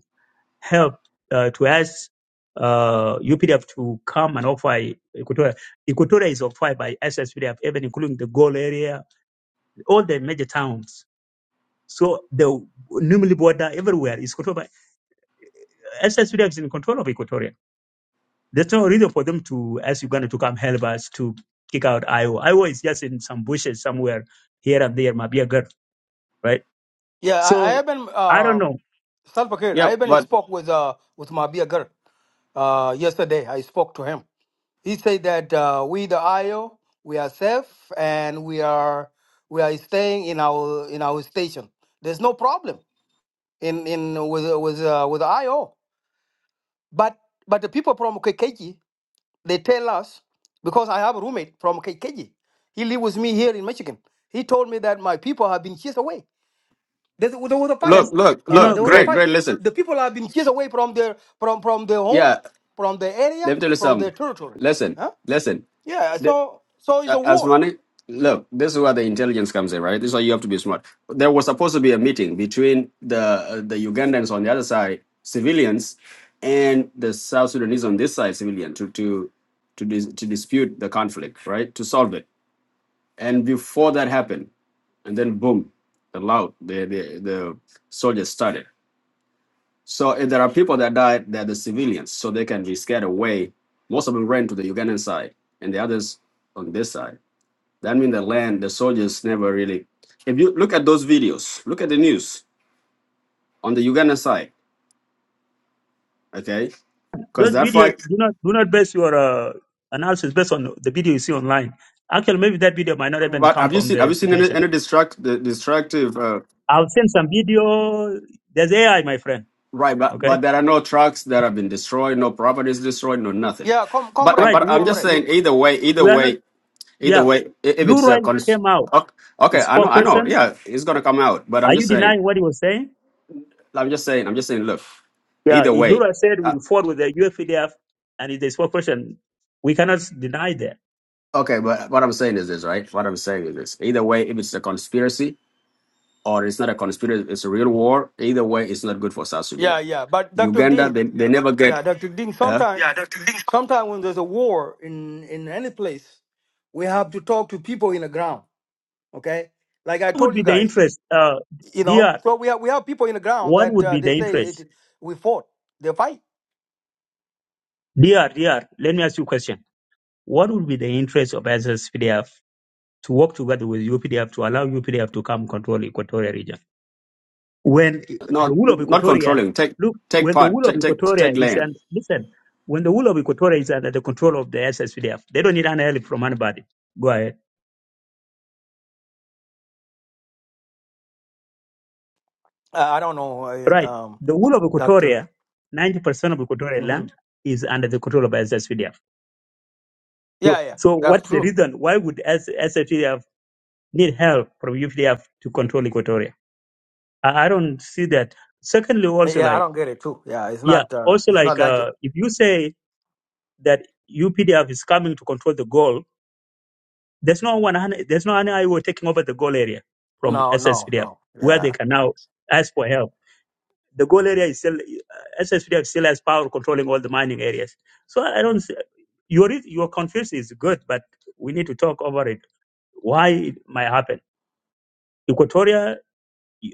help uh, to ask uh, UPDF to come and offer Equatoria. Equatoria is offered by SSPDF, even including the Goal area, all the major towns So the Numili border everywhere is controlled by SS Sudan is in control of Equatoria. There's no reason for them to ask Uganda to come help us to kick out Iowa. Iowa is just in some bushes somewhere here and there, might be a girl, right?
yeah, I, I
So
haven't.
I don't
Uh,
know.
Salva Kiir, I
Yep,
haven't
but
spoke with uh with Mabia Gar. Uh, yesterday I spoke to him. He said that uh, we the IO we are safe and we are we are staying in our in our station. There's no problem in in with with uh, with IO. But but the people from Kekeji, they tell us because I have a roommate from Kekeji. He live with me here in Michigan. He told me that my people have been chased away. There's, there was a fight.
Yes,
look, look,
you
Uh,
know,
look,
there was a
great.
great,
fight.
great, listen.
The people have been chased away from their from from their home,
Yeah,
from their area,
let me tell you
from their
something.
territory.
Listen,
Huh?
listen.
Yeah. So so it's
Uh,
a
As
war.
money, look, this is where the intelligence comes in, right? This is why you have to be smart. There was supposed to be a meeting between the uh, the Ugandans on the other side, civilians, and the South Sudanese on this side, civilian, to to to dis- to dispute the conflict, right? To solve it. And before that happened, and then boom, the loud the the, the soldiers started. So if there are people that died, they're the civilians, so they can be scared away. Most of them ran to the Ugandan side, and the others on this side that means the land, the soldiers never really. If you look at those videos, look at the news on the Uganda side, okay? Because
Those
that
videos
fight.
do not do not base your uh, analysis based on the video you see online. Actually, maybe that video might not even
But
come
have you
from
seen? Have
the
you seen any,
situation.
any destruct the destructive? Uh,
I'll send some video. There's AI, my friend.
right, but but
Okay,
there are no trucks that have been destroyed, no properties destroyed, no nothing.
Yeah. Com-
But uh,
comrade,
right?
but
We
I'm just
comrade.
we
saying. Either way, either
we are not.
way, either
Yeah,
way. i- If it's
Lura
a cons-
came out,
okay, okay,
his
I know, I know.
spokesperson.
Yeah, it's gonna come out. But
Are
I'm
you
just saying.
denying what he was saying?
I'm just saying. I'm just saying. Look,
Yeah,
either
if
way.
Lura said
uh,
we will fought with the UFDF and it's the spokesperson, we cannot deny that.
Okay, but what I'm saying is this, right? What I'm saying is this. Either way, if it's a conspiracy or it's not a conspiracy, it's a real war. Either way, it's not good for South
Yeah,
Sudan.
yeah. But Dr.
Uganda,
Ding,
they, they never get,
yeah, Dr. Ding.
huh?
Sometime sometime when there's a war in in any place, we have to talk to people in the ground okay like i
What would
told
be
you
the
guys
interest? Uh,
you know
DR,
so we have we have people in the ground
what
that
would
uh,
be
they
the
say
interest?
it we fought they fight
DR, DR, let me ask you a question. What would be the interest of SSPDF to work together with UPDF to allow UPDF to come control Equatorial region? when the
no,
wool of
not
Equatoria,
controlling. Take
look,
take
when the
part,
wool of
take take
Equatoria
take
is,
land.
and listen, when the wool of Equatoria is under the control of the SSPDF, they don't need any help from anybody. Go ahead.
uh, i don't know uh,
Right.
um
The wool of
doctor
Equatoria, 90% of Equatorial
hmm
land is under the control of SSPDF. So,
yeah yeah
so
that's
what's the
true
reason? Why would S- SSPDF need help from UPDF to control Equatoria? I, I don't see that. Secondly, also
yeah i
like,
don't get it too yeah it's
yeah,
not uh
also
it's not
like,
logic
uh, if you say that UPDF is coming to control the goal There's no one. There's no any IO taking over the goal area from
no no
SSPDF
no
where they
yeah
can now ask for help. The goal area is still uh, SSPDF still has power controlling all the mining areas. So I don't. see- Your your confusion is good, but we need to talk over it. Why it might happen? Equatoria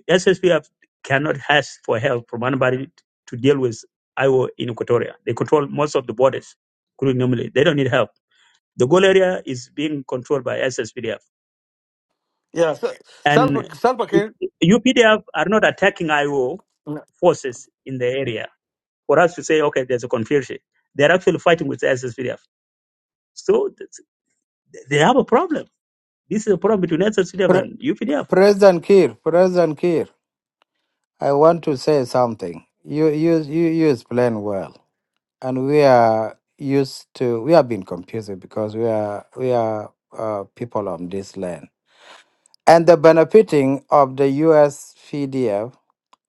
SSPDF cannot ask for help from anybody to deal with IO in Equatoria. They control most of the borders. including Namibia. They don't need help. The goal area is being controlled by SSPDF
yeah so self
And
self
if
care
UPDF are not attacking IO forces in the area for us to say, okay, there's a confusion. They're actually fighting with the SSPDF. So that's- they have a problem. This is a problem between SSPDF
Pre-
and UPDF.
President Kir, President Kir, I want to say something. You you you you explain well. And we are used to we have been confused because we are we are uh, people on this land. And the benefiting of the US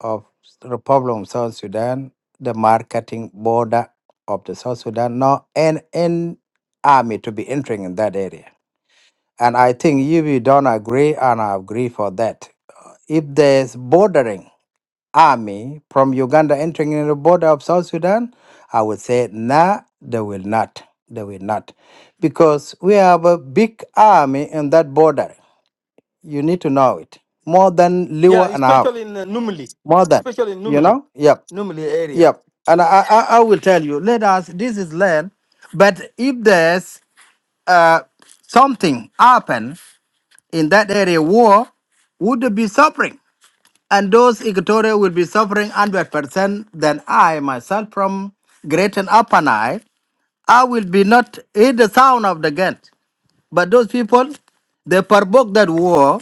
of Republic of South Sudan, the marketing border of the South Sudan, no and an army to be entering in that area. And I think if you don't agree, and I agree for that. If there's bordering army from Uganda entering in the border of South Sudan, I would say nah, they will not. They will not. Because we have a big army in that border. You need to know it. More than
yeah
Liwa and a half.
especially in uh, numili
More than,
especially in
you
numili
know? Yep.
numili area
Yep. And I, I, I will tell you, let us, this is land, but if there's uh, something happen in that area, war would be suffering. And those Equatorial will be suffering 100% than I myself from Great and Upper Nile. I will be not hear the sound of the gun. But those people, they provoke that war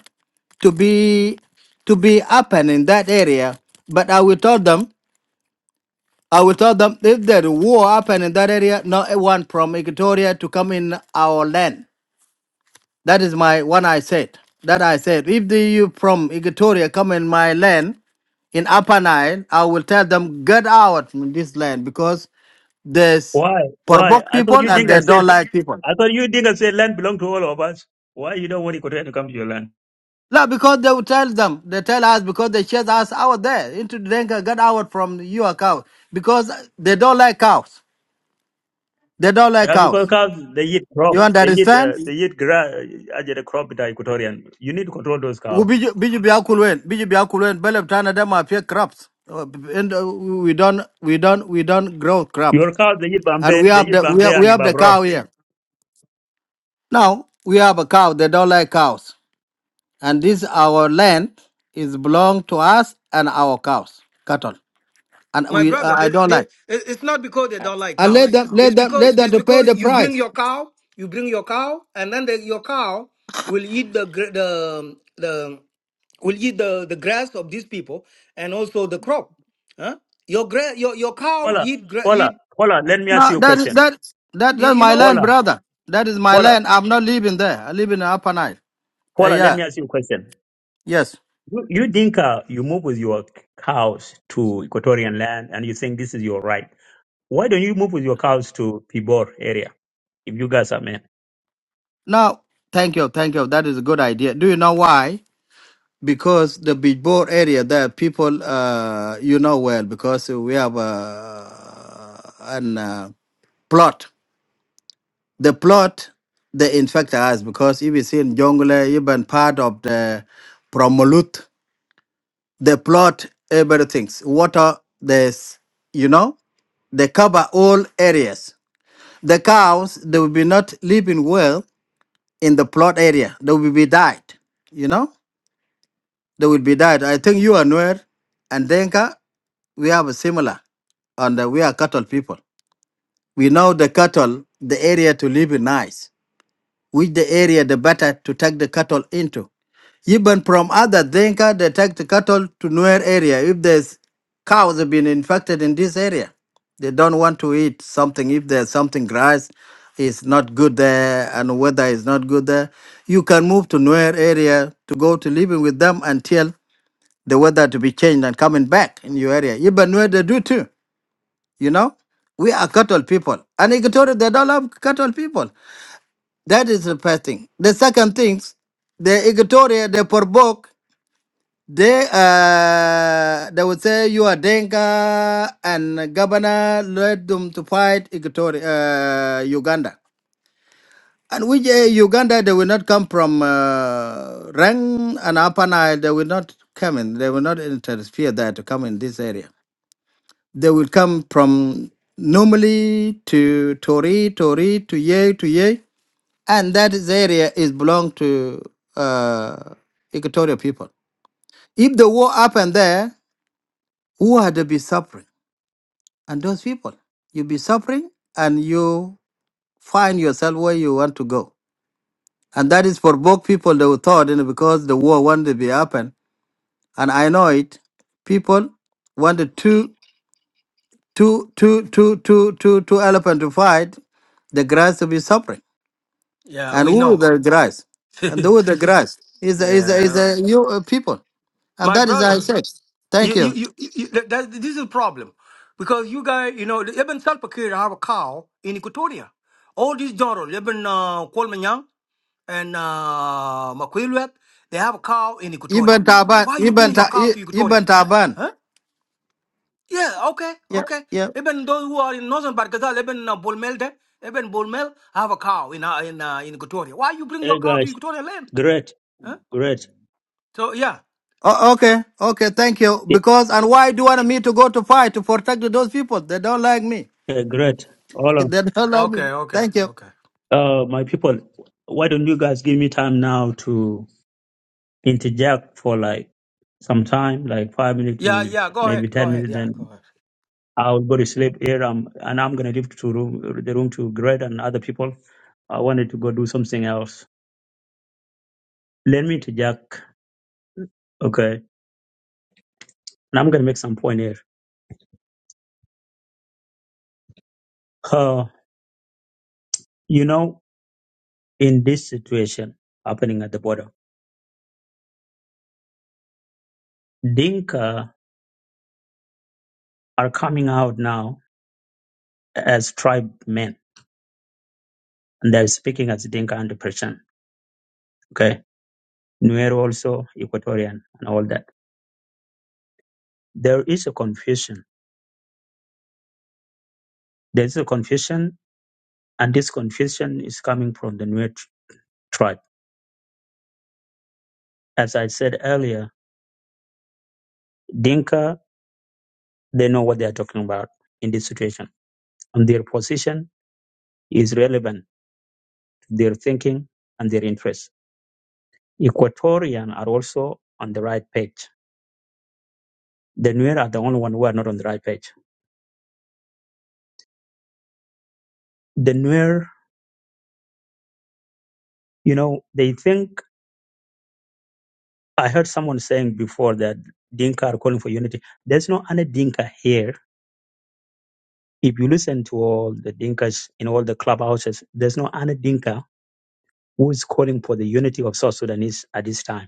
to be to be happen in that area. But I will tell them I will tell them if there is war happen in that area, no one from Equatoria to come in our land. That is my one I said. That I said, if the you from Equatoria come in my land in Upper Nile, I will tell them get out from this land because there's
Why? Why?
Porbok
I thought
people
you
and
Dinka
they
said,
don't like people.
I thought you Dinka said land belonged to all of us. Why you don't want Equatorial to come to your land?
No, because they will tell them, they tell us because they chase us out there into the Denka, get out from your cow because they don't like cows. They don't like
Yeah, because
cows.
cows, they eat crop.
You
They eat,
understand?
uh, they eat grass, uh, crop with the Equatorian. You need to control those
We
cows.
biji biji biya kulwen, biji biya kulwen. Belem tana dem are fear crops, Uh, and uh, we don't we don't we don't grow crop,
Your cows, they eat
and
Bambe,
we
they
have
eat
the we
Bambe
have, we
and
have the
Babro.
cow here. Now we have a cow. They don't like cows, and this our land is belong to us and our cows, cattle, and
my
we uh,
brother
I
they,
don't
they,
like.
it's not because they don't like
And
cow
let them
it's
let them
because
let them
it's
to pay
because
the
you bring
price.
your cow you bring your cow and then the, your cow will eat the gr- the the will eat the, the grass of these people and also the crop huh your gra- your your cow
Paula,
eat gra-
Paula,
eat
Paula, let me ask
Now
you a
that is
question.
that that
y-
that's
you
my
know
land,
Paula,
brother. That is my
Paula,
land. I'm not living there. I live in Upper Nile. Uh,
Paula, let
yeah.
me ask you a question.
Yes.
You, you Dinka, you move with your cows to Equatorian land and you think this is your right. Why don't you move with your cows to Pibor area if you guys are men?
No, thank you, thank you. That is a good idea. Do you know why? Because the Bijbor area there, people, uh, you know well, because we have uh, an uh, plot. The plot, they infect us because if you see in jungle, eh, even part of the Promolut, they plot everything. Water, there's, you know, they cover all areas. The cows, they will be not living well in the plot area. They will be died, you know? They will be died. I think you are Nuer and Denka, we have a similar, and uh, we are cattle people. We know the cattle, the area to live in nice which the area the better to take the cattle into. Even from other Denka, they take the cattle to Nuer area. If there's cows have been infected in this area, they don't want to eat something. If there's something grass is not good there and weather is not good there, you can move to Nuer area to go to living with them until the weather to be changed and coming back in your area. Even Nuer, they do too, you know? We are cattle people. And Equatorial, they don't love cattle people. That is the first thing. The second thing, the Equatoria, the Porbok, they uh, they would say you are Denga and governor led them to fight Equatoria, uh, Uganda. And which uh, Uganda, they will not come from uh, Rang and Upper Nile. They will not come in. They will not interfere there to come in this area. They will come from normally to Tori, Tori, to Ye, to Ye and that is area is belong to uh, Equatorial people. If the war happened there, who had to be suffering? And those people, you be suffering, and you find yourself where you want to go. And that is for both people they were thought, you know, because the war wanted to be happen. And I know it. People wanted two, two, two, two, two, two, two elephant to fight, the grass to be suffering.
yeah
And
we
who is
know
the grass? And who is
*laughs*
the grass? Is the, is the, is
yeah
the you uh, people. And
my
that is I
brother
said. Thank
You, you,
you.
you, you you- that, that, this is a problem because you guys, you know, even Salva Kiir have a cow in Equatoria. All these generals, even uh, Kolmanyang and uh, Makwilwet, they have a cow in Equatoria.
Ibn Taban.
Why you bring
Ibn,
your
Ta-
cow
I-
to Equatoria?
Ibn Taban.
Huh? Yeah, okay,
Yeah,
okay.
yeah.
Even those who are in northern Barkazal, even uh, Bolmel, there, even Bolmel have a cow in uh, in uh, in Equatoria. Why you bring
Hey
your cow to
guys,
Equatoria land?
great,
Huh?
great,
So yeah,
O- okay, okay. Thank you. Because and why do you want me to go to fight to protect those people? They don't like me.
eh, great. All
*laughs*
of
They don't like me.
okay, okay,
Thank you.
okay.
uh, my people, why don't you guys give me time now to interject for like some time, like five minutes
Yeah,
to
yeah. Go
maybe
ahead, go
10
ahead.
minutes,
Yeah,
then
go ahead.
I'll go to sleep here, um, and I'm gonna leave to room, the room to Greg and other people. I wanted to go do something else. Let me to Jack, okay? And I'm gonna make some point here. Uh, you know, in this situation happening at the border, Dinka are coming out now as tribe men, and they're speaking as Dinka 100%, okay? Nuer also Equatorian and all that. There is a confusion. There is a confusion, and this confusion is coming from the Nuer tribe as I said earlier, Dinka, they know what they are talking about in this situation. And their position is relevant to their thinking and their interests. Equatorian are also on the right page. The Nuer are the only one who are not on the right page. The Nuer, you know, they think, I heard someone saying before that Dinka are calling for unity. There's no any Dinka here. If you listen to all the Dinkas in all the clubhouses, there's no any Dinka who is calling for the unity of South Sudanese at this time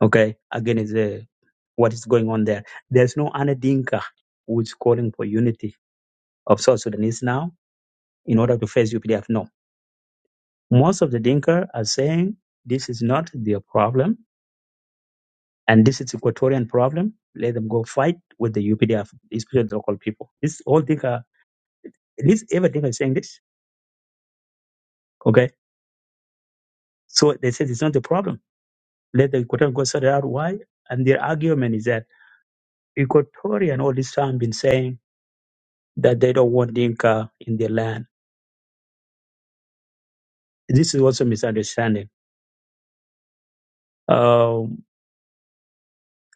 Okay, again is uh, what is going on there. There's no Anna Dinka who is calling for unity of South Sudanese now in order to face UPDF. No, most of the Dinka are saying this is not their problem and this is Equatorian problem. Let them go fight with the UPDF, especially the local people. This all Dinka, at least every Dinka is saying this. Okay, so they said it's not the problem. Let the Equatorian go sort it out. Why? And their argument is that Equatorian all this time been saying that they don't want Dinka in their land This is also misunderstanding. Um,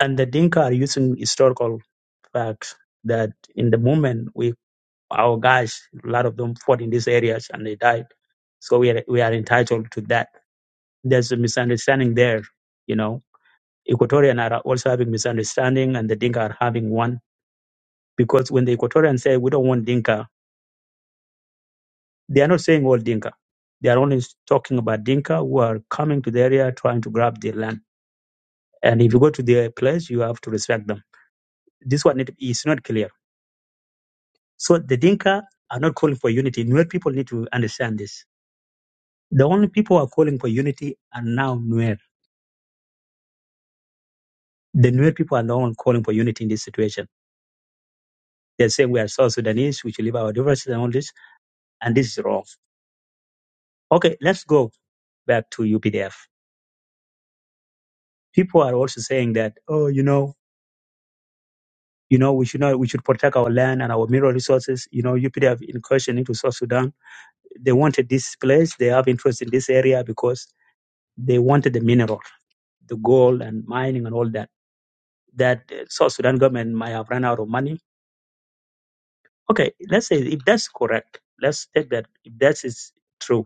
and the Dinka are using historical facts that in the movement, we our guys, a lot of them fought in these areas and they died. So we are, we are entitled to that. There's a misunderstanding there, you know. Equatorian are also having misunderstanding and the Dinka are having one because when the Equatorians say we don't want Dinka, they are not saying all Dinka. They are only talking about Dinka who are coming to the area trying to grab their land. And if you go to their place, you have to respect them This one need- is not clear. So the Dinka are not calling for unity. Nuer people need to understand this. The only people who are calling for unity are now Nuer. The Nuer people are the only calling for unity in this situation. They're saying we are South Sudanese, we should leave our differences and all this, and this is wrong. Okay, let's go back to UPDF. People are also saying that, oh, you know, you know, we should not, we should protect our land and our mineral resources. You know, UPDF incursion into South Sudan. They wanted this place. They have interest in this area because they wanted the mineral. the gold and mining and all that, that uh, South Sudan government might have run out of money. Okay, let's say if that's correct, let's take that. If that is true,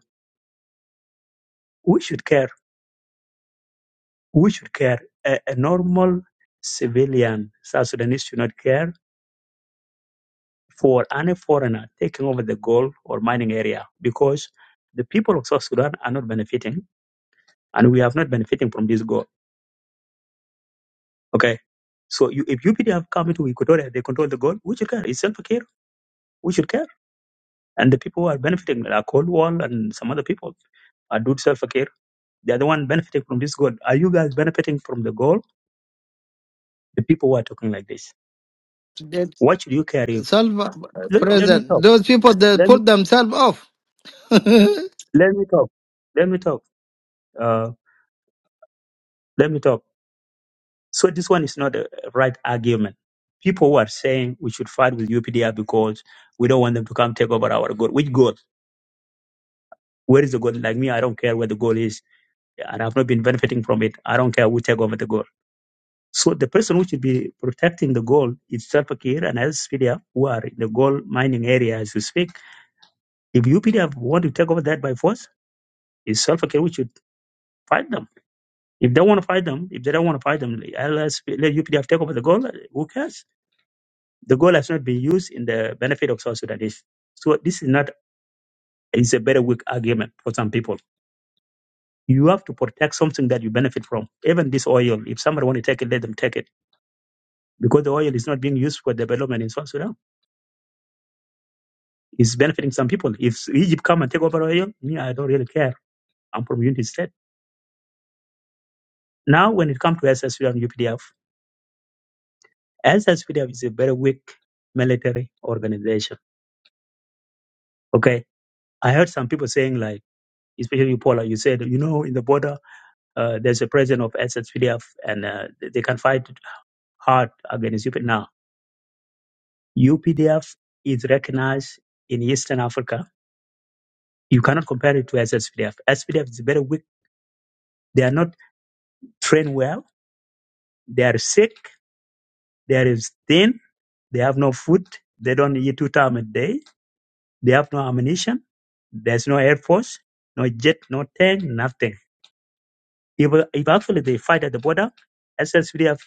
we should care. We should care. A, a normal civilian South Sudanese should not care for any foreigner taking over the gold or mining area because the people of South Sudan are not benefiting and we have not benefiting from this gold. Okay. So you, if UPD have come into Equatoria, they control the gold, we should care. It's self care. We should care And the people who are benefiting, like Coldwell and some other people, are Dude Self-Care. They are the one benefiting from this goal. Are you guys benefiting from the goal? The people who are talking like this.
They-
What should you care if?
Salva
Let, let me
President.
talk.
Those people they
Let me,
put themselves off.
let me talk. Let me talk. Uh, let me talk. So this one is not a right argument. People who are saying we should fight with UPDR because we don't want them to come take over our goal. Which goal? Where is the goal? Like me, I don't care where the goal is, and I've not been benefiting from it. I don't care who take over the goal So the person who should be protecting the gold is Salpakir and as PDF who are in the gold mining area as we speak. If UPDF want to take over that by force, it's Salpakir who should fight them. If they want to fight them, if they don't want to fight them, LS, let UPDF take over the gold. Who cares? The gold has not been used in the benefit of South Sudanese. So this is not it's a very weak argument for some people. You have to protect something that you benefit from. Even this oil, if somebody want to take it, let them take it. Because the oil is not being used for development in South Sudan It's benefiting some people. If Egypt come and take over oil, me, I don't really care. I'm from Unity State. Now, when it comes to SSU and UPDF, SSPDF is a very weak military organization. Okay. I heard some people saying, like, especially you, Paula, you said, you know, in the border, uh, there's a president of SSPDF and uh, they they can fight hard against UPDF. Now, UPDF is recognized in Eastern Africa. You cannot compare it to SSPDF. SPDF is very weak. They are not trained well. They are sick. They are thin They have no food. They don't eat two times a day. They have no ammunition. There's no air force, no jet, no tank, nothing. If, if actually they fight at the border, SSPDF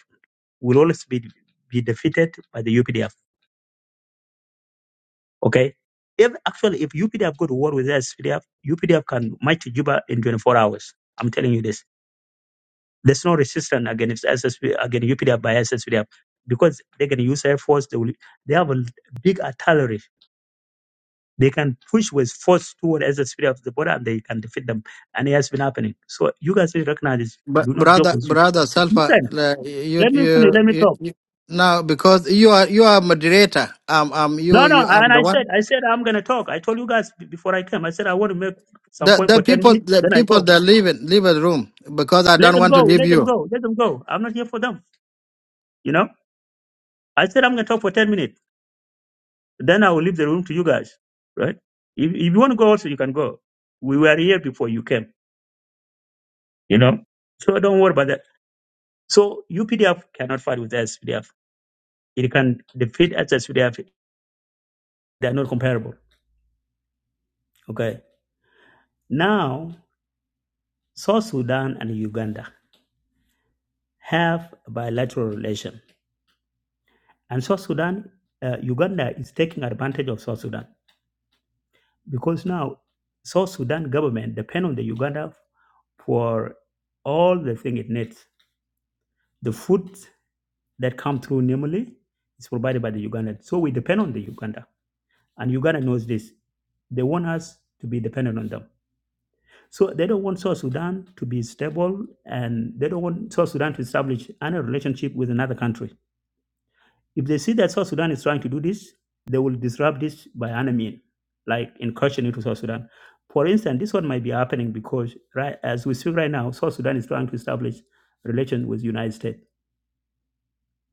will always be, be defeated by the UPDF. Okay? If actually, if UPDF go to war with SSPDF, UPDF can march to Juba in 24 hours. I'm telling you this. There's no resistance against SSP, against UPDF by SSPDF because they can use air force. They will. They have a big artillery They can push with force toward as the spirit of the border and they can defeat them. And it has been happening. So you guys should recognize this.
*laughs* but
Do not joke
brother,
with you.
brother Salva,
Listen,
like, you,
let me finish,
you,
let me
you,
talk.
you now because you are you are moderator. Um, um, you,
No, no,
you,
and
I'm the
I
one.
said, I said I'm gonna talk. I told you guys b- before I came. I said I want to make some
The
point
the
for ten
people
minutes,
the
then I
people
go.
that leave it leave the room because I
Let
don't
them
want to
go,
leave
let them
you.
go, let them go. I'm not here for them. You know? I said I'm gonna talk for ten minutes. Then I will leave the room to you guys. Right? If, if you want to go also, you can go. We were here before you came, you know? So don't worry about that. So UPDF cannot fight with us. It can defeat SS Sudan. They are not comparable. Okay. Now, South Sudan and Uganda have a bilateral relation, and South Sudan, uh, Uganda is taking advantage of South Sudan because now South Sudan government depend on the Uganda for all the thing it needs. The food that come through Nimali is provided by the Ugandan, so we depend on the Uganda, and Uganda knows this. They want us to be dependent on them So they don't want South Sudan to be stable and they don't want South Sudan to establish any relationship with another country. If they see that South Sudan is trying to do this, they will disrupt this by any means, like incursion into South Sudan. For instance, this one might be happening because right as we speak right now, South Sudan is trying to establish relations with the United States.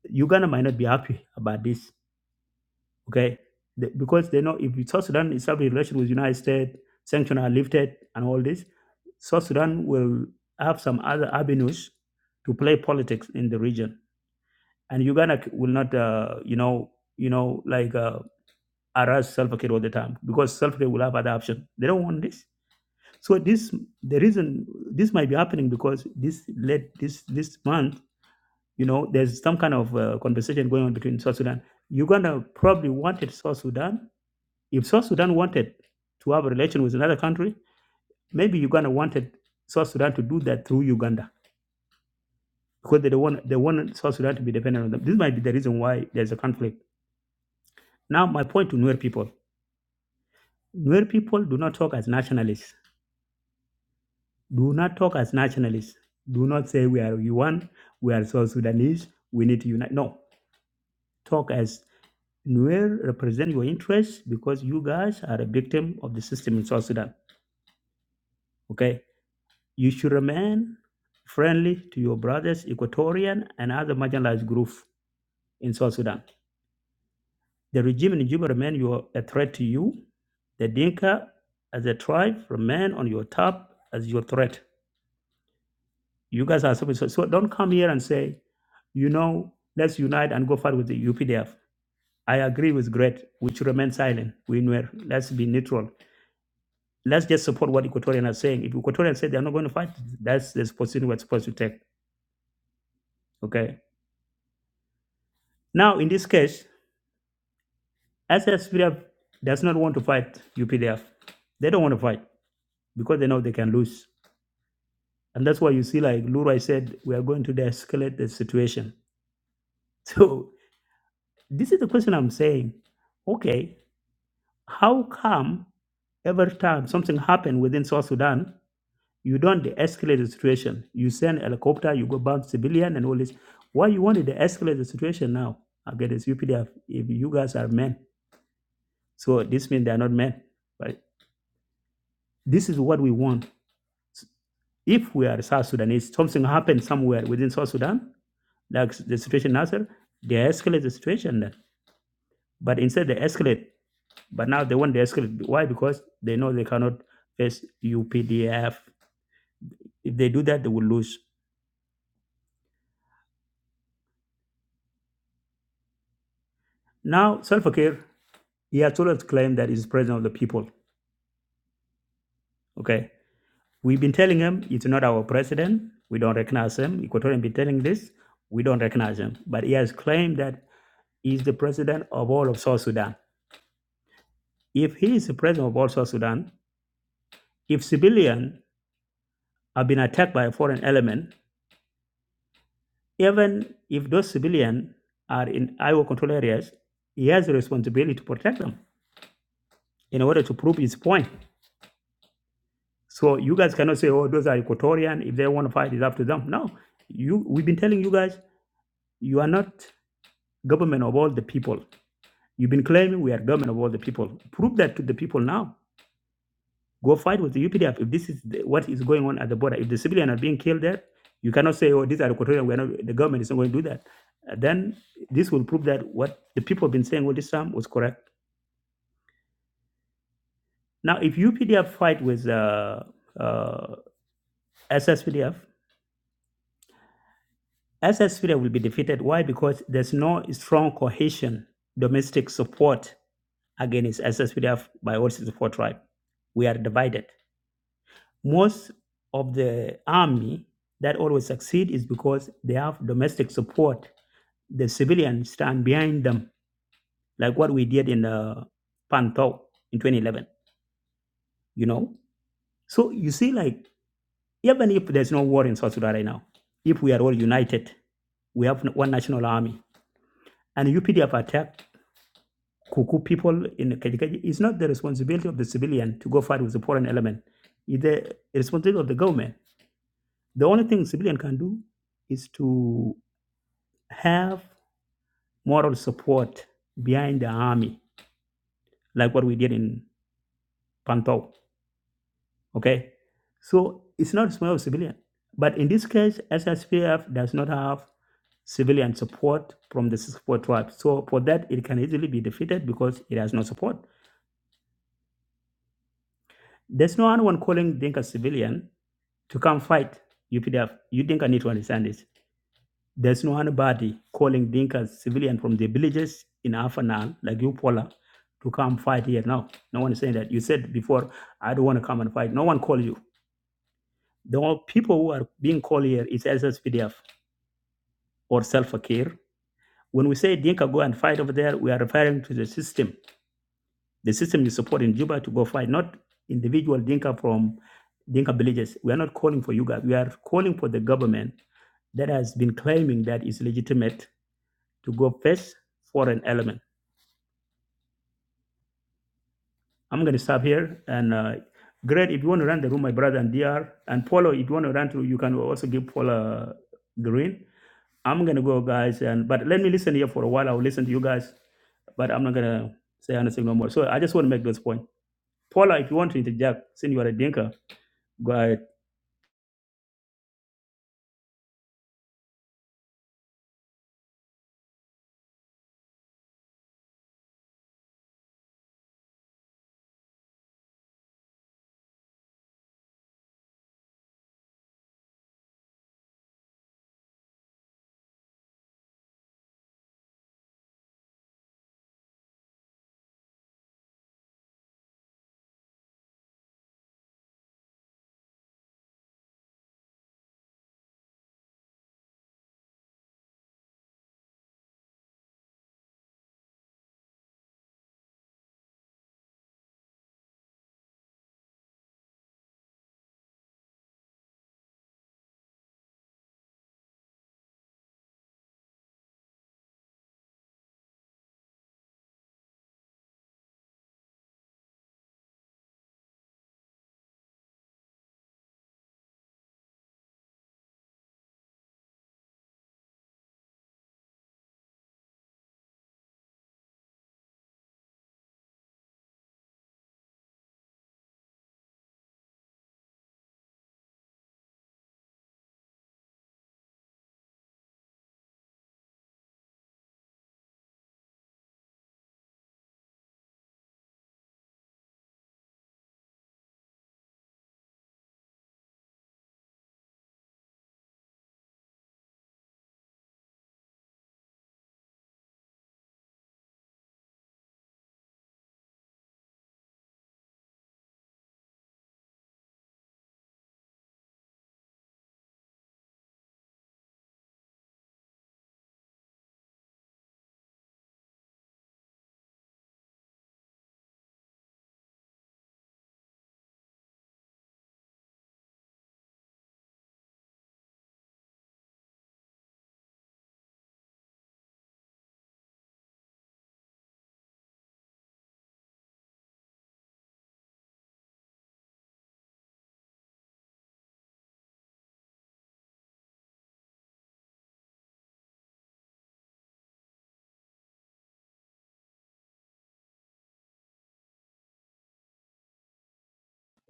Uganda might not be happy about this, okay? The- Because they know if South Sudan establish relations with the United States, sanctions are lifted and all this, South Sudan will have some other avenues to play politics in the region, and Uganda will not, uh, you know, you know, like uh, harass Salva Kiir all the time because Salva Kiir will have other options. They don't want this. So this, the reason this might be happening because this led this this month, you know, there's some kind of uh, conversation going on between South Sudan. Uganda probably wanted South Sudan. If South Sudan wanted to have a relation with another country, maybe Uganda wanted South Sudan to do that through Uganda because they don't want they want South Sudan to be dependent on them. This might be the reason why there's a conflict. Now, my point to Nuer people: Nuer people do not talk as nationalists. Do not talk as nationalists. Do not say we are UN, we are South Sudanese, we need to unite. No, talk as Nuer represent your interests because you guys are a victim of the system in South Sudan. Okay, you should remain friendly to your brothers, Equatorian and other marginalized groups in South Sudan. The regime in Juba remain your, a threat to you. The Dinka as a tribe remain on your top as your threat. You guys are so, so so don't come here and say, you know, let's unite and go fight with the UPDF. I agree with Gret. We should remain silent. We were, let's be neutral. Let's just support what Equatorians are saying. If Equatorians say they're not going to fight, that's the position we're supposed to take. Okay. Now, in this case, SSPDF does not want to fight UPDF. They don't want to fight because they know they can lose. And that's why you see, like Lura said, we are going to de-escalate the situation. *laughs* So this is the question I'm saying. Okay, how come every time something happened within South Sudan, you don't de-escalate the situation? You send a helicopter, you go bomb civilian and all this. Why you want to de-escalate the situation now against UPDF if you guys are men? So this means they are not men. But this is what we want. If we are South Sudanese, something happens somewhere within South Sudan, like the situation Nasser, they escalate the situation then. But instead they escalate. But now they want to escalate. Why? Because they know they cannot face UPDF. If they do that, they will lose. Now, Salva Kiir, he has always claimed that he's president of the people. Okay. We've been telling him it's not our president. We don't recognize him. Equatorian been telling this. We don't recognize him. But he has claimed that he's the president of all of South Sudan. If he is the president of all South Sudan, if civilians have been attacked by a foreign element, Even if those civilians are in Iowa control areas, he has a responsibility to protect them in order to prove his point. So you guys cannot say, oh, those are Equatorian. If they want to fight, it's up to them. No. You, we've been telling you guys, you are not government of all the people. You've been claiming we are government of all the people. Prove that to the people now Go fight with the UPDF if this is the, what is going on at the border. If the civilians are being killed there, you cannot say, "Oh, these are Equatorian." We're not. The government is not going to do that. Uh, then this will prove that what the people have been saying all this time was correct. Now, if UPDF fight with uh, uh, SSPDF, will be defeated. Why? Because there's no strong cohesion, domestic support against SSPDF by all 64 tribes. We are divided. Most of the army that always succeed is because they have domestic support. The civilians stand behind them, like what we did in uh, Pantau in 2011. You know, so you see, like even if there's no war in South Sudan right now, if we are all united, we have one national army, and UPDF attacked Kuku people in Kaji. It's not the responsibility of the civilian to go fight with the foreign element. It's the responsibility of the government. The only thing civilian can do is to have moral support behind the army, like what we did in Pantau. Okay, so it's not small civilian, but in this case, SSPF does not have civilian support from the support tribes. So for that, it can easily be defeated because it has no support. There's no one calling Dinka civilian to come fight UPDF. You Dinka need to understand this. There's no anybody calling Dinkas civilian from the villages in Afanal, like you, Paula, to come fight here. No, no one is saying that. You said before, I don't want to come and fight. No one called you. The only people who are being called here is SSPDF or self care. When we say Dinka go and fight over there, we are referring to the system. The system you support in Juba to go fight, not individual Dinka from Dinka villages. We are not calling for you guys. We are calling for the government that has been claiming that it's legitimate to go face foreign element. I'm going to stop here. And uh, Greg, if you want to run the room, my brother and DR, and Paulo, if you want to run through, you can also give Paula green. I'm going to go, guys. And But let me listen here for a while. I'll listen to you guys, but I'm not going to say anything no more. So I just want to make this point. Paula, if you want to interject, since you are a dinka, go ahead.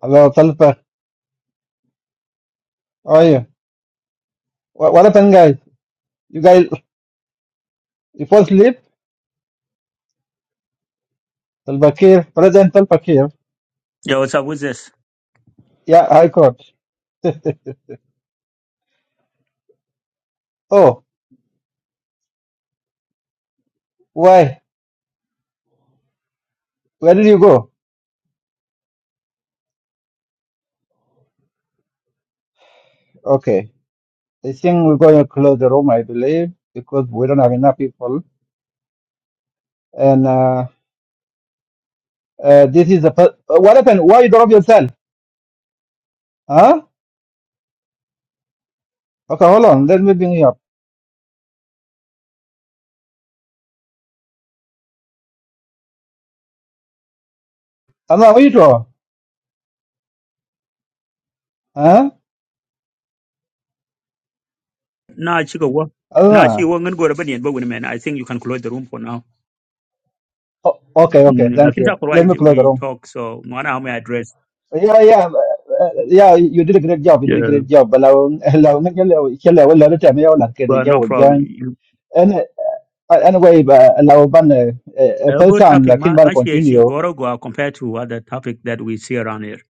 Hello, self. How are you? Wha- What happened, guys? You guys, you fall asleep? Salva Kiir, President Salva Kiir.
Yeah, what's up with this?
Yeah, High Court. *laughs* Oh, why? Where did you go? Okay. I think we're going to close the room, I believe, because we don't have enough people. And uh, uh, this is the first. Uh, what happened? Why you drop yourself? Huh? Okay, hold on. Let me bring you up. Anna, what you draw? Huh?
Nah, chico, what? Nah, she
Anna.
won't go to bed yet, but wait a minute. I think you can close the room for now.
Oh, okay, okay.
Mm, I
Thank
think
you.
that's
Let
why
me close the
we
room.
talk, so no matter how may I address.
Yeah, yeah. uh, uh, Yeah, you did a great job. You did
Yeah.
a great job. But I will, I will make you shall I will let me out like the
Well,
yeah,
no
we
problem.
join. *laughs*
You-
And uh, anyway, uh, I will ban uh, uh, uh,
A
first
good
time
topic,
like in
ma-
ban
much here, here,
continue.
Goro Goa compared to other topic that we see around here,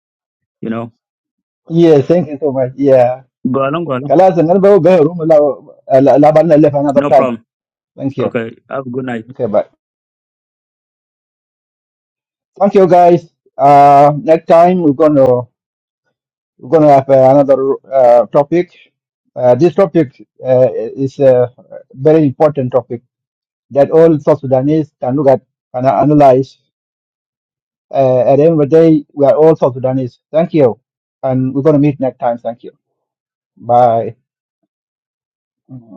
you know.
Yeah, thank you so much. Yeah.
Go along, go along.
Kalas, and go go room la left another
No
time.
problem.
Thank you.
Okay. Have a good night.
Okay, bye. Thank you guys. Uh, next time we're gonna we're gonna have uh, another uh, topic. Uh, this topic uh, is a very important topic that all South Sudanese can look at and analyze. Uh, at the end of the day, we are all South Sudanese. Thank you, and we're gonna meet next time. Thank you. Bye. Mm-hmm.